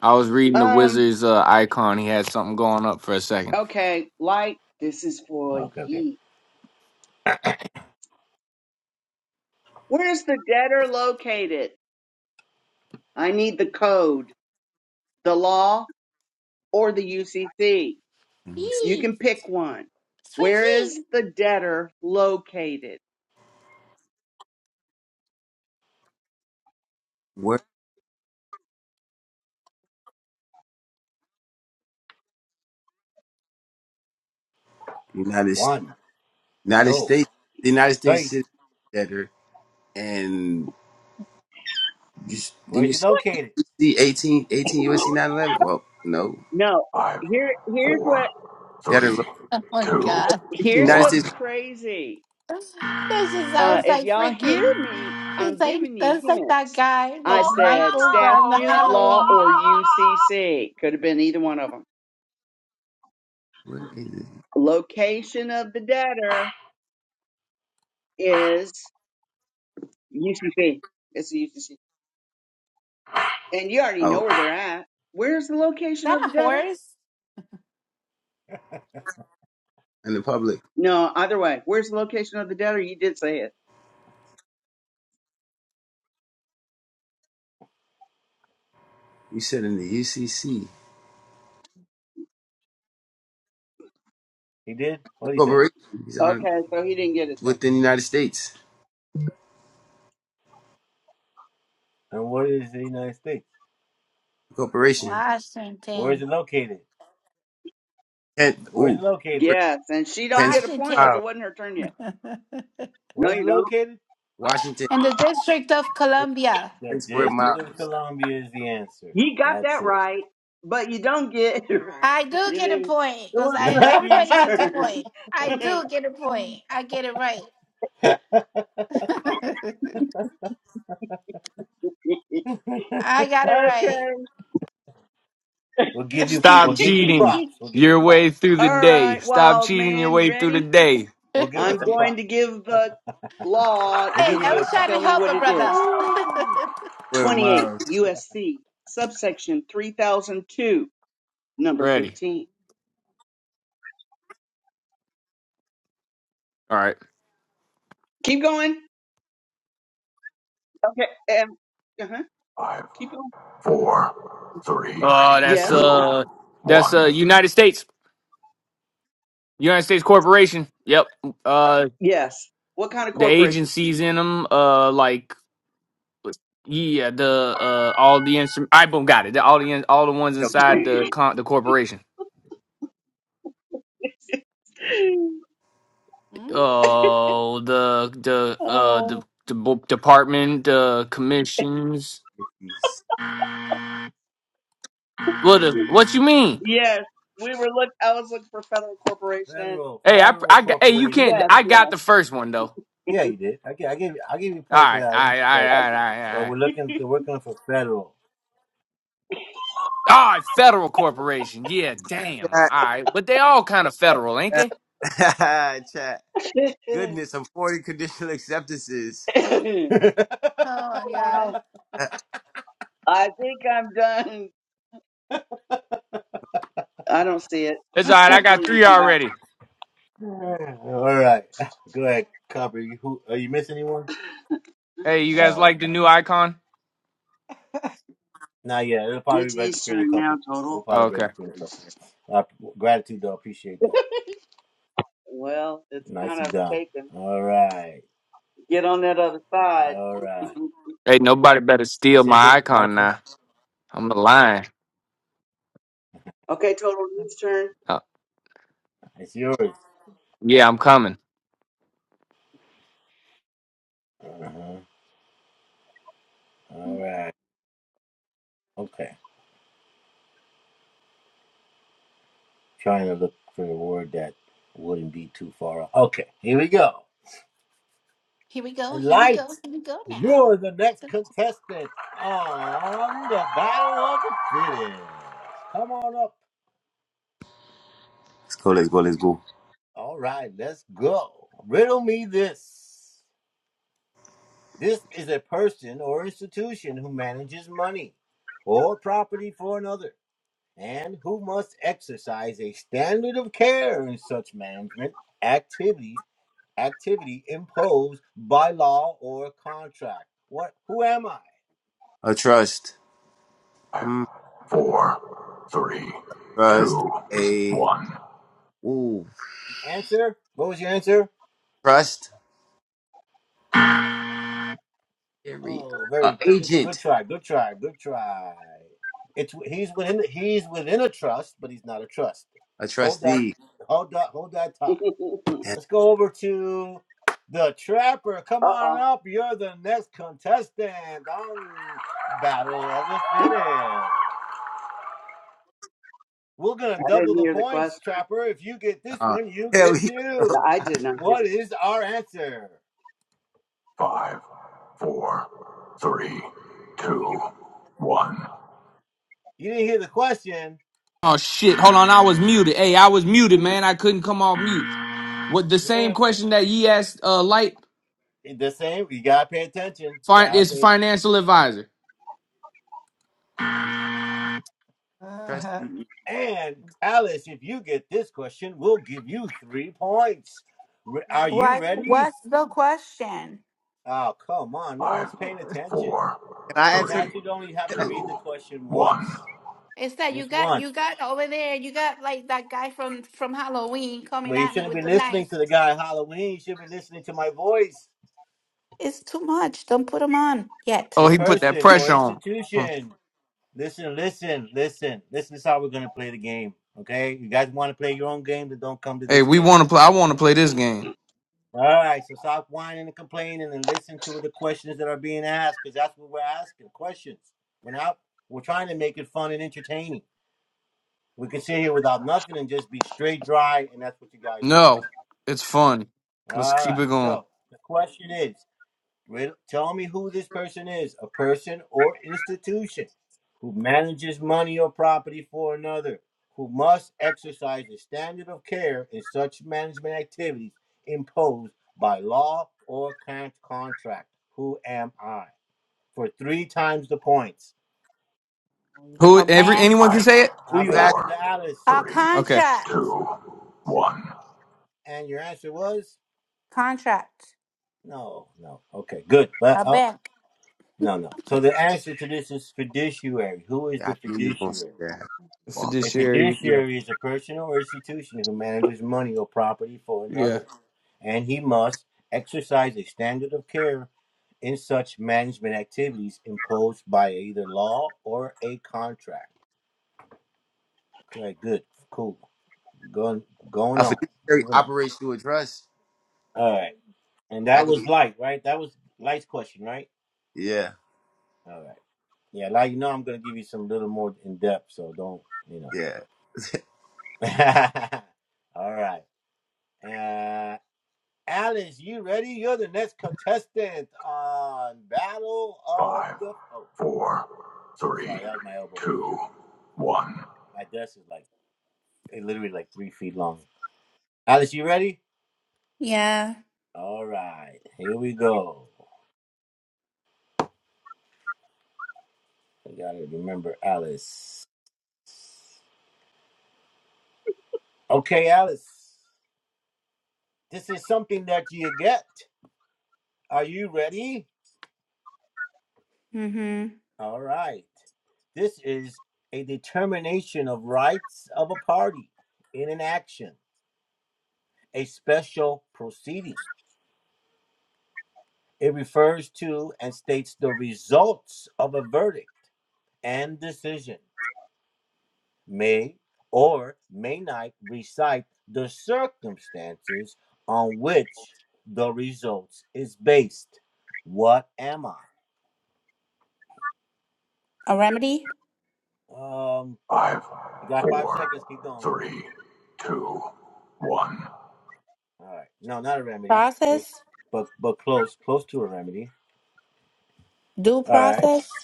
D: I was reading the
E: Um,
D: Wizards uh, icon. He had something going up for a second.
E: okay, light, this is for ye. Where's the debtor located? I need the code, the law, or the UCC. You
H: Yee,
E: can pick one.
H: it's for
E: Where is
H: yee.
E: the debtor located?
B: What United United States the United States citizen better and you, s- then you see 18 18 USC 911. Well, no,
E: No.
G: Five,
E: Here here's what
G: four,
B: that are
G: three,
H: Oh my
G: two,
H: god.
E: here's
B: United
G: one.
E: what's
B: States.
E: crazy.
H: That just
E: Uh
H: sounds
E: if
H: like
E: y'all hear
H: freaking.
E: me,
H: It's
E: I'm
H: like
E: giving you
H: that's like that
E: hints.
H: guy,
E: I
H: like
G: Oh hell
E: said
H: Michael from the
E: statute, law,
H: Halloween. Is
E: or UCC. Could have been either one of them.
B: Where is it?
E: Location of the debtor is UCC. It's the UCC. And you already know
B: Oh,
E: where they're at. Where's the location
H: that
E: of
H: a
E: the debtor?
H: horse?
B: in the public.
E: No, either way. Where's the location of the debtor? You did say it.
B: You said in the UCC corporation. He's on
E: Okay, so he didn't get it then.
B: within the United States corporation.
H: Washington,
B: 10, ooh,
E: Yes, and she don't
B: 10
E: get a
B: square
E: point
B: miles.
H: Washington,
E: because it wasn't her turn yet. No, you don't.
B: Washington,
H: and the District of Columbia.
B: 10 square miles.
E: You got that right, but you don't get it right.
H: I
E: It
H: do get a
E: didn't-
H: point
E: it
H: because
E: was
H: I
E: not you's
H: everybody gets a
E: turn.
H: point. I
E: okay.
H: do get a point.
E: All
H: I get it right. I got it right.
D: Stop cheating your way through the day.
E: right,
D: Stop
E: wild
D: cheating your
E: man, you
D: way through the
E: ready?
D: day.
E: I'm going to give the law,
H: hey,
E: and
H: I
E: you
H: was trying to
E: tell me
H: help
E: what
H: a
E: it
H: brother.
E: is.
B: Square
E: 28 USC, subsection 3002, number
D: Ready.
E: 15.
D: All right.
E: Keep going. Okay. And, uh-huh.
G: no. Five,
E: Keep going.
G: four, three,
D: Uh that's
E: Yes.
G: two,
D: uh that's uh
G: one.
D: United States. United States Corporation. Yep. Uh
E: Yes. What kind of
D: the
E: corporation?
D: agencies in them uh like yeah, the uh all the instrument I boom got it. The, All the in- all the ones inside the con- the corporation.
H: Mm,
D: Oh, the the uh the
E: oh.
D: the bo- department, the commissions,
B: miles.
D: What is, what you mean?
E: Yes. We were look. I was looking for federal corporation.
D: Hey, I, I got- hey, you can't.
E: Yes.
D: I got the first one though. All right, all right, all right, all right, all right. All right, federal corporation. Yeah, damn. All right, but they all kind of federal, ain't
B: Chat.
D: they?
B: uh, Chat. Goodness, I'm 40 conditional acceptances.
E: Yes.
H: oh my
E: Oh, wow.
H: gosh.
B: Uh,
E: I think I'm done. I don't see it.
D: It's all right.
E: You
D: I
E: have to
D: got
E: leave and
D: three
E: come back.
D: already. Hey, you guys like the new icon?
E: It's Eastern now, total.
D: Okay.
E: Well, it's kind of taken. Get on that other side.
D: Hey, nobody better steal my icon now. I'm the lion.
E: okay, total Eastern.
D: Uh, yeah, I'm coming.
H: Mm, Here we go. Here we go. Here we go now.
B: Go. A trust.
G: Five,
B: Mm,
G: four, three,
B: trust.
G: two,
B: A,
G: one.
B: ooh, trust. Here we A agent. A trustee.
E: uh
B: And,
E: oh. I didn't hear the question.
B: uh, hell, he-
E: No, I did not hear the
G: Five, four, three, two, one.
D: Oh shit! Hold on, I was muted. Hey, I was muted,
E: question.
D: man. I couldn't come off mute. What the same question that ye asked? Uh, light fin- is financial advisor.
B: trustee. Can
H: What what's the question?
B: I answer this?
H: It's that you got you got over there, you got like that guy from from Halloween coming at me with the knife. It's too much. Don't put him on yet.
D: Oh, he put that pressure on. him. Hey, we want to play. I want to play this game. No, it's fun. Let's keep it going. Who?
H: A
D: Every
H: bank.
D: anyone can
G: Five,
D: say it.
B: Who you asked?
H: A
G: three,
D: Okay.
H: contract.
G: two, one,
H: Contract. A bank.
B: I knew you was going to say that. Fuck.
D: Fiduciary. Yeah. Yeah.
B: A fiduciary operates through a trust. That could be. Yeah. Yeah.
G: four, three, two, one.
H: Yeah. Mm-hmm. A remedy?
G: Five, three, two, one.
H: Process? Due process?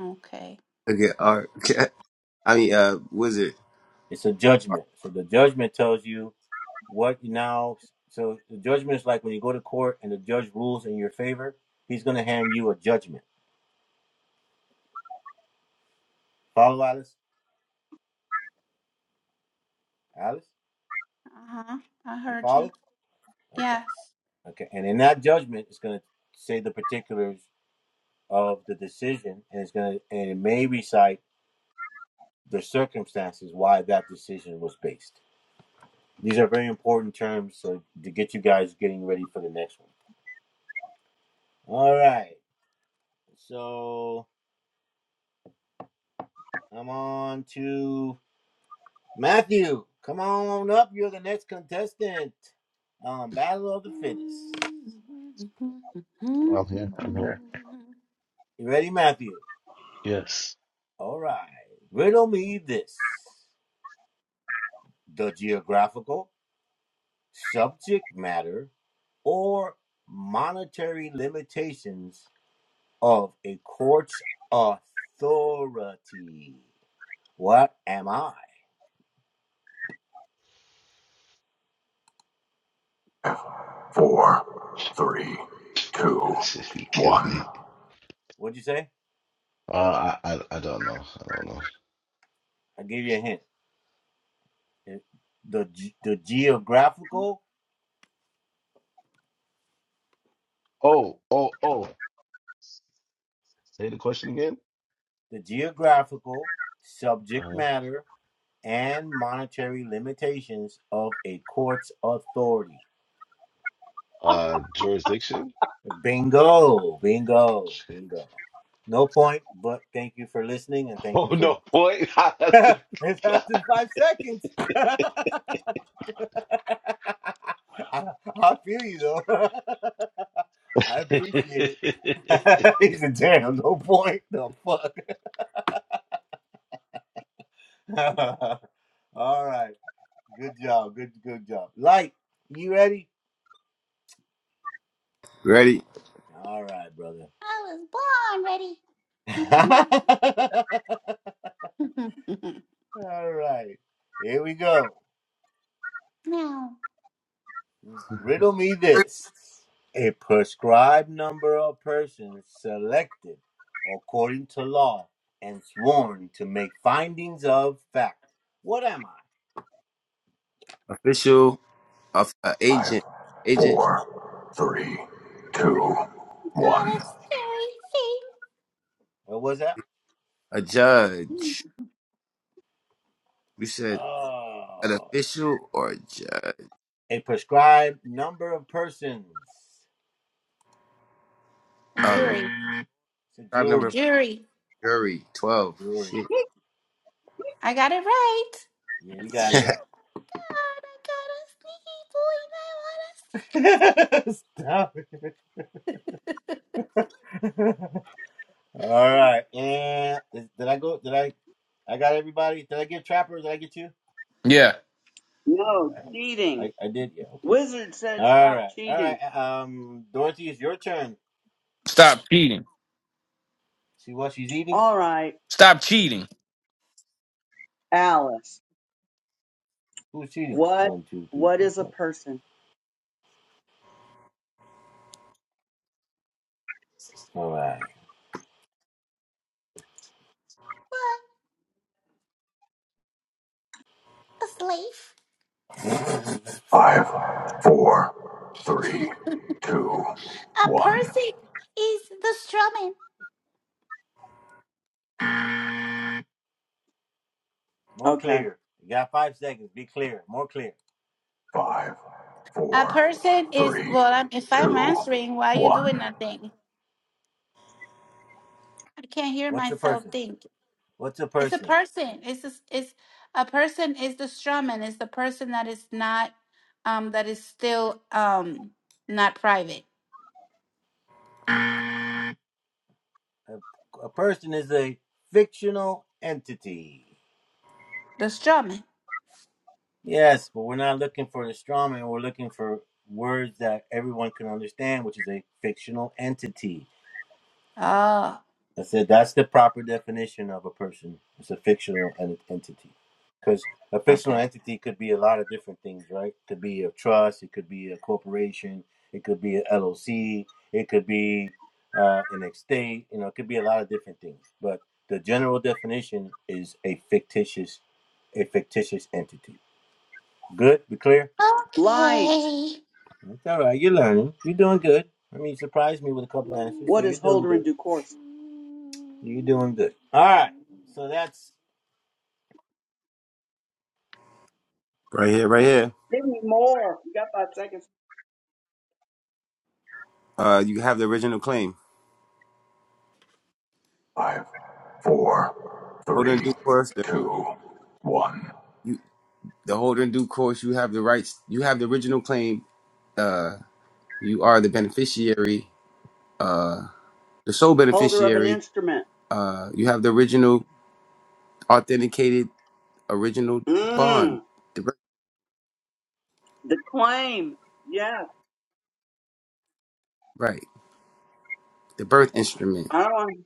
H: Okay.
B: Okay. All right. I mean, uh, was it
H: Uh-huh. I heard you. Yes.
C: I'm here. I'm here. Yes.
G: F, four, three, two,
C: That shit be killing
G: one.
C: me. Uh, I, I, I don't know. I don't know. Oh, oh, oh. Say the question again. Uh, uh jurisdiction. Oh no, point. I'm
B: Ready?
H: I was born ready. now,
B: Official, of uh,
G: Five,
B: agent, agent,
G: four, three, two,
H: got a
G: one.
H: scary thing.
B: a judge. We said an official or a judge.
H: A
B: Uh,
H: jury.
B: tribe
H: A
B: number
H: jury.
B: jury twelve. Shit.
H: I got it right. God, I got a sneaky boy and I
D: Yeah.
E: No, cheating. Wizard said stop cheating.
D: Stop cheating.
E: All right,
D: Stop cheating.
E: Alice. What what is a person?
H: want a
G: Five, four, three,
H: secret. What? A slave?
G: two,
H: a
G: one.
H: person is the strawman.
E: Okay.
G: Five,
H: A
G: four,
H: person is,
G: three,
H: well, I'm, if I'm
G: two,
H: answering, why are you doing
G: one.
H: nothing? I can't hear myself think. It's a person. It's a, it's a person is the straw man. It's the person that is not um that is still um not private. The straw man. Oh, okay.
E: Light.
H: Okay.
E: What is holder in due course?
B: right here, right here.
E: Give me more. You got five seconds.
B: Uh, you have the original claim.
G: Five, four,
B: Holder in
G: three,
B: due course. The,
G: two, one.
B: you, the holder in due course. You have the rights. You have the original claim. Uh, you are the beneficiary. Uh, the sole
E: Holder of an
B: beneficiary.
E: instrument.
B: Uh, you have the original authenticated original
E: Mmm.
B: bond.
E: The claim. Yeah.
B: Right. The birth instrument.
E: I don't want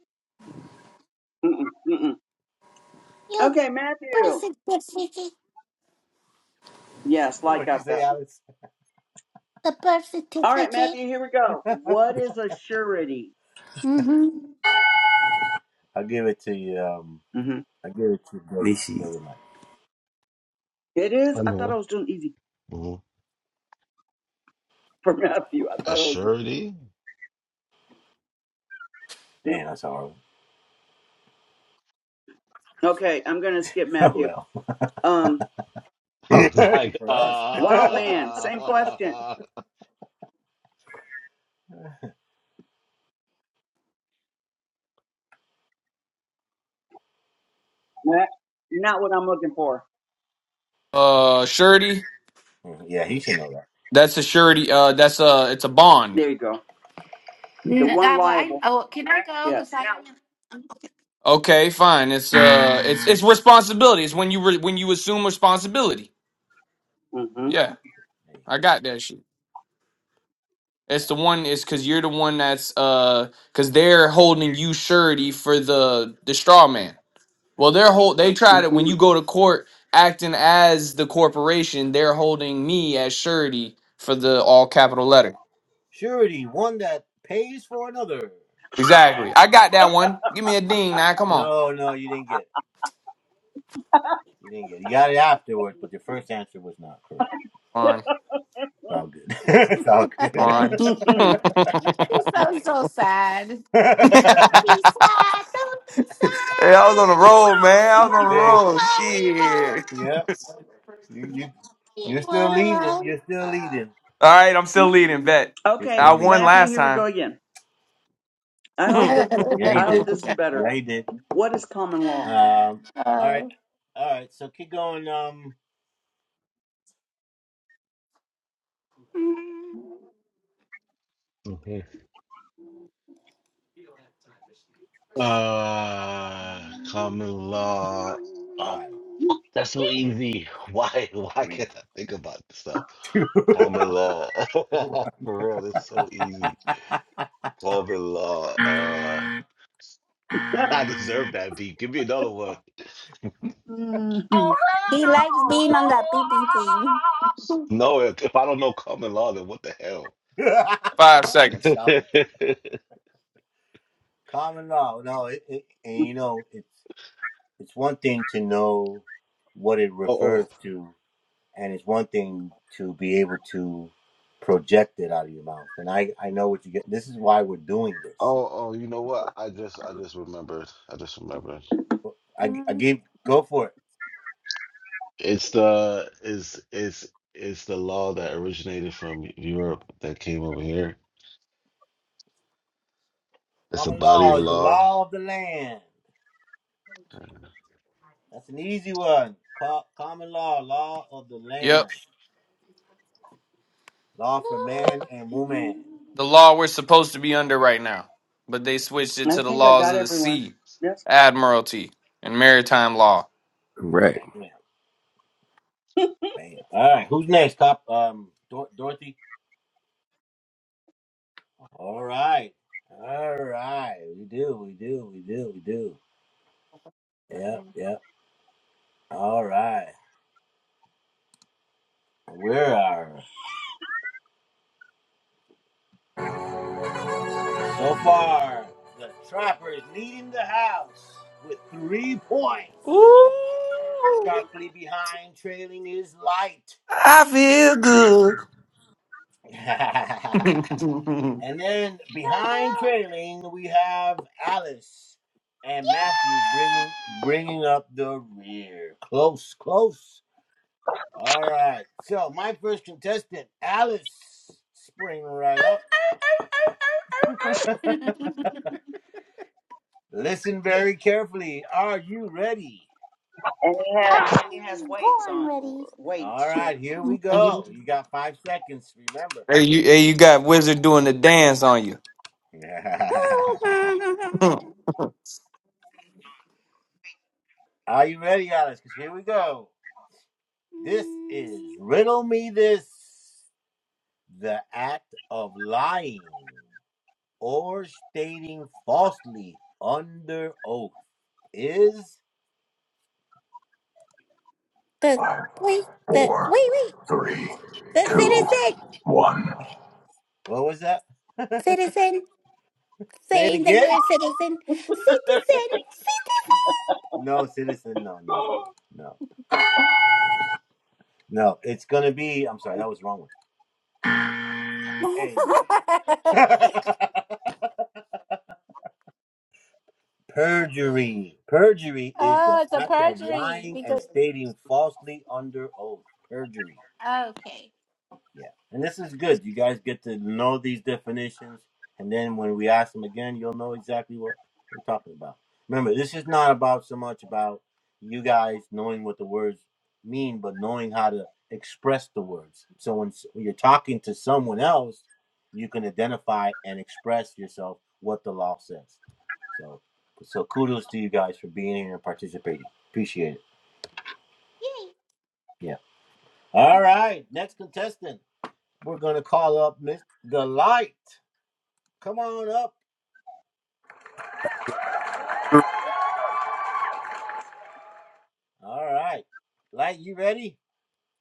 E: mm-mm, mm-mm.
H: Your
E: Okay,
H: birth
E: Matthew.
H: certificate.
E: Yes, Light got that one.
H: The birth
E: All right,
H: certificate.
E: Matthew, here we go. What is a surety?
H: Mm-hmm.
E: hmm
B: Nishi.
E: It is. I thought I
C: here.
E: was doing easy
C: hmm
E: for Matthew. I
C: A
E: thought I was doing.
C: surety.
E: mm. Okay, I'm going to skip Matthew. Um,
C: I was like,
E: Wild Man, same question.
C: uh,
E: Nah, Not what I'm looking for.
D: Uh, surety. That's a surety. Uh, that's a. It's a bond.
E: There you go. The
H: N-
E: one
H: Uh, well, I,
E: liable.
H: oh, can I go? Cause
E: Yes.
H: I. No.
D: Okay, fine. It's uh, it's it's responsibility. It's when you re- when you assume responsibility.
E: hmm hmm
D: Yeah, I got that shit. It's the one. It's because you're the one that's uh because they're holding you surety for the the straw man. Well, they're hold they tried it when you go to court acting as the corporation, they're holding me as surety for the all capital letter. Exactly. I got that one. Give me a ding now. Come on. Fine. Fine. hey,
H: you sound so sad. Don't be sad. Don't be sad.
D: I was on the road, man.
H: You
D: I was on the
H: won't
D: road.
H: worry
D: Shit. All
H: about you all alone.
D: right, I'm still leading. Bet
E: okay,
D: I won
E: Matthew,
D: last
E: here we
D: time.
E: go again. I hope this is. I hope this is better. What is common law?
H: Oh.
C: Mhm. uh, common law. Oh, that's so easy. Why, why can't I think about this stuff? Common law. For real, it's so easy. Common law. Uh,
G: Oh,
C: I deserve that beat. Give me another one.
G: hell
H: he
G: no!
H: likes being on that BB team.
C: No, if, if I don't know common law, then what the hell?
D: Five seconds.
C: oh, oh, oh, oh. You know what? I just, I just remembered. I just remembered. It's the it's it's it's the law that originated from Europe that came over here. It's a body of law.
D: Yep.
H: I
D: The law we're supposed to be under right now. But they switched it
E: I
D: to the
E: think I
D: laws
E: got
D: of the
E: everyone.
D: sea,
E: Yes.
D: admiralty, and maritime law.
B: Right.
D: Ooh, I feel good.
E: And he has, and he has
H: was
E: weights
H: born
E: on,
H: ready.
E: weights too.
D: hey, you, hey, you got Wizard doing the dance on you.
H: the
G: Five,
H: wait, the
G: four,
H: wait, wait,
G: three,
H: the
G: two,
H: citizen,
G: one.
H: citizen, saying that you're a citizen, citizen, citizen. oh, it's a perjury because okay, yay. Mm.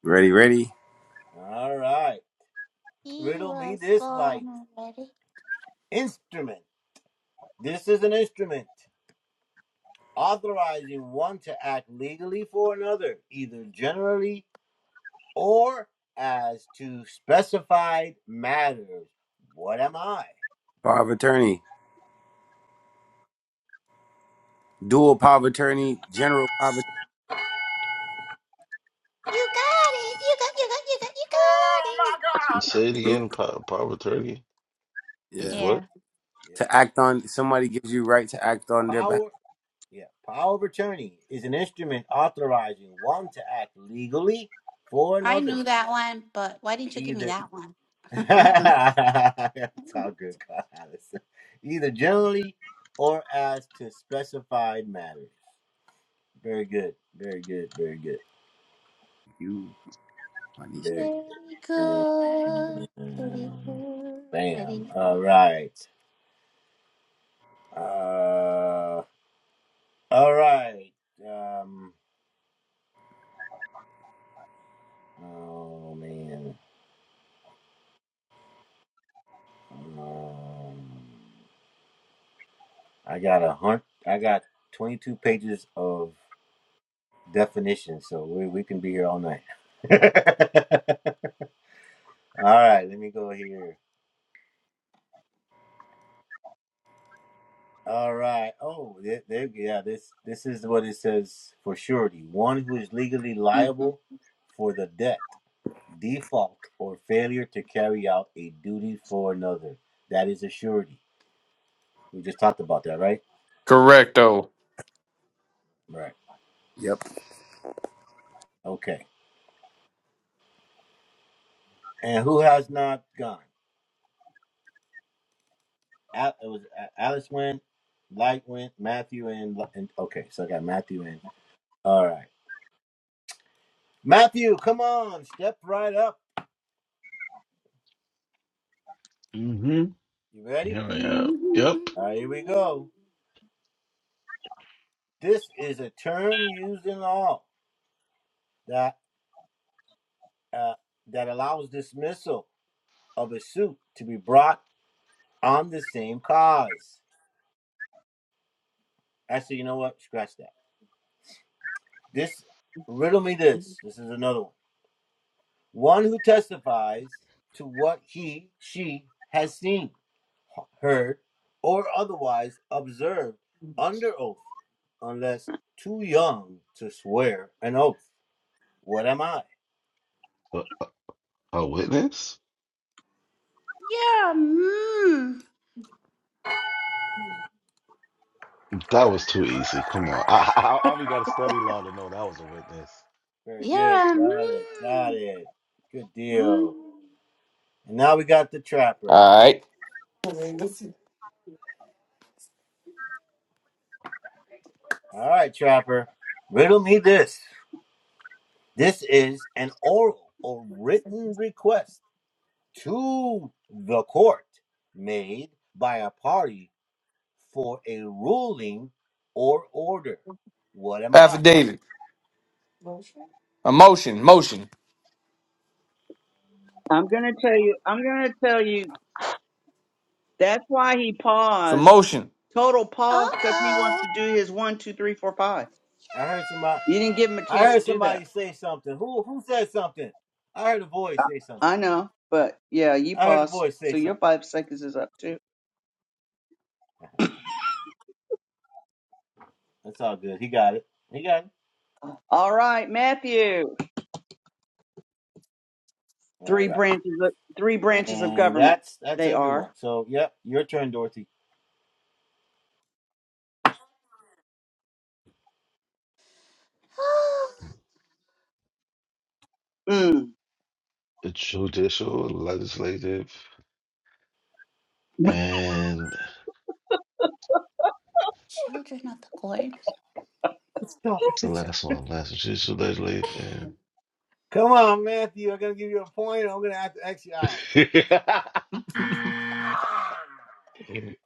B: Ready, ready.
H: He was born already.
B: Power of attorney. Dual power of attorney. General power of
H: You got it. You got. You got. You got. You got
G: Oh, my
H: it.
G: God!
C: Say it
B: attorney.
C: again, Po- Proverb thirty. It's
B: Yeah.
H: Yeah,
C: what?
B: To act on somebody gives you right to act on their behalf.
H: I knew that one, but why didn't you give me that one? Very good. Pretty good. Pretty good.
E: Mhm.
D: Correcto.
B: Yep.
C: hmm Here I am.
H: Mm.
C: Yep. A a witness?
H: You're a mmm.
C: That was too easy. Come on. I I, I only got to study law to know that was a witness.
H: You're a mmm. Mm.
D: All right. Affidavit. A motion. Motion.
E: I'm gonna tell you. I'm gonna tell you. That's why he
D: Some
E: paused.
D: motion.
E: Total
H: Uh
E: pause because he wants
H: oh.
E: to do his one, two, three, four, five. You didn't give him a
H: Yay!
E: chance to do that. I know, but yeah, you paused, so your five seconds is up too. All right, Matthew. Three branches. Of, three branches of government. They are. Mm.
C: The judicial, legislative, and
H: Children of the corn.
C: what's the last one? Last judicial, legislative, and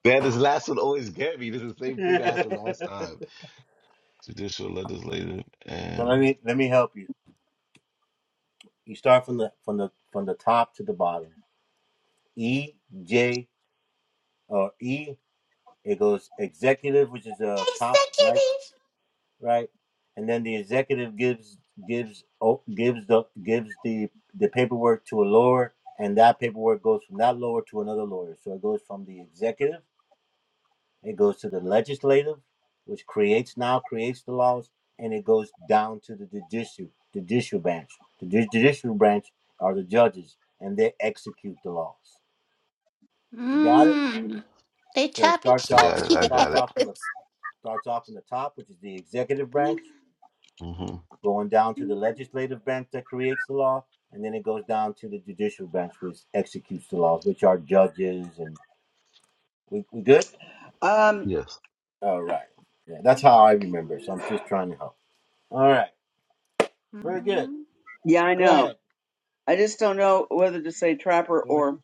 C: man, this last one always get me. This is the same thing that happened last time. Judicial, legislative, and
H: Executive Mm, they choppy
C: I got it. I
H: choppy
C: got it.
H: heads.
C: hmm
E: Um,
C: Yes.
E: yeah, I know. I just don't know whether to say trapper or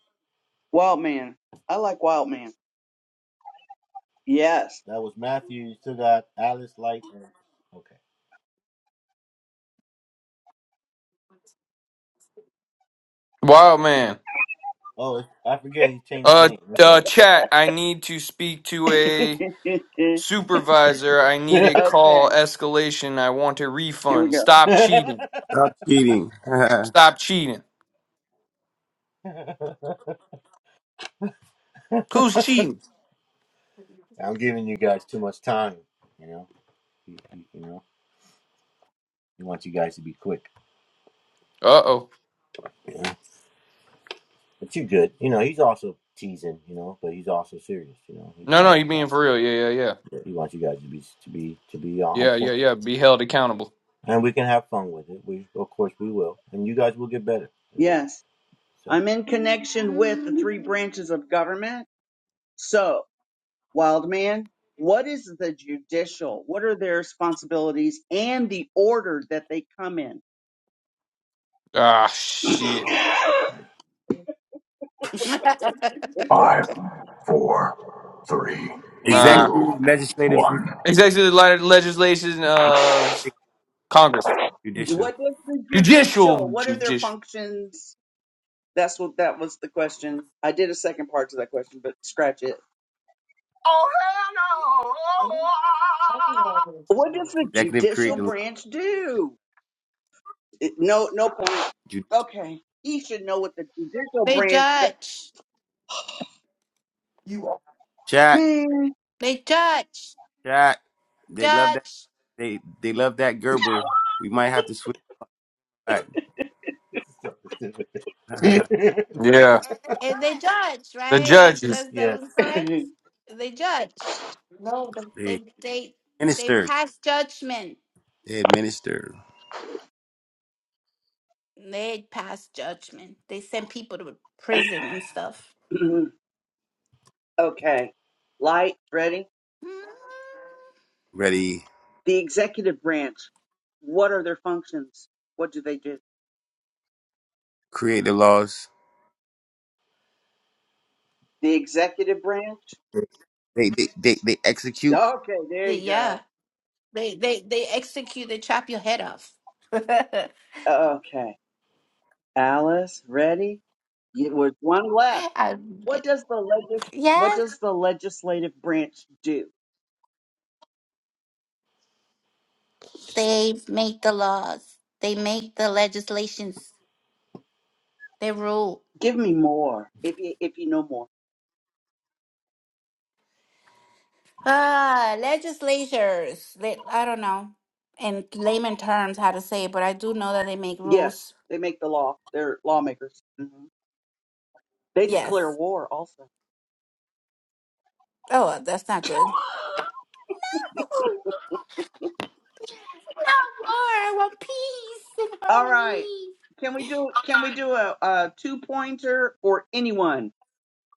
E: wild man. I like wild man. Yes.
D: Wild man. Uh, uh, chat. I need to speak to
E: okay,
D: a Supervisor, I need a call escalation. I want a
E: here we
D: refund.
E: go.
D: Stop cheating.
B: Stop cheating.
D: Stop cheating. Who's cheating? Uh oh. No, no, you being for real. Yeah, yeah, yeah. Yeah, yeah, yeah. Be held accountable.
E: Yes. I'm in connection with the three branches of government. So, wild man, what is the judicial? What are their responsibilities and the order that they come in?
D: Ah, shit.
G: Five, four, three,
H: oh,
E: Any,
D: Ah.
G: two,
B: Executive, legislative, judicial.
G: one.
D: Executive li- legislation of Congress.
B: judicial.
E: what does the judicial,
D: Judicial.
E: what are their
D: Judicial.
E: functions? That's what that was the question. I did a second part to that question, but scratch it.
G: Oh, hell no!
E: What does the
B: Executive create
E: judicial
B: the law.
E: branch do? It- no, no point.
B: Ju-
E: Okay, he should know what the judicial
H: they
E: branch.
H: judge.
B: chat.
E: Do-
H: They judge,
B: Chat. They love that
H: judge,
B: they they love that Gerber. We might have to switch back.
D: Yeah.
H: and they judge.
D: The
H: Right?
D: judges.
H: That's that was correct.
E: Man.
H: They judge.
B: they
H: They they they
B: minister.
H: pass judgment.
B: They administer.
H: They pass judgment. They send people to prison and stuff.
E: okay, light ready.
H: Mm.
B: Ready.
E: The executive branch. What are their functions? What do they do?
B: Create the laws.
E: The executive branch.
B: They they they, they execute
E: Okay, there you
H: Yeah,
E: go.
H: They they they execute. They chop your head off.
E: Okay, Alice, ready? It was one left.
H: I,
E: What does the legis What
H: yes,
E: does the legislative branch do?
H: they make the laws. They make the legislations. They rule.
E: Give me more, if you, if you know more.
H: Ah, legislatures. They, I don't know in layman terms how to say it, but I do know that they make
E: Yes,
H: rules.
E: they make the law. They're lawmakers. hmm They declare
H: Yes.
E: war also.
H: Oh, well, that's not good. No no war. I want peace and
E: All right. Can we do Can we do a, a two pointer for anyone?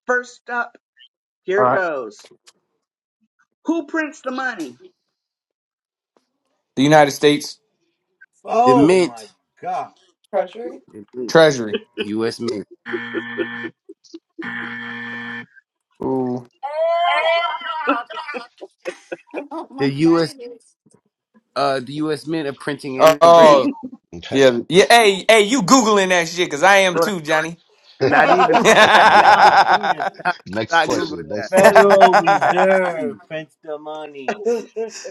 E: First up,
D: All
E: here
D: right.
E: goes. Who prints the money?
D: The United States
B: the mint, the mint,
D: Treasury.
B: U.S. Mint,
G: Oh
D: Ooh.
G: my
H: harmony.
G: God.
H: Oh my
B: the
H: God,
B: U.S.
H: it is.
B: uh the U.S. Mint of printing and
D: Oh.
B: engraving.
C: Okay.
D: Yeah, yeah. Hey, hey, you googling that shit? Cause I am
B: You know that?
D: too, Johnny.
B: Not even I
D: the
B: know that. Come
C: Y'all.
B: on, not,
C: Next
B: not Google
C: question. Next
B: that.
C: question.
B: That's easy.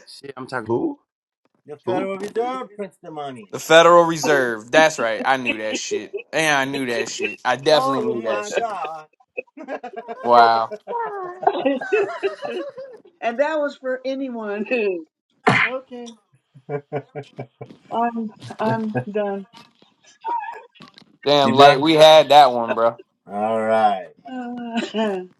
B: Shit, I'm talking.
C: Who? Who?
D: Federal Reserve. That's right. I knew that shit. And I knew that shit. I definitely knew that shit.
H: Oh
D: Wow.
H: my god.
E: and that was for anyone. okay, I'm I'm done.
D: Damn, like we had that one, bro.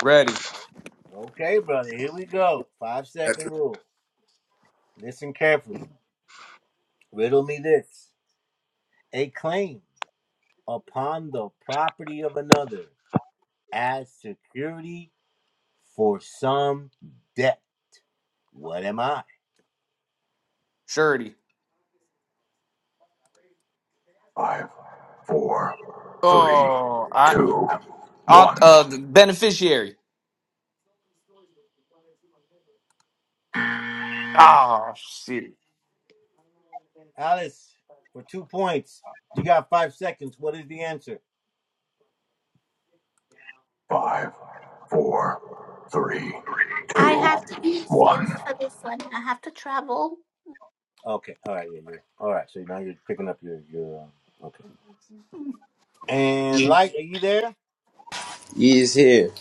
D: Ready,
B: That's
D: surety.
G: Five, four, three,
D: Oh, I,
G: two,
D: I
G: one.
D: uh, the beneficiary. Oh shit.
G: Five, four, three,
H: I
G: two,
H: have to be
G: one.
H: excused for this one. I have to travel.
D: Hey,
B: you just here.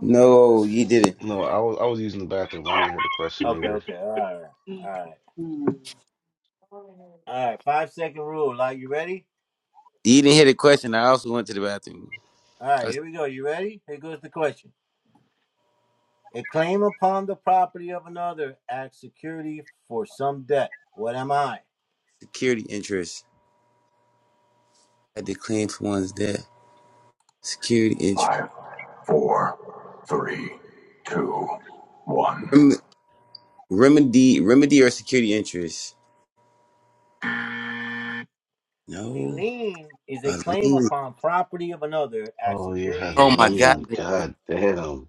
B: No, you didn't.
C: No, I was I was using the bathroom. I didn't hear the question either.
E: Hmm.
B: You didn't hear the question. I also went to the bathroom. A security interest. I had to claim for one's death. Security interest.
G: Five, four, three, two, one.
B: Rem- remedy, remedy or security interest? No. A lien.
C: Oh you have a
B: Oh my god.
C: lean. God damn.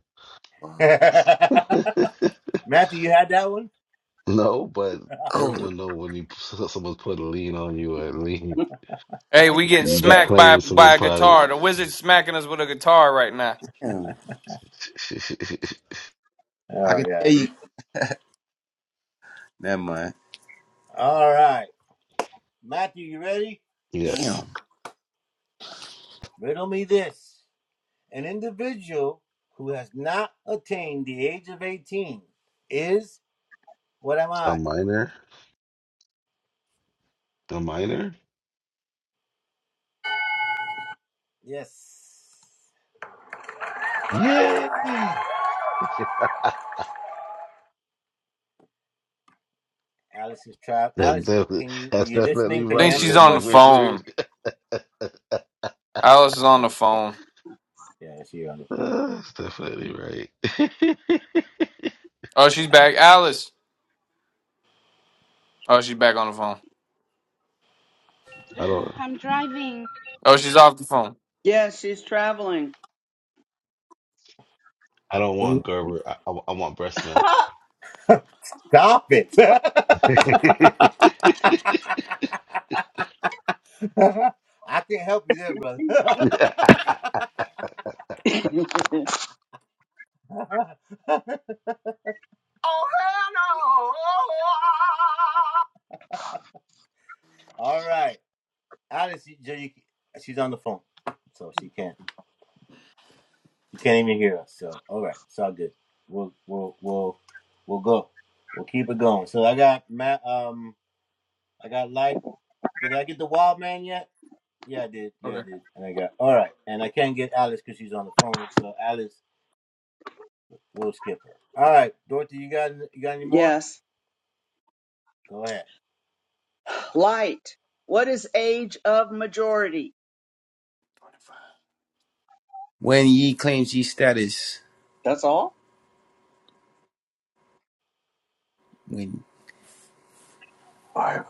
C: no, but
B: Oh.
C: everyone know when you someone's put a lean on you or a lien,
D: we getting
C: you're
D: smacked by
C: claiming someone
D: by a
C: private.
D: guitar. The wizard's smacking us with a guitar right now.
B: Damn. I can tell you. Never mind.
C: yes.
B: Damn.
C: A minor. A minor. Yay! That's definitely that's definitely right,
D: Think she's
C: Riz-
D: on the phone.
C: Wizard.
D: Alice is on the phone.
C: That's definitely right.
D: Oh, she's back. Alice. Oh, she's back on the phone.
C: I don't
H: I'm driving.
D: Oh, she's off the phone.
E: Yes, she's traveling.
C: I don't want Gerber. I, I, I want breast milk.
G: Oh hell
D: Okay.
E: yes. Light. What is age of majority?
B: When ye claims ye status,
E: That's all
B: when
G: no! Five,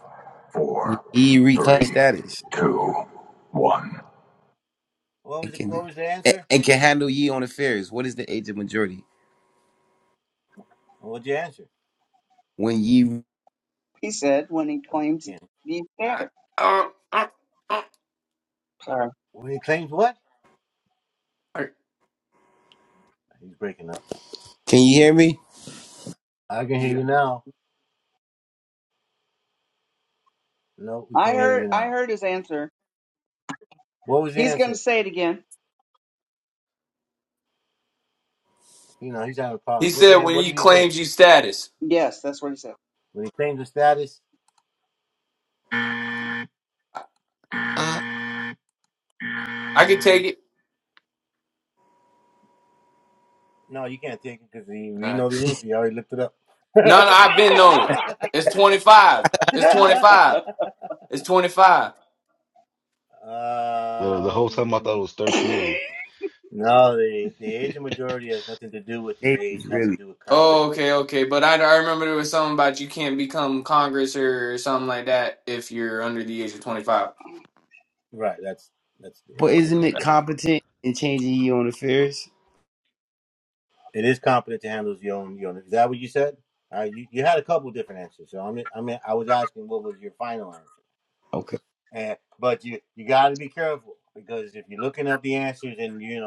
B: when
G: four,
B: ye reclaim
G: three,
B: status,
G: two, one.
B: and can and, and can handle ye on affairs. What is the age of majority? When ye
E: he said when he claims he he said
D: I-
E: it.
D: uh, uh, uh,
E: Sorry.
D: uh,
B: can you hear me?
D: yeah.
E: I heard I heard his answer. He's gonna say it again.
D: He said when he claims you status.
E: Yes, that's what he said.
B: Uh,
D: I can take it. All right. No, no, I've been on it. It's 25. It's 25. It's 25.
C: No, the whole time I thought it was 13.
B: age really.
D: Oh, okay, okay. But I, I remember there was something about you can't become Congress or something like that if you're under the age of 25.
B: But isn't it competent in changing ye on affairs? Okay.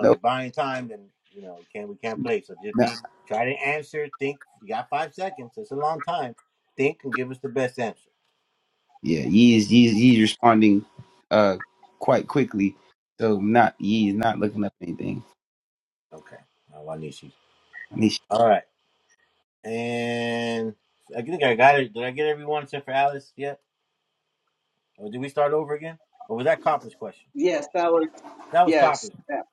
B: No. No. Yeah. Ye is ye is, ye is responding, uh, quite quickly. So not ye is not looking up anything. I need
E: yes, that was yes. that-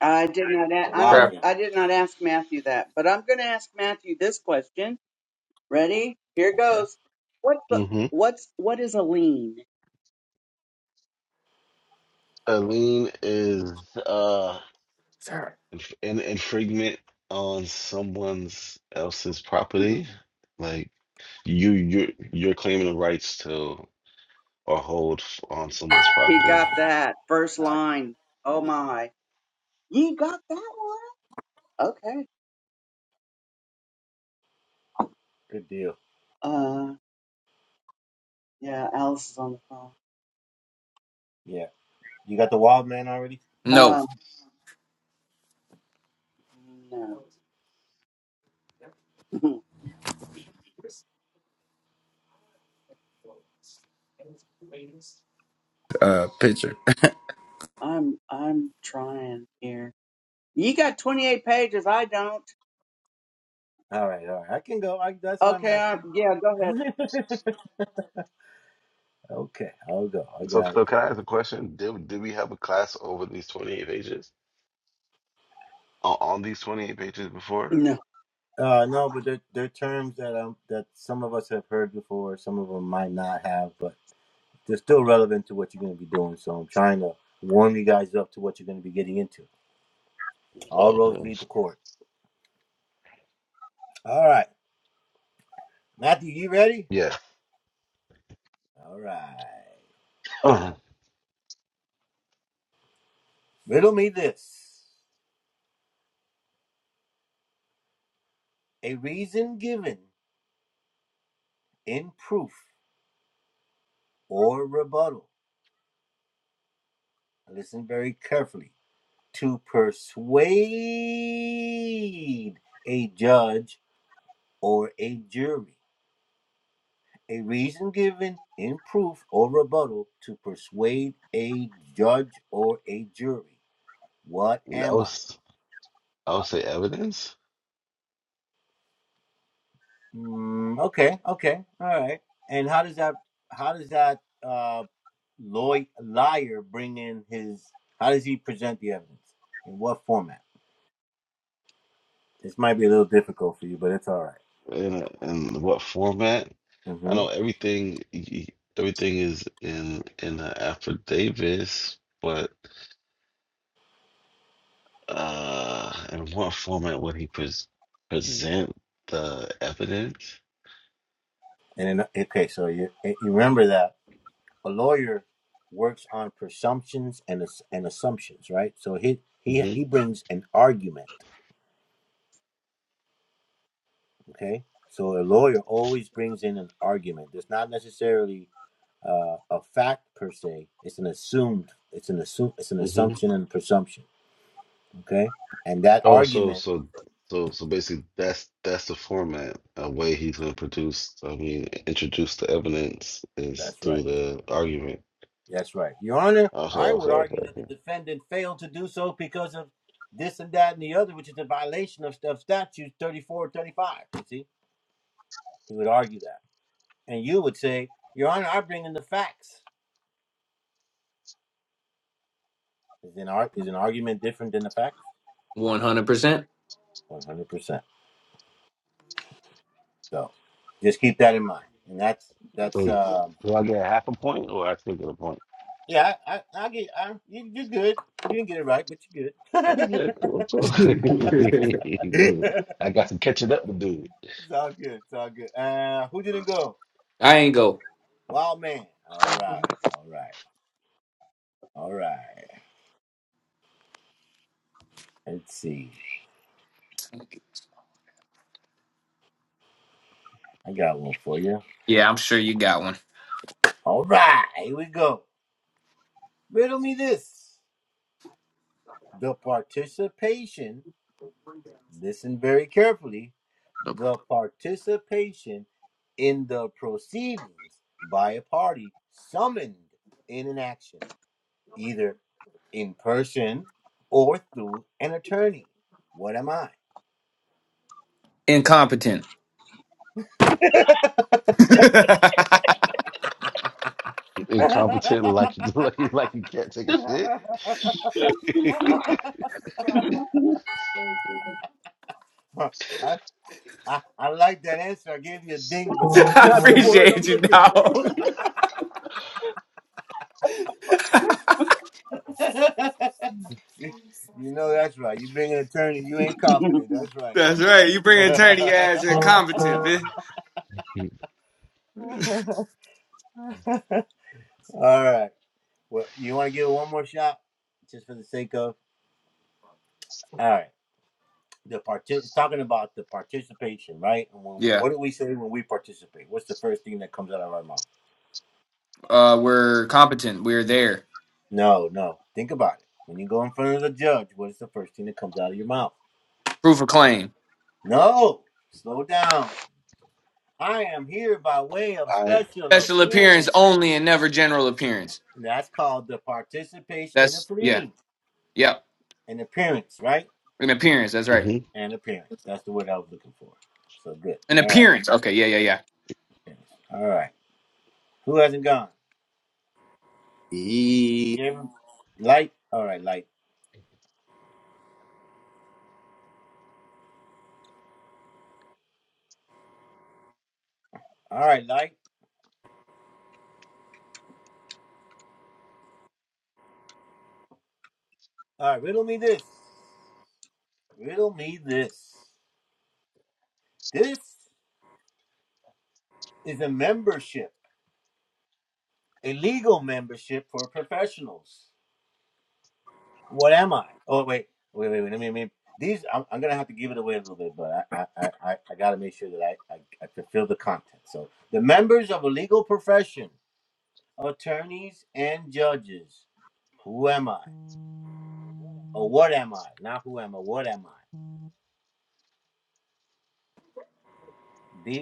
E: I did not a- I don't
D: Trap.
E: I did not ask Matthew that, but I'm gonna ask Matthew this question. Ready? Here goes. What the,
C: Mm-hmm.
E: what's what is a lean?
C: Eileen is uh inf- an infringement on someone's else's property. Like you you you're claiming the rights to or hold f- on someone's
E: He
C: property.
E: got that first line. Oh my. You got that one? Okay. Uh yeah, Alice is on the phone.
D: No.
E: Um no.
B: uh picture.
E: I'm I'm trying here. You got 28 pages, I don't. Okay, I, yeah, go ahead.
C: So, so can I ask a question? Did, did we have a class over these 28 pages? On, on these 28 pages before?
E: No.
C: Well, okay. Yeah. Uh, I was I would say evidence and and what format? I know everything everything is in in the affidavits, but uh in what format would he pres present the evidence? Mm-hmm. Oh, so so so so basically, that's that's the format, a way he's gonna produce. I mean, introduce the evidence is through the argument. Okay, okay, okay, okay.
D: 100%.
C: So do I get half a point, or I still get a point? Okay, cool, cool. Good. I got some catching up to do.
D: I ain't go. Yeah, I'm sure you got one. Incompetent. I
C: You Incompetent, like you like you like you can't take a shit.
D: appreciate you, dog. That's right. You bring attorney as incompetent, bitch. Yeah, uh, we're competent. We're there. Proof of claim.
C: I
D: Special appearance only and never general appearance. That's, yeah, yep. An appearance, that's right.
C: mm-hmm,
D: An appearance. Okay, yeah, yeah, yeah.
B: Ye,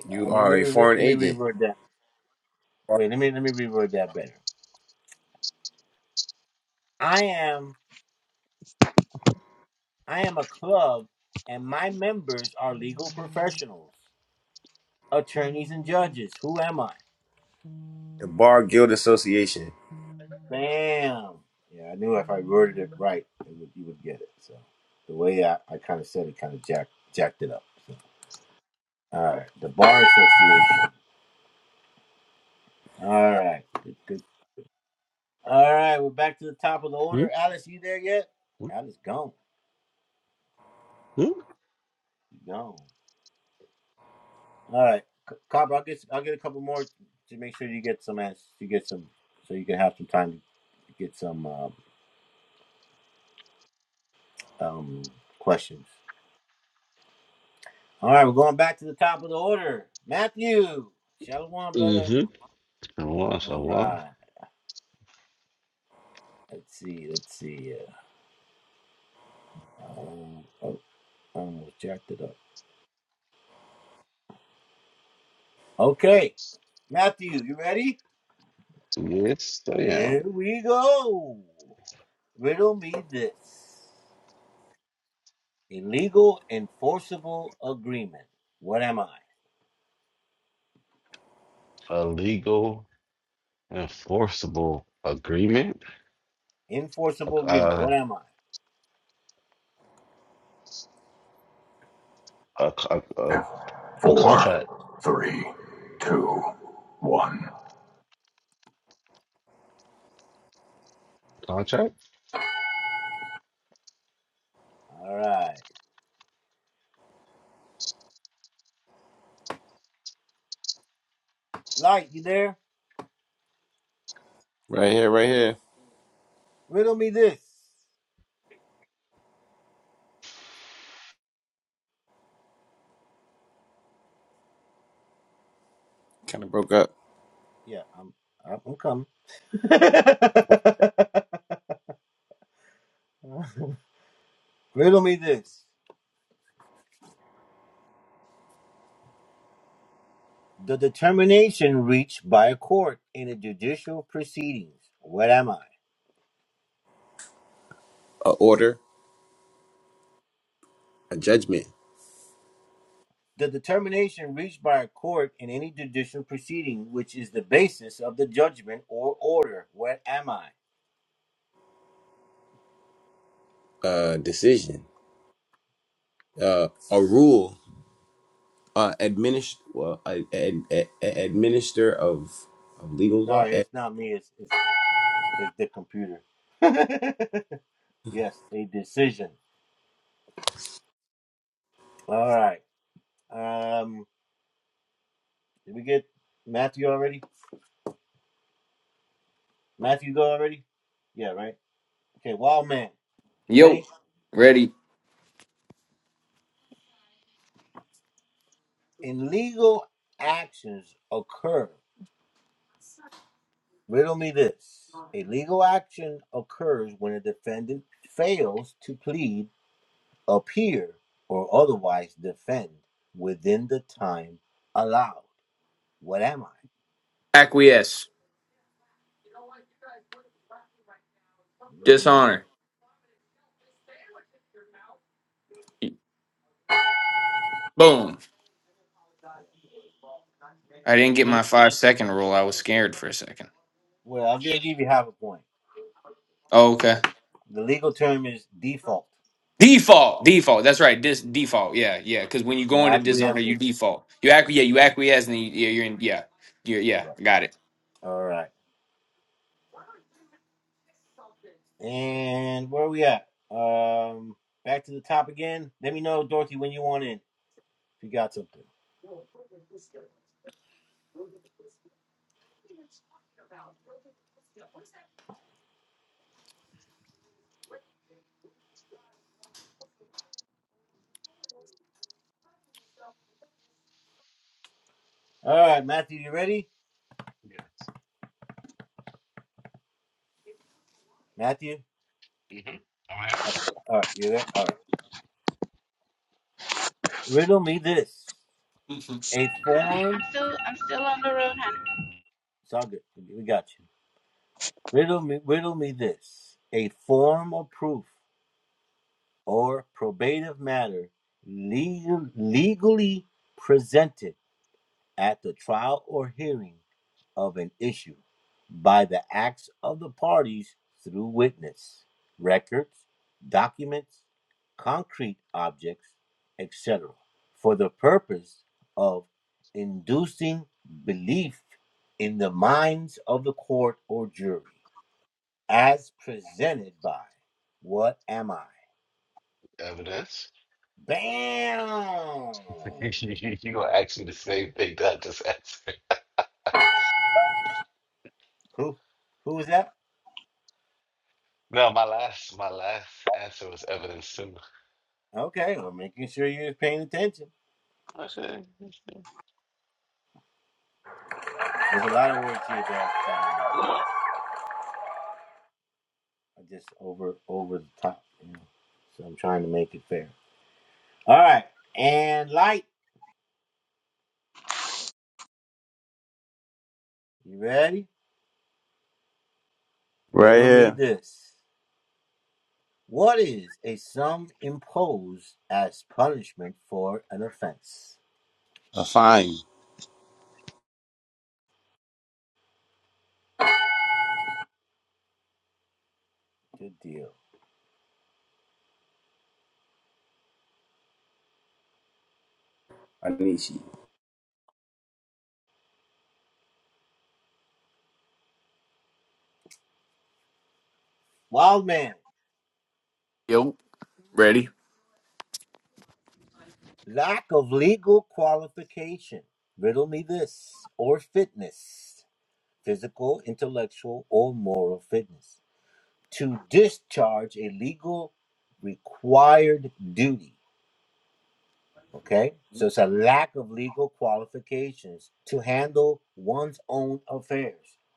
B: you are a foreign agent. The Bar Guild Association.
C: mm-hmm, mm-hmm. Shalom, shalom. Yes, I am. Illegal. Enforceable agreement? A, uh, a, a, a, a contract?
G: Four, three, two, one.
C: Contract?
B: Kind of broke up. A rule, uh, administ well, a administer of legal law. ad-
D: Yo, ready. Acquiesce. Dishonor. Boom. I didn't get my five second rule. I was scared for a second. Oh, okay. Default, default. That's right. Dis default. Yeah, yeah. Because when you go into dishonor, you default. You acqui. yeah, you acquiesce, and you, yeah, you're in. Yeah, you're, yeah. Got it.
C: Yeah. hmm i
H: I'm still I'm still on the road, hon.
C: Evidence? you, you, gonna ask me the same thing that I just answered? No, my last my last answer was evidence too. Okay. okay.
B: Right here. A fine. Anishi.
D: Yo, ready?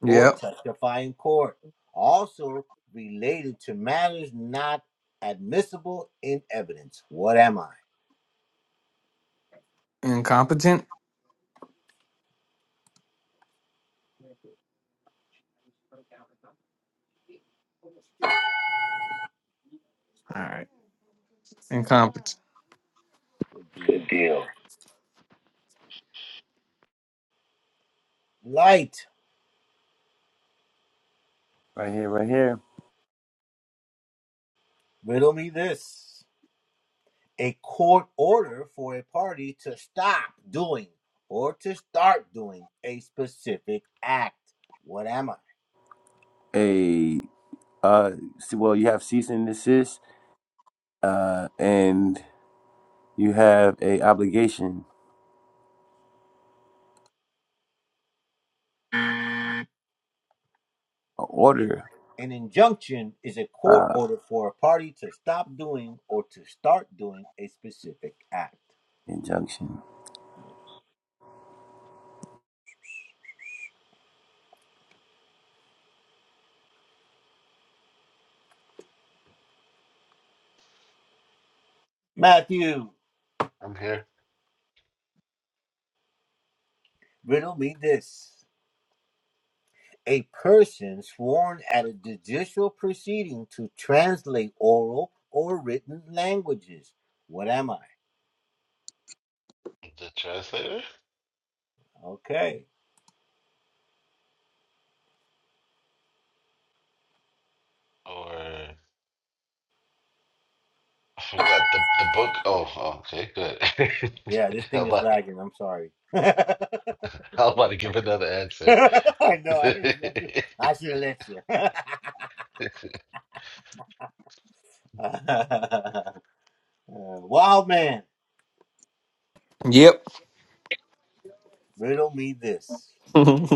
D: Yep. Incompetent. Good deal.
B: Right here, right here. A uh, see- well, you have cease and desist, uh, and you have a obligation, a order, uh, injunction.
C: I'm here. The translator? Or I forgot the the book. Oh, oh, okay, good. I'm about, I'm about to give another answer.
D: Yep.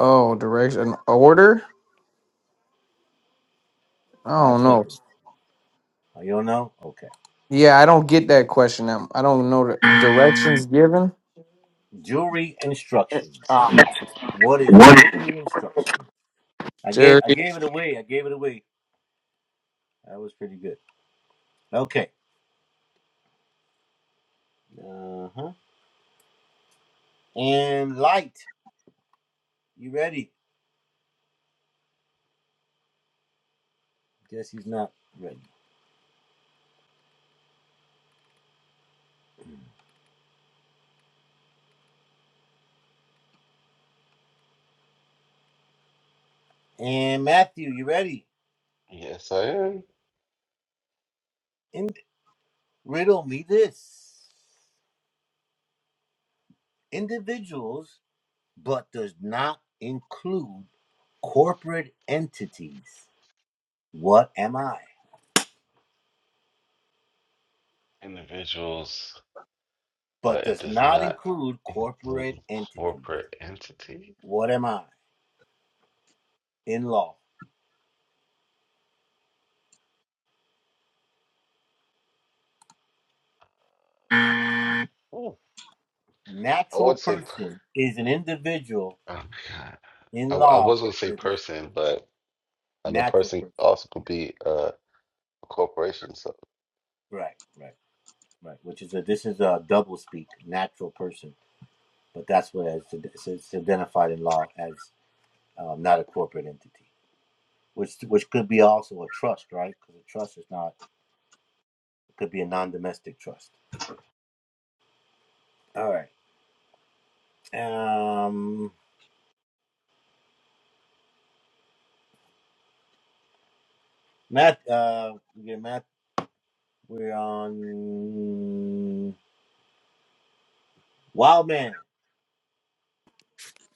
D: Oh, direction. Order? I don't know. Yeah, I don't get that question. Um, I don't know the directions given. Jerry.
C: yes, I am. Individuals. but it does not include corporate entities. Ooh. I would say, per- oh my God, I, I was gonna say person, but I know person also could be uh, a corporation. So,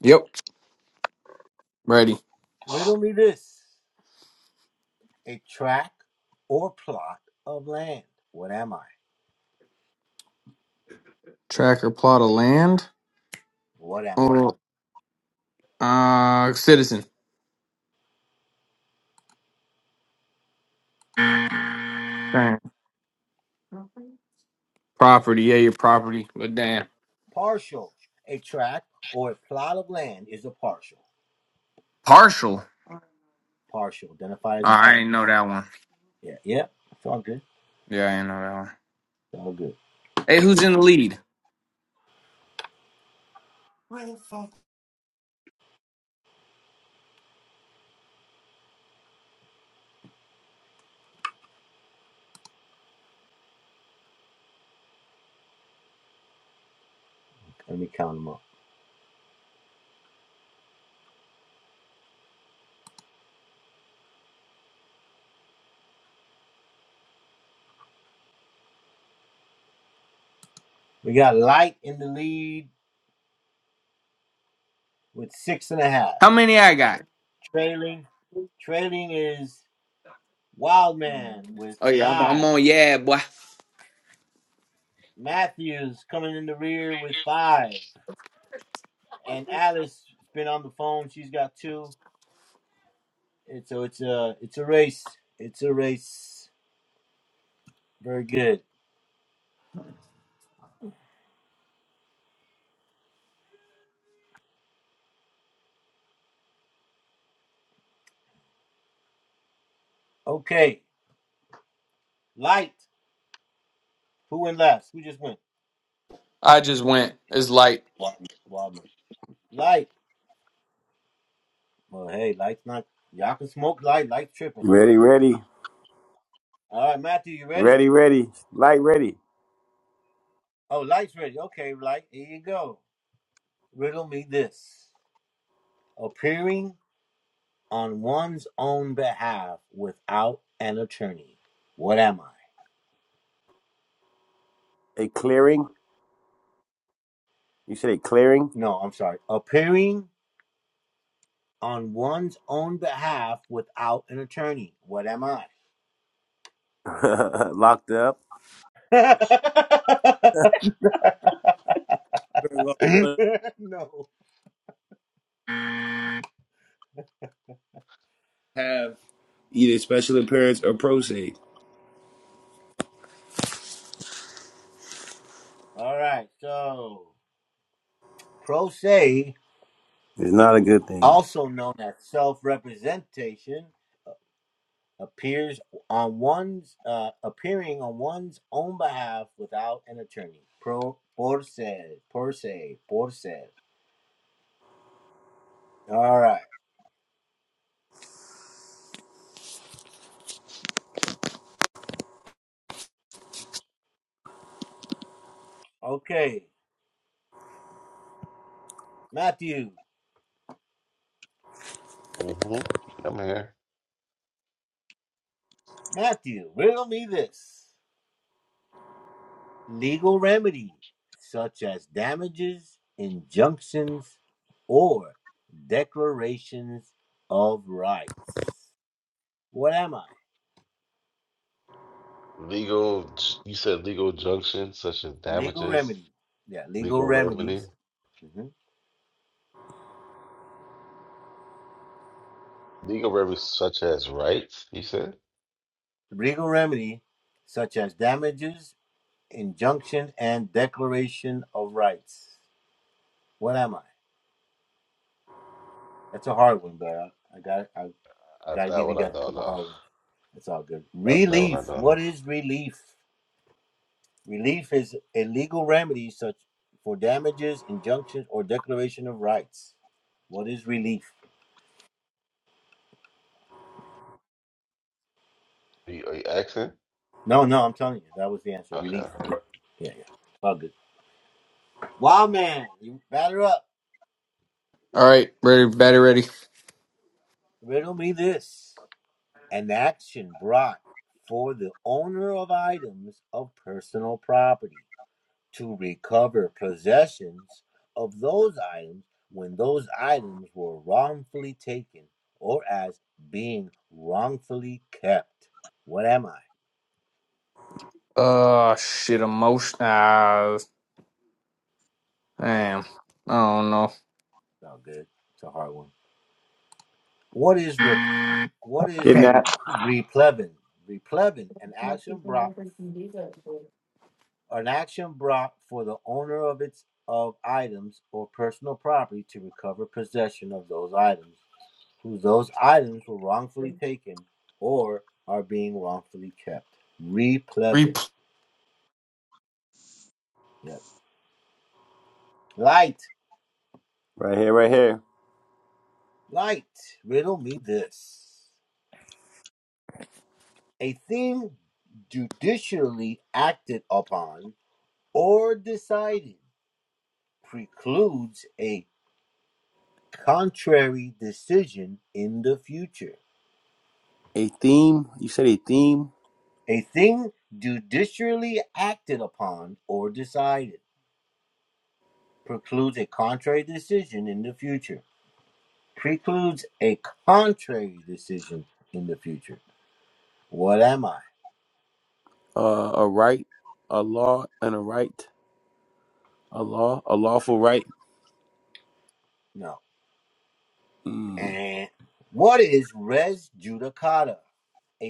D: Yep. Ready. Tracker plot of land. Oh, uh, citizen. Dang. Property. Yeah, your property. But damn. Partial. Oh, I ain't know that one. Yeah, I ain't know that one. Hey, who's in the lead? How many I got? Oh yeah, I'm, I'm on. Yeah, boy. I just went. It's light. All
B: Ready, ready, ready, ready. Light, ready. A clearing. You said a clearing. Locked up. Either special appearance or pro se.
C: hmm I'm here. Legal, j- you said legal junction such as damages, legal remedy, legal remedy such as rights. You said Uh that one I don't know. That, that one I don't know. Are you, are you asking? Okay, okay.
D: right, ready, better, ready. Uh, shit, emotion. Uh, damn. I don't know.
G: re-
B: Getting that
D: Repl-
B: right here, right here. A theme. You said a theme. Uh, a right, a law, and a right. A law, a lawful right. Mm.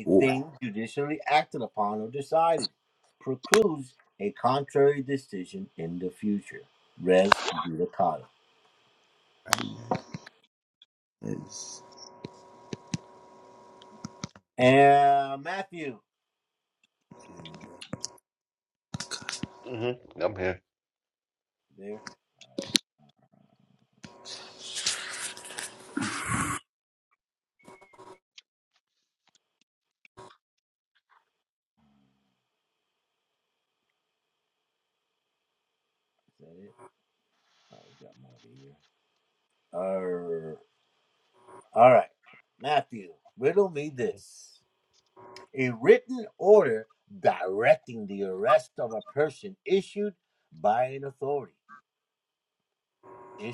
B: Ooh. Yes.
C: hmm I'm here.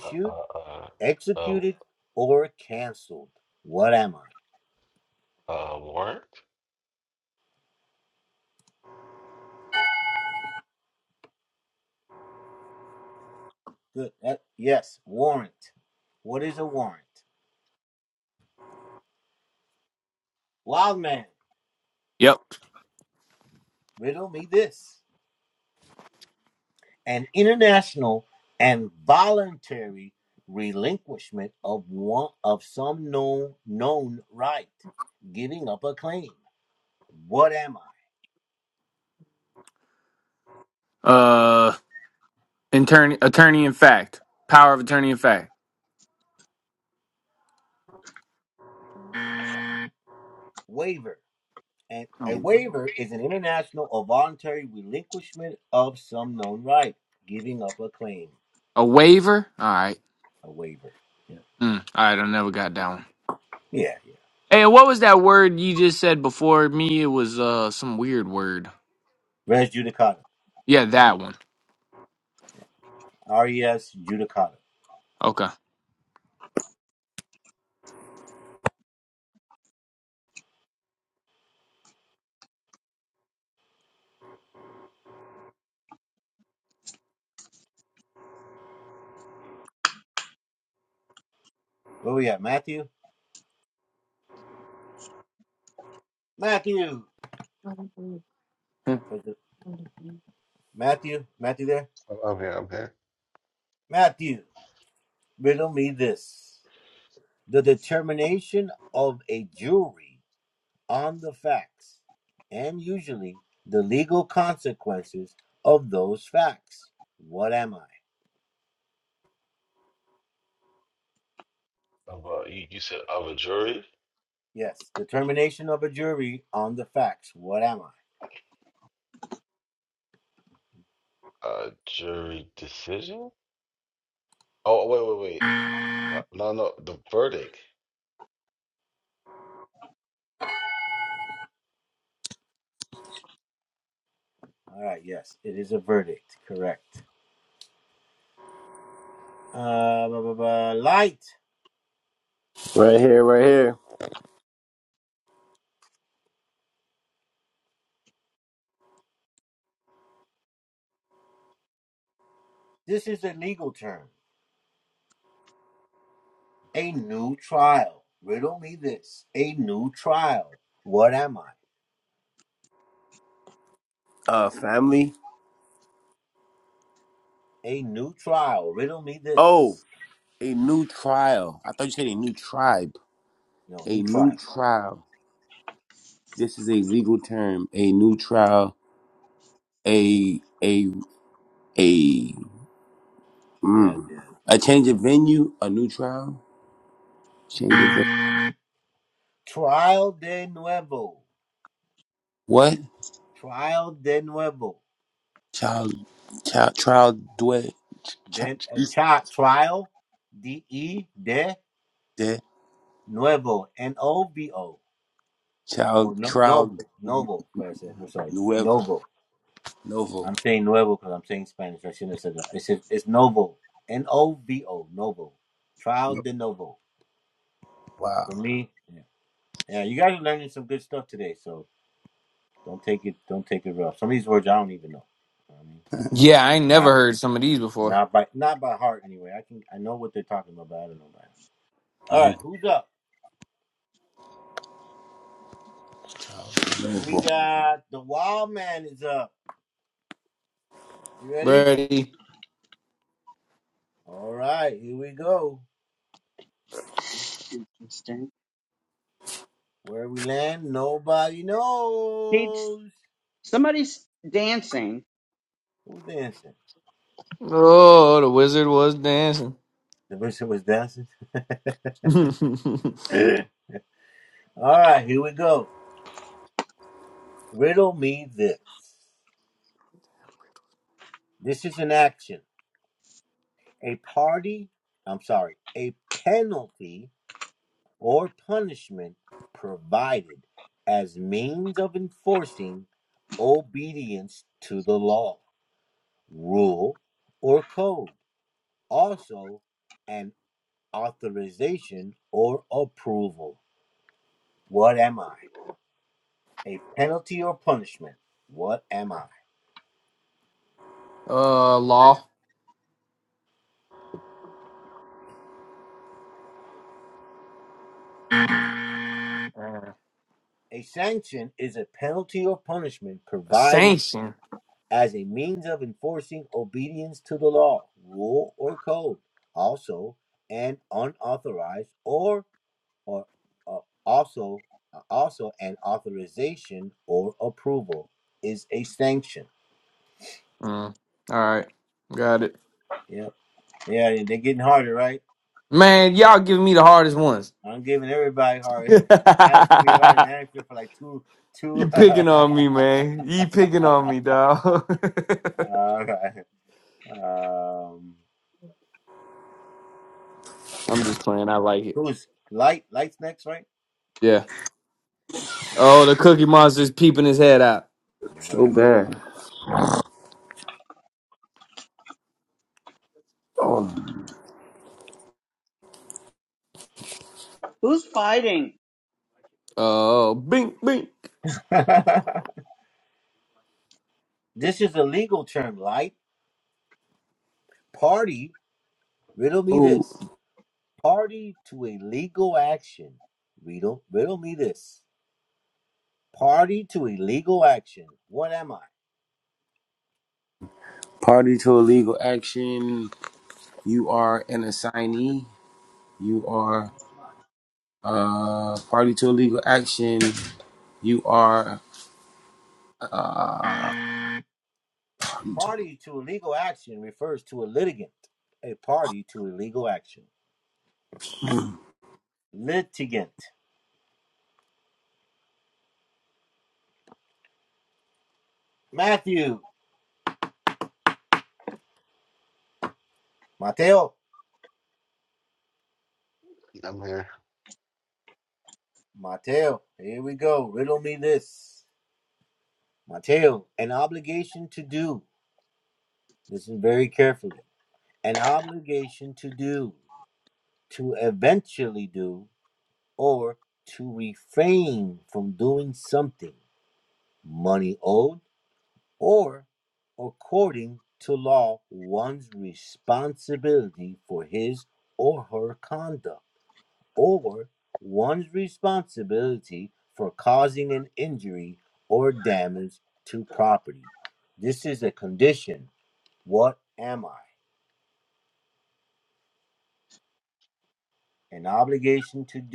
C: Uh, uh, uh, uh, Uh, warrant
D: yep. Uh, attorney, attorney in fact, power of attorney in fact. A waiver. All right. Mm, all right. I never got that one. Hey, what was that word you just said before me? It was uh some weird word. Yeah, that one. Okay.
C: I'm I'm here. I'm here. of a you, you said of a jury, uh, jury decision. Oh wait, wait, wait. Uh, no, no, the verdict.
B: Right here, right here. Uh, family. Oh, a new trial. I thought you said a new tribe. A new trial. This is a legal term. A new trial. A a a. Mm. A change of venue. A new trial. Change of venue. What? Child. Child. Trial. Dwell. de Chao Trao Nuevo. Novo. No- Wow.
D: Yeah, I ain't never heard some of these before.
B: Novo. Novo.
D: Ready?
E: Interesting. He's somebody's dancing.
D: Oh, the wizard was dancing. uh, law. Uh, A sanction. Mm. All right, got it. Man, y'all giving me the hardest ones. you picking on me, man. You picking on me, dog. I'm just playing. I like it. Yeah. Oh, the cookie monster's peeping his head out.
E: Who's fighting?
D: Oh, bink, bink.
C: I'm here.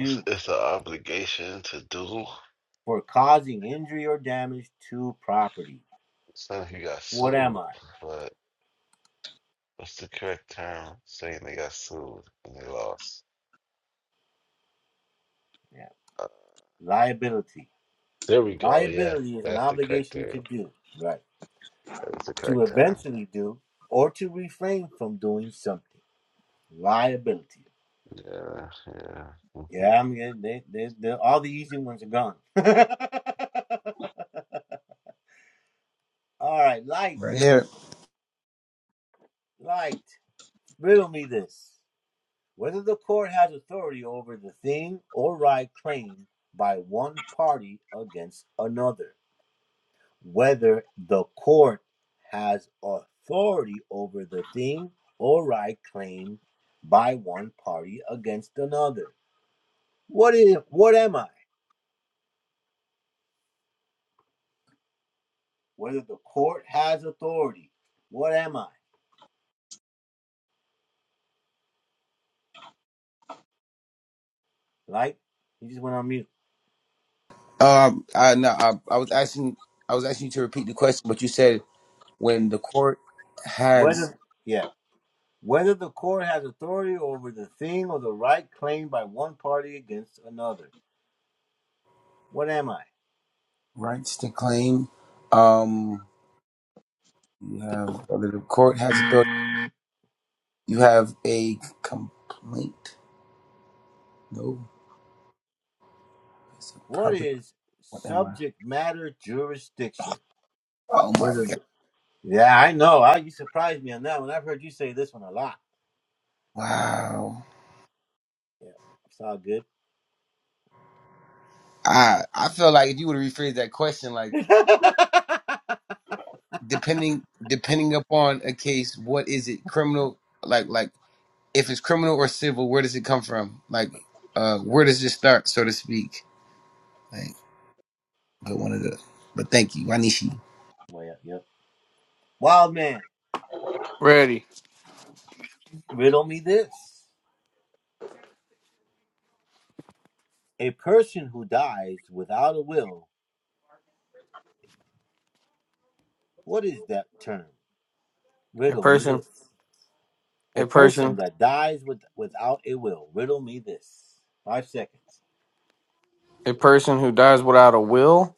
C: It's, it's an obligation to do. It's not if you got sued, but what's the correct term? Saying they got sued and they lost. Uh, there we go. Yeah, that's the correct term. That's the correct term. Yeah, yeah. hmm
B: Right here. Um, I no, I, I was asking, I was asking you to repeat the question, but you said when the court has rights to claim, um, you have or the court has authority. You have a complaint. No, it's a property. What am I? Oh my god! Wow. I I feel like if you would have rephrased that question, like. depending depending upon a case, what is it? Criminal, like like if it's criminal or civil, where does it come from? Like, uh, where does it start, so to speak? Like, but one of the, but thank you, Wanishi.
D: Ready. A person. A person. A person who dies without a will?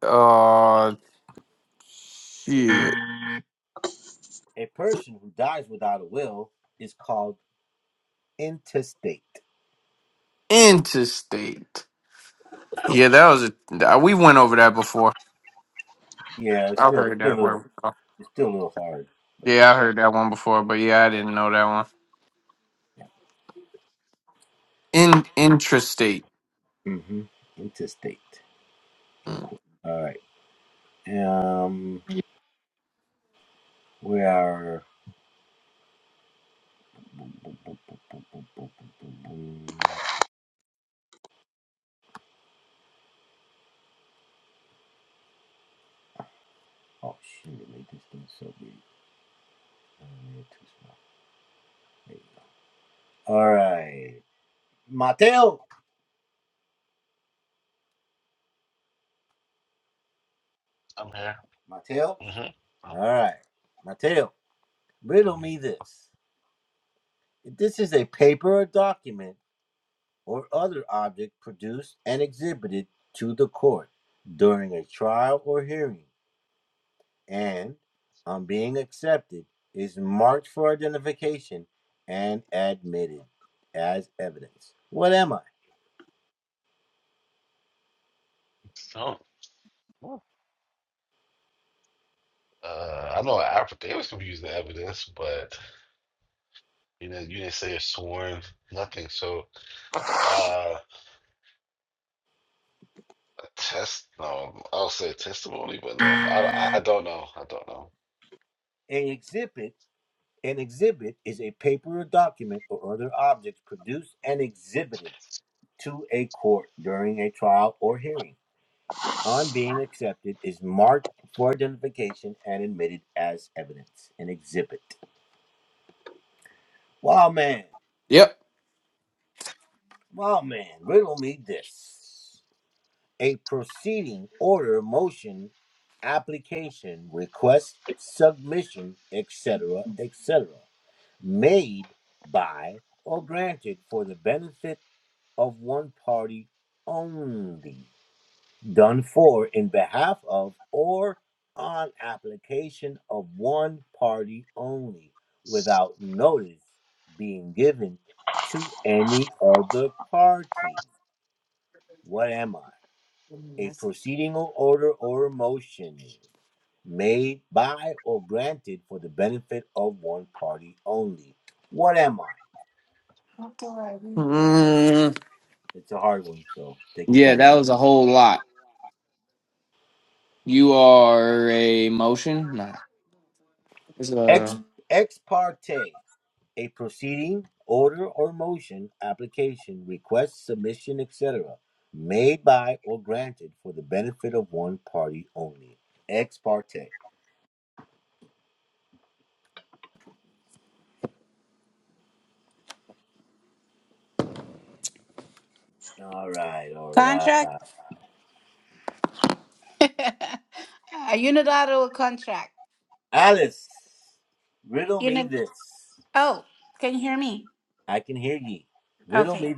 D: Uh, shit. Interstate. Yeah, that was a. We went over that before. I've heard that word before. Yeah, I heard that one before, but yeah, I didn't know that one. In intrastate. Mm.
C: I'm here. Mm-hmm. So, Uh, I know in Africa they was confused the evidence, but you know you didn't say a sworn nothing. So uh, a test? No, I'll say a testimony, but no, I, I, I don't know. I don't know.
D: Yep. Mm, yeah, that was a whole lot. You are a motion? Nah. It's a.
H: Contract? uh, unilateral contract. Uni- oh, can you hear me? Okay.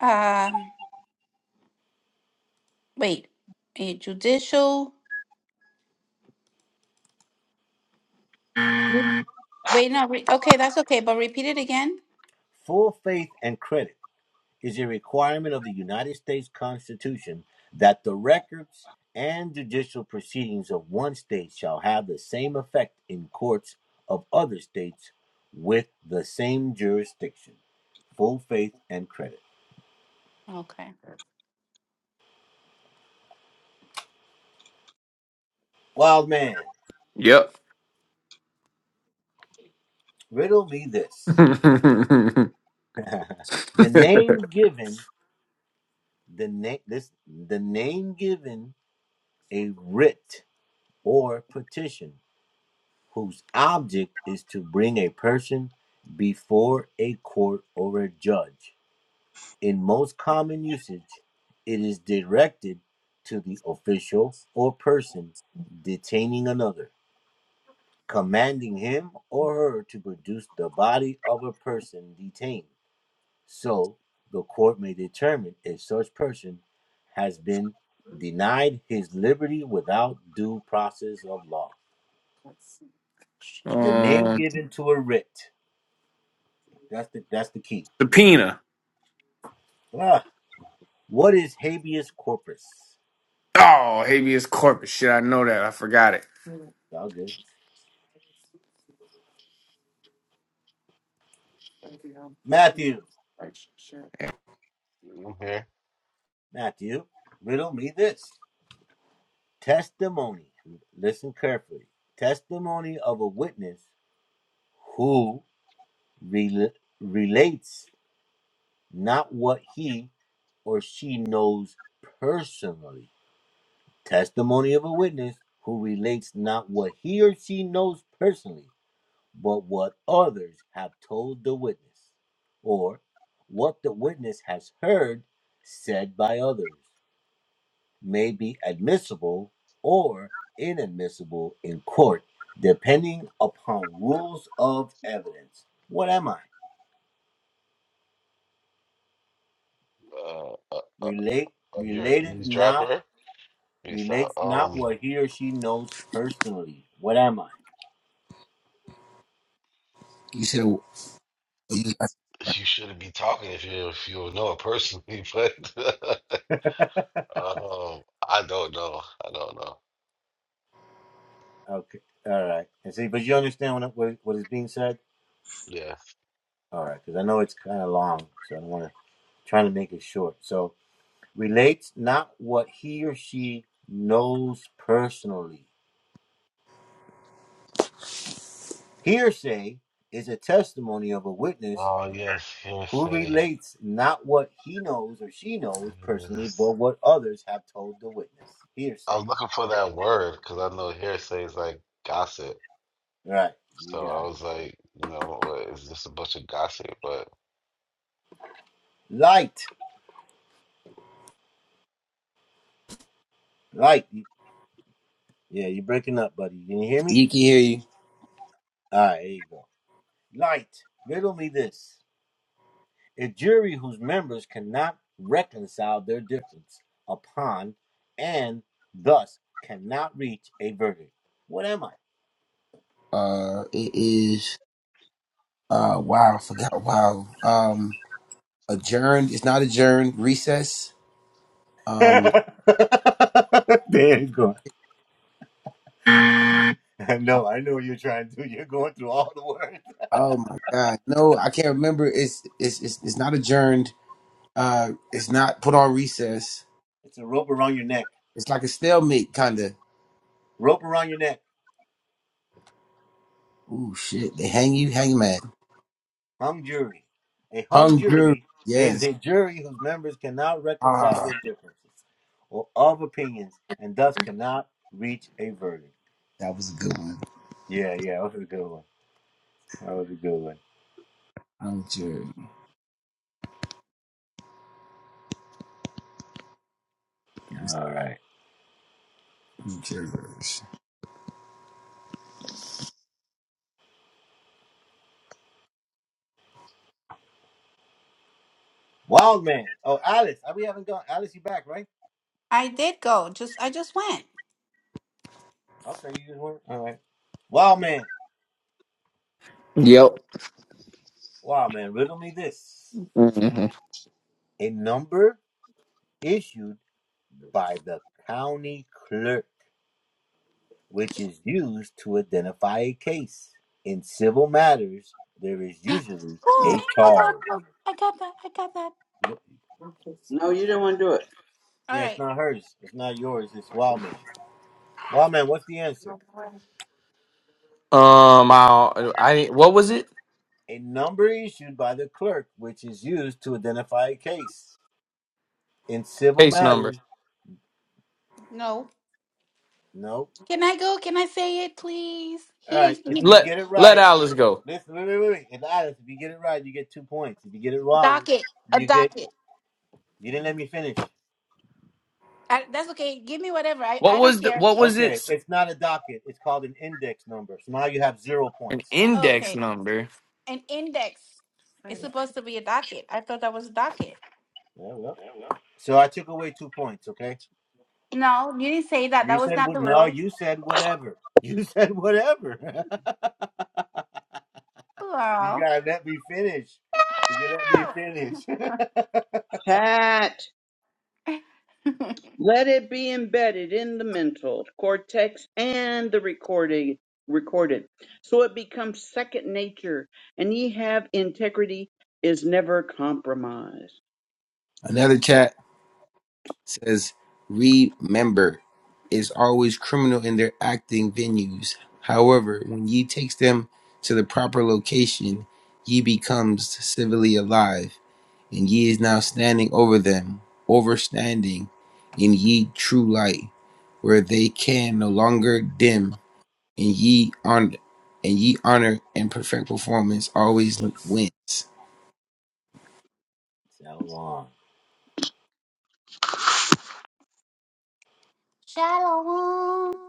H: Um, wait. A judicial. Wait, no. Re- okay, that's okay. But repeat it again. Okay.
D: Yep. um, subpoena. Oh, habeas corpus. Shit, I know that. I forgot it.
C: i here. Uh, uh, uh, uh, you're an eavesdropper. It's not, um,
B: You said you,
C: you shouldn't be talking if you if you know it personally, but um, I don't know. I don't know. Yes. Oh yes, hearsay. Yes. I was looking for that word because I know hearsay is like gossip. So I was like, you know, what is this a bunch of gossip? But
B: you can hear you. Uh, it is uh wow, I forgot wow. Um, adjourned. It's not adjourned. Recess. Um, oh my god, no, I can't remember. It's it's it's, it's not adjourned. Uh, it's not put on recess It's like a stalemate kind of. Ooh, shit. They hang you, hangman. Hung jury. Yes. Ah, that was a good one. Hung jury. Just hung jurors.
H: I did go. Just I just went.
D: Yep. hmm
H: Oh, I got that. I got that. I got that.
E: No, you don't want to do it.
H: All right.
D: Um, I, I what was it? Case number.
H: No. Can I go? Can I say it, please? He didn't he,
D: Let let Alice go.
H: docket. A docket. I, that's okay. Give me whatever. I,
D: What
H: I don't
D: was the
H: care.
D: what was it? An index
H: Okay.
D: number.
H: An index. It's supposed to be a docket. I thought that was a docket. No, you didn't say that. That was not the rule. Oh.
E: Cat.
H: No!
E: Let it be embedded in the mental cortex and the recording recorded, so it becomes second nature, and ye have integrity is never compromised.
B: Another chat says, remember, is always criminal in their acting venues. However, when ye takes them to the proper location, ye becomes civilly alive, and ye is now standing over them, overstanding in ye true light, where they can no longer dim and ye honor and ye honor and perfect performance always wins.
H: Shalom.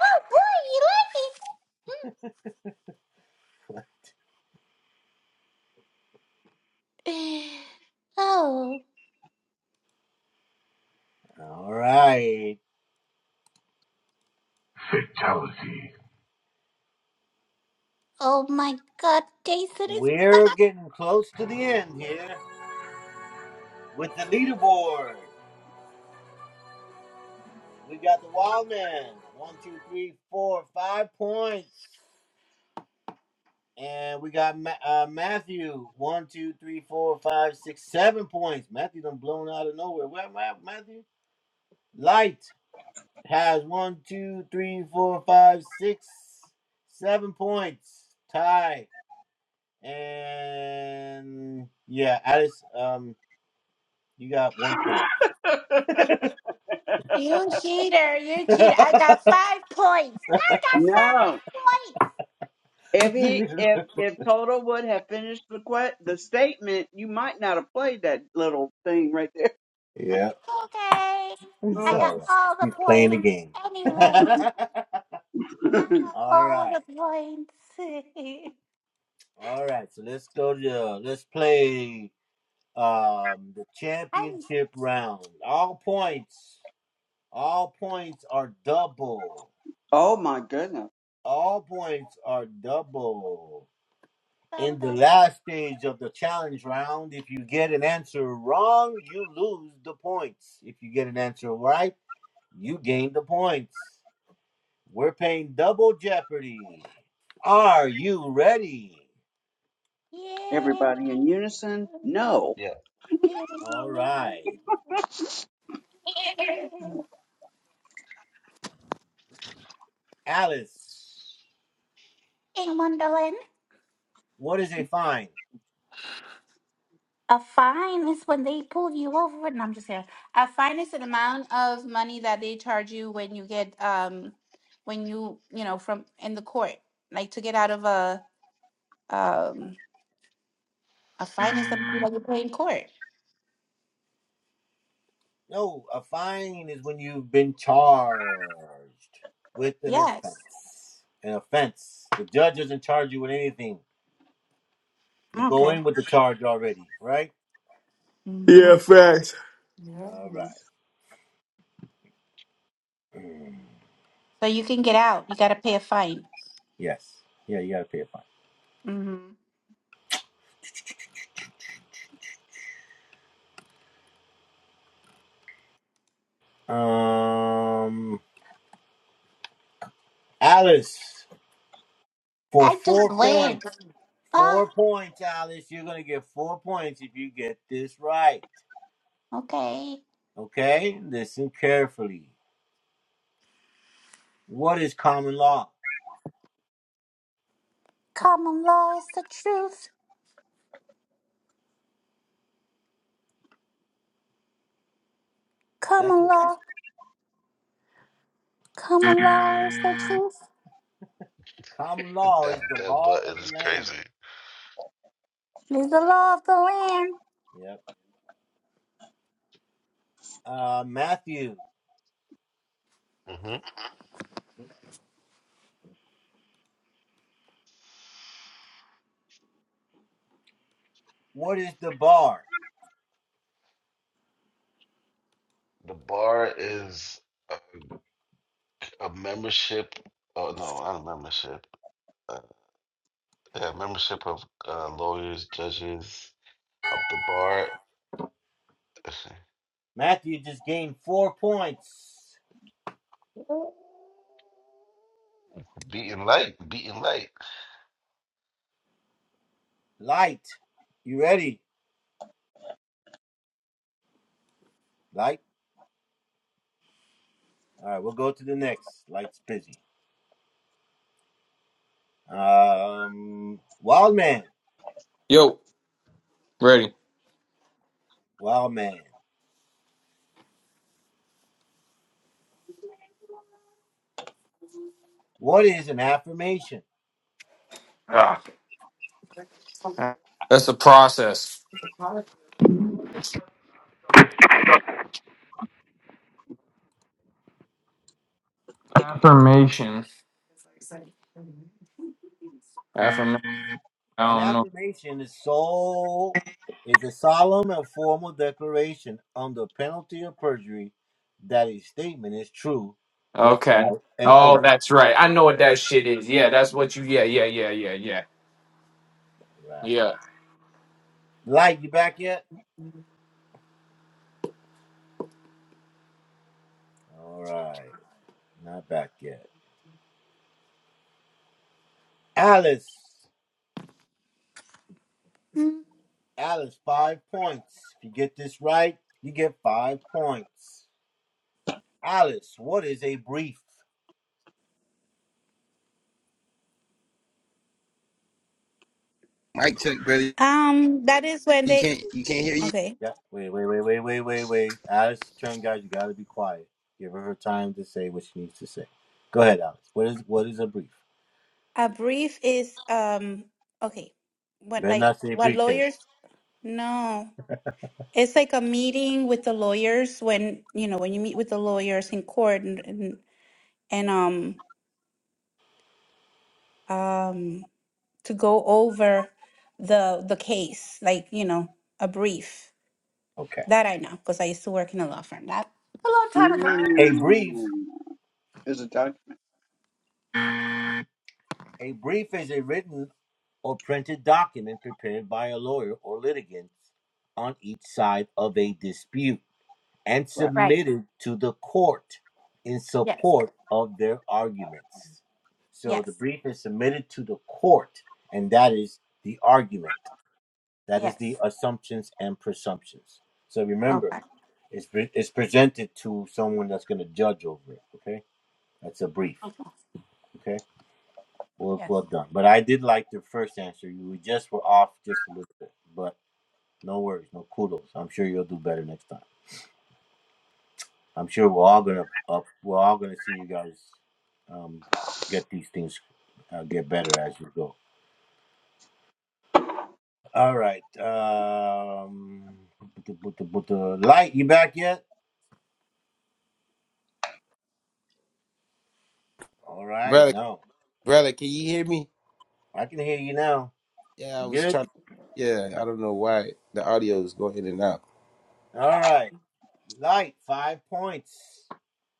H: Oh boy, you like it. Oh,
G: Fatality.
H: oh my God, Jason is back. You cheater, you cheater. I got five points. I got five
E: No,
H: points.
E: if he if if Toto would have finished the que- the statement, you might not have played that little thing right
H: It's okay. I
E: there.
H: got all the points. Anyways, I
E: Mm.
H: have all the points. I'm
E: oh my goodness!
H: so dust. Yeah.
E: Everybody in unison? No.
C: yeah,
H: In Wonderland, a fine is when they pull you over, and I'm just here. A fine is an amount of money that they charge you when you get um when you you know from in the court, like to get out of a um a fine is something that you pay in court. Yes. Okay. hmm
D: Yeah, facts.
H: So you can get out. You got to pay a fine. hmm I just went. Okay. Common law is the truth. Common law. Common law is the truth.
C: that that button is crazy.
H: It Is the law of the land.
C: hmm The bar is a, a membership. Oh no, not a membership. Uh, yeah, membership of uh, lawyers, judges, up the bar, beating light, beating light.
D: Yo, ready. Ah. That's the process. Affirmation. Affirmation. I don't know. Okay. Oh, that's right. I know what that shit is. Yeah, that's what you. Yeah, yeah, yeah, yeah, yeah, yeah.
H: Mm.
B: Mike check, brother.
H: Um, that is when
B: You
H: they.
B: can't you can't hear you,
H: Okay. A brief is um. Okay. What like what lawyers? No. It's like a meeting with the lawyers when you know when you meet with the lawyers in court and and, and um um to go over the the case like you know a brief. That I know because I used to work in a law firm. That a long time ago.
E: Mm. Is it Dr. Right.
H: Right. Yes. Yes. Yes. Okay. Okay. Yes.
B: brother. Brother, can you hear me? Yeah, I was trying. Yeah, I don't know why the audio is going in and out.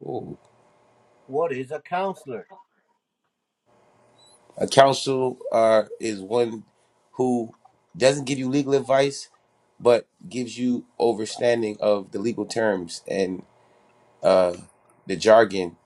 B: Ooh. Counsel uh, is one who doesn't give you legal advice, but gives you understanding of the legal terms and uh, the jargon.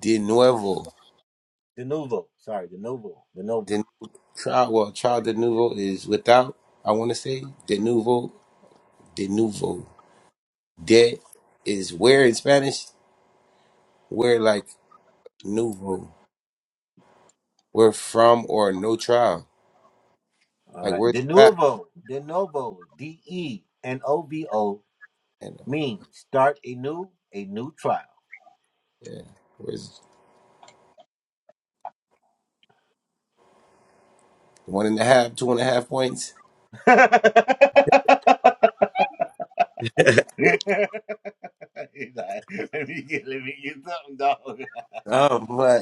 B: De novo, de trial. Well, trial de novo is without. I want to say de novo de nuevo. De is where in Spanish, where like nuevo, where from or no trial. Like where's the fact? And, yeah, where's one and a half, two and a half points? Oh my!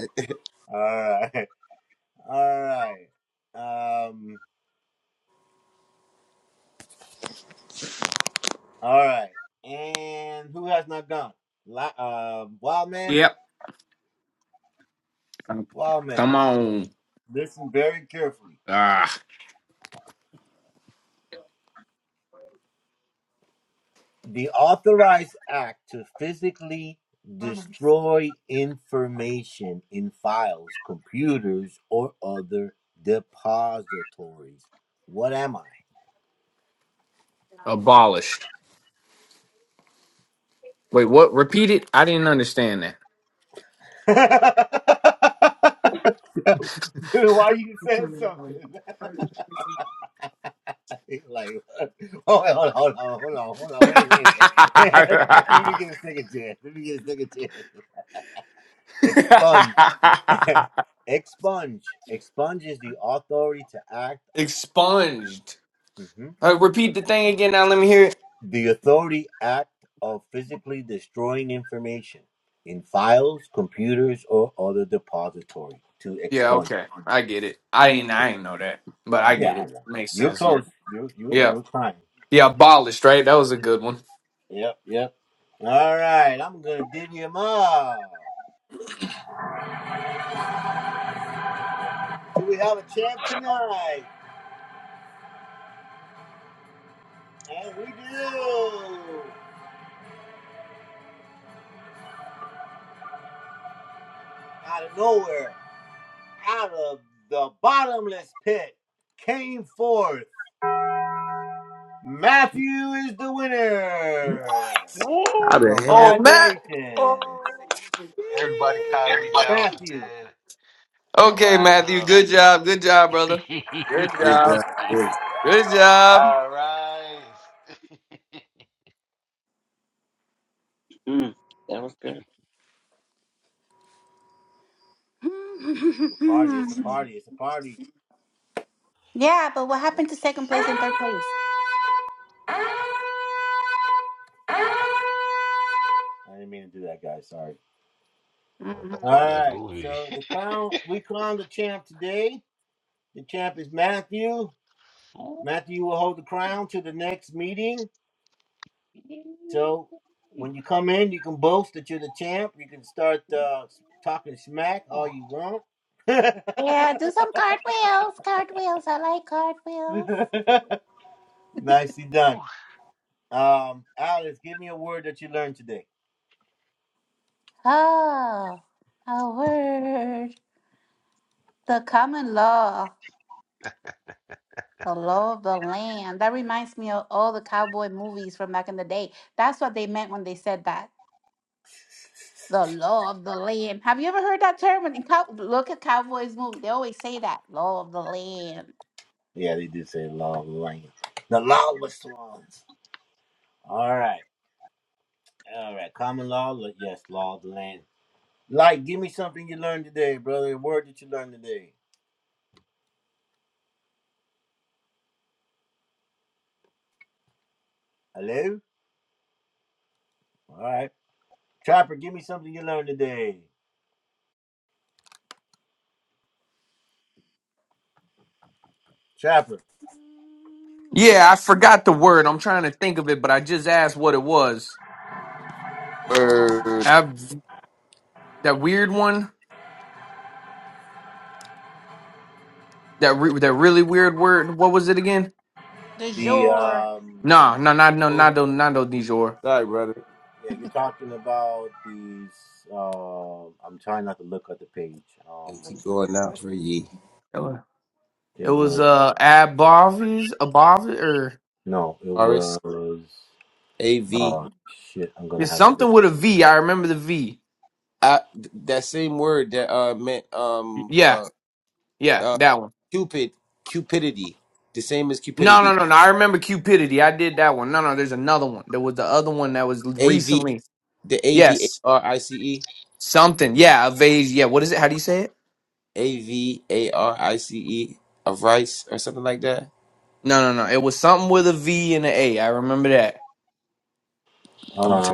D: Yep. Come on. Ah, abolished. Wait, what? Repeat it. I didn't understand that. Expunged. Uh, repeat the thing again. Now let me hear it. Yeah, okay. I get it. I ain't. I ain't know that, but I get it. Makes sense. Yeah. Yeah. Yeah. Abolished. Right. That was a good one.
B: How
C: Woo!
B: the hell
D: Oh, Matt. Oh.
C: Everybody kindly down for dead.
D: Okay,
C: Arise
D: Matthew.
C: up.
D: Good job. Good job, brother. Good
B: is
D: job.
B: uh, this
D: Good job.
C: All right.
E: Mm. That was good.
H: yeah, but what happened to second place and third place?
C: That's
H: hmm
C: from that movie. Ooh.
H: Yeah, do some cartwheels. Cartwheels. I like cartwheels. Oh, a word. The common law. The law of the land. That reminds me of all the cowboy movies from back in the day. That's what they meant when they said that The law of the land. Have you ever heard that term? When you cow- look at cowboys movies, they always say that law of the land. Mhm.
D: Yeah, I forgot the word. I'm trying to think of it, but I just asked what it was.
B: word?
D: Ab- that weird one, that re- that really weird word. What was it again?
H: De jure.
D: No, no, not no,
B: Oh,
D: nado nado Dijor.
B: Sorry, brother. It'll keep going out for ye.
D: It was uh abovis abovis or
B: Forest A V.
D: it's something with a V. I remember the V.
B: I that same word that uh meant um
D: Yeah,
B: uh
D: yeah,
B: uh
D: that one.
B: cupid cupidity the same as
D: No,
B: cupidity
D: no, no, no. I remember cupidity. I did that one. No, no. There's another one. There was the other one that was
B: A V
D: recently.
B: the A V A
D: Yes,
B: R I C E
D: something. Yeah, avase. Yeah, what is it? How do you say it?
B: A V A R I C E of rice or something like that.
D: No, no, no. It was something with a V and an A. I remember that.
B: I'm gonna t-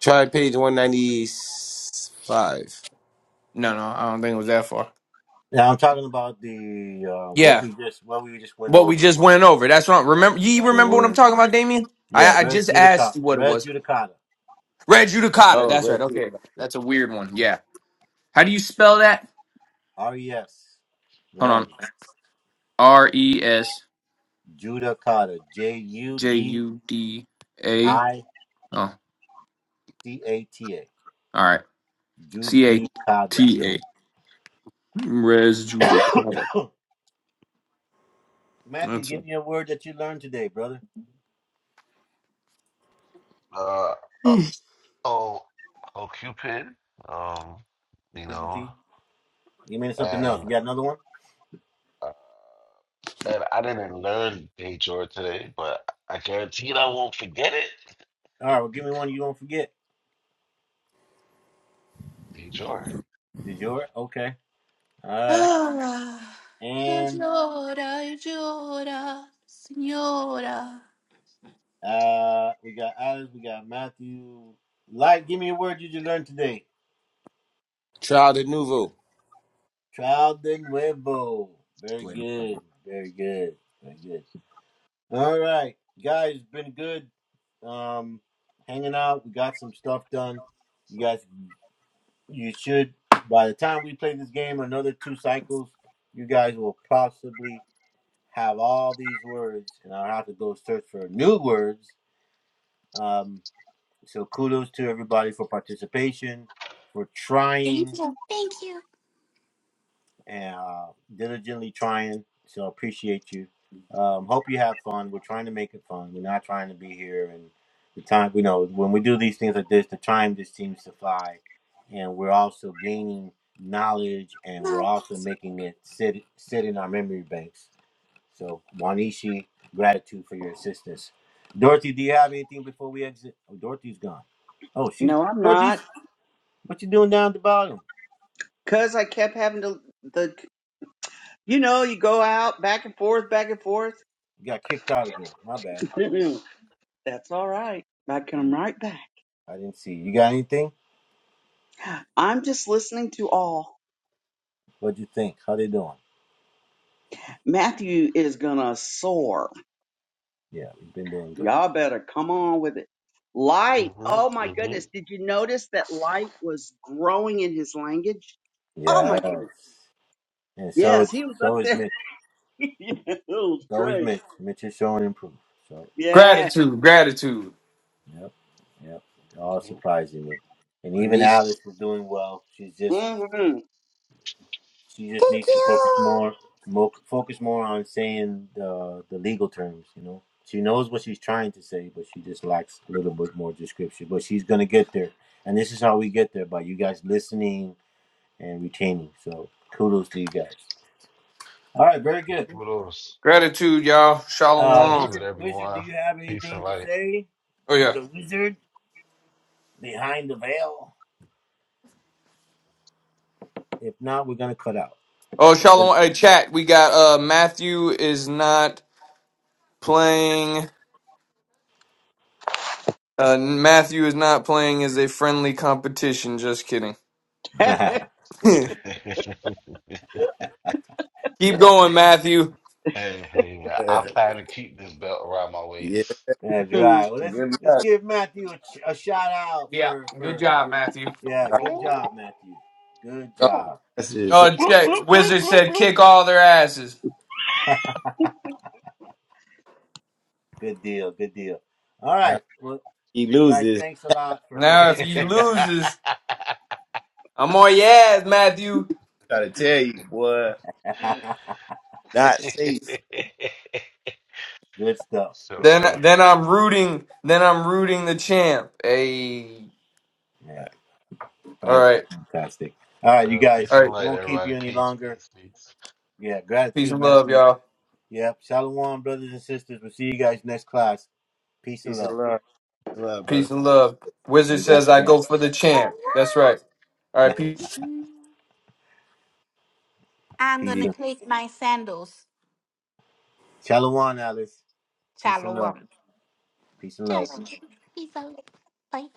B: try page one ninety five.
D: No, no, I don't think it was that far. Yeah, what we just went over. That's wrong. Remember, you remember what I'm talking about, Damien? I, I just asked you what it was. Red judicata. That's right. Okay, that's a weird one. Yeah. How do you spell that? Hold on. R E S J U D A. Oh, all right. C A T A. Res judicata. That's it.
C: Uh, uh, oh, oh, Cupid. Um, you know, and uh, and I didn't learn Dejor today, but I guarantee I won't forget it. Dejor.
H: Llora, llora, señora.
B: Trial de nouveau. Wait,
H: Thank you. Thank you. No,
E: No, I'm not. Cause I kept having to the you know, you go out back and forth, back and forth. That's all right. I come right back. I'm just listening to all. Matthew is gonna soar. Y'all better come on with it. Light. Oh
C: Mm-hmm.
E: my goodness.
C: Mm-hmm.
E: Did you notice that light was growing in his language? Oh my goodness. Yes, he was up there. yeah, it was great. Yes.
D: Gratitude, gratitude,
C: Mm-hmm.
B: Anisha.
E: hmm
H: thank you.
C: Kudos.
D: gratitude, y'all. Shalom.
C: Gratitude, everyone. Peace and light.
D: Oh yeah. Oh, Shalom. Hey, chat. We got uh Matthew is not playing. Uh, Matthew is not playing is a friendly competition. Just kidding. Keep going, Matthew.
C: Hey, hey, man. I plan to keep this belt around my
B: Yeah,
C: waist.
B: good luck.
D: Yeah, good job, Matthew.
C: Ooh.
B: Oh, That's just-
D: Oh,
C: Bloop,
D: check.
C: bloop, bloop,
D: Wizard
C: bloop,
D: said, "Kick all their asses."
B: Now he loses.
C: bloop.
D: Now, if he loses, I'm on your ass, Matthew.
B: Try to tell you, boy, not safe.
D: Then,
C: Sure.
D: then I'm rooting. Then I'm rooting the champ. Hey, all right,
C: Uh, peace
D: all
C: and
D: right.
C: light, everybody. Peace, peace, peace.
D: Peace and love, y'all.
B: Peace and love, Peace and love, brother.
D: Peace and love. Wizard says I go for the
H: Jeez, I
D: champ. That's right. All right, peace.
H: love- Mhm. I'm
B: Peace.
H: gonna click my sandals. Shalom. Shalom. Peace out. Bye.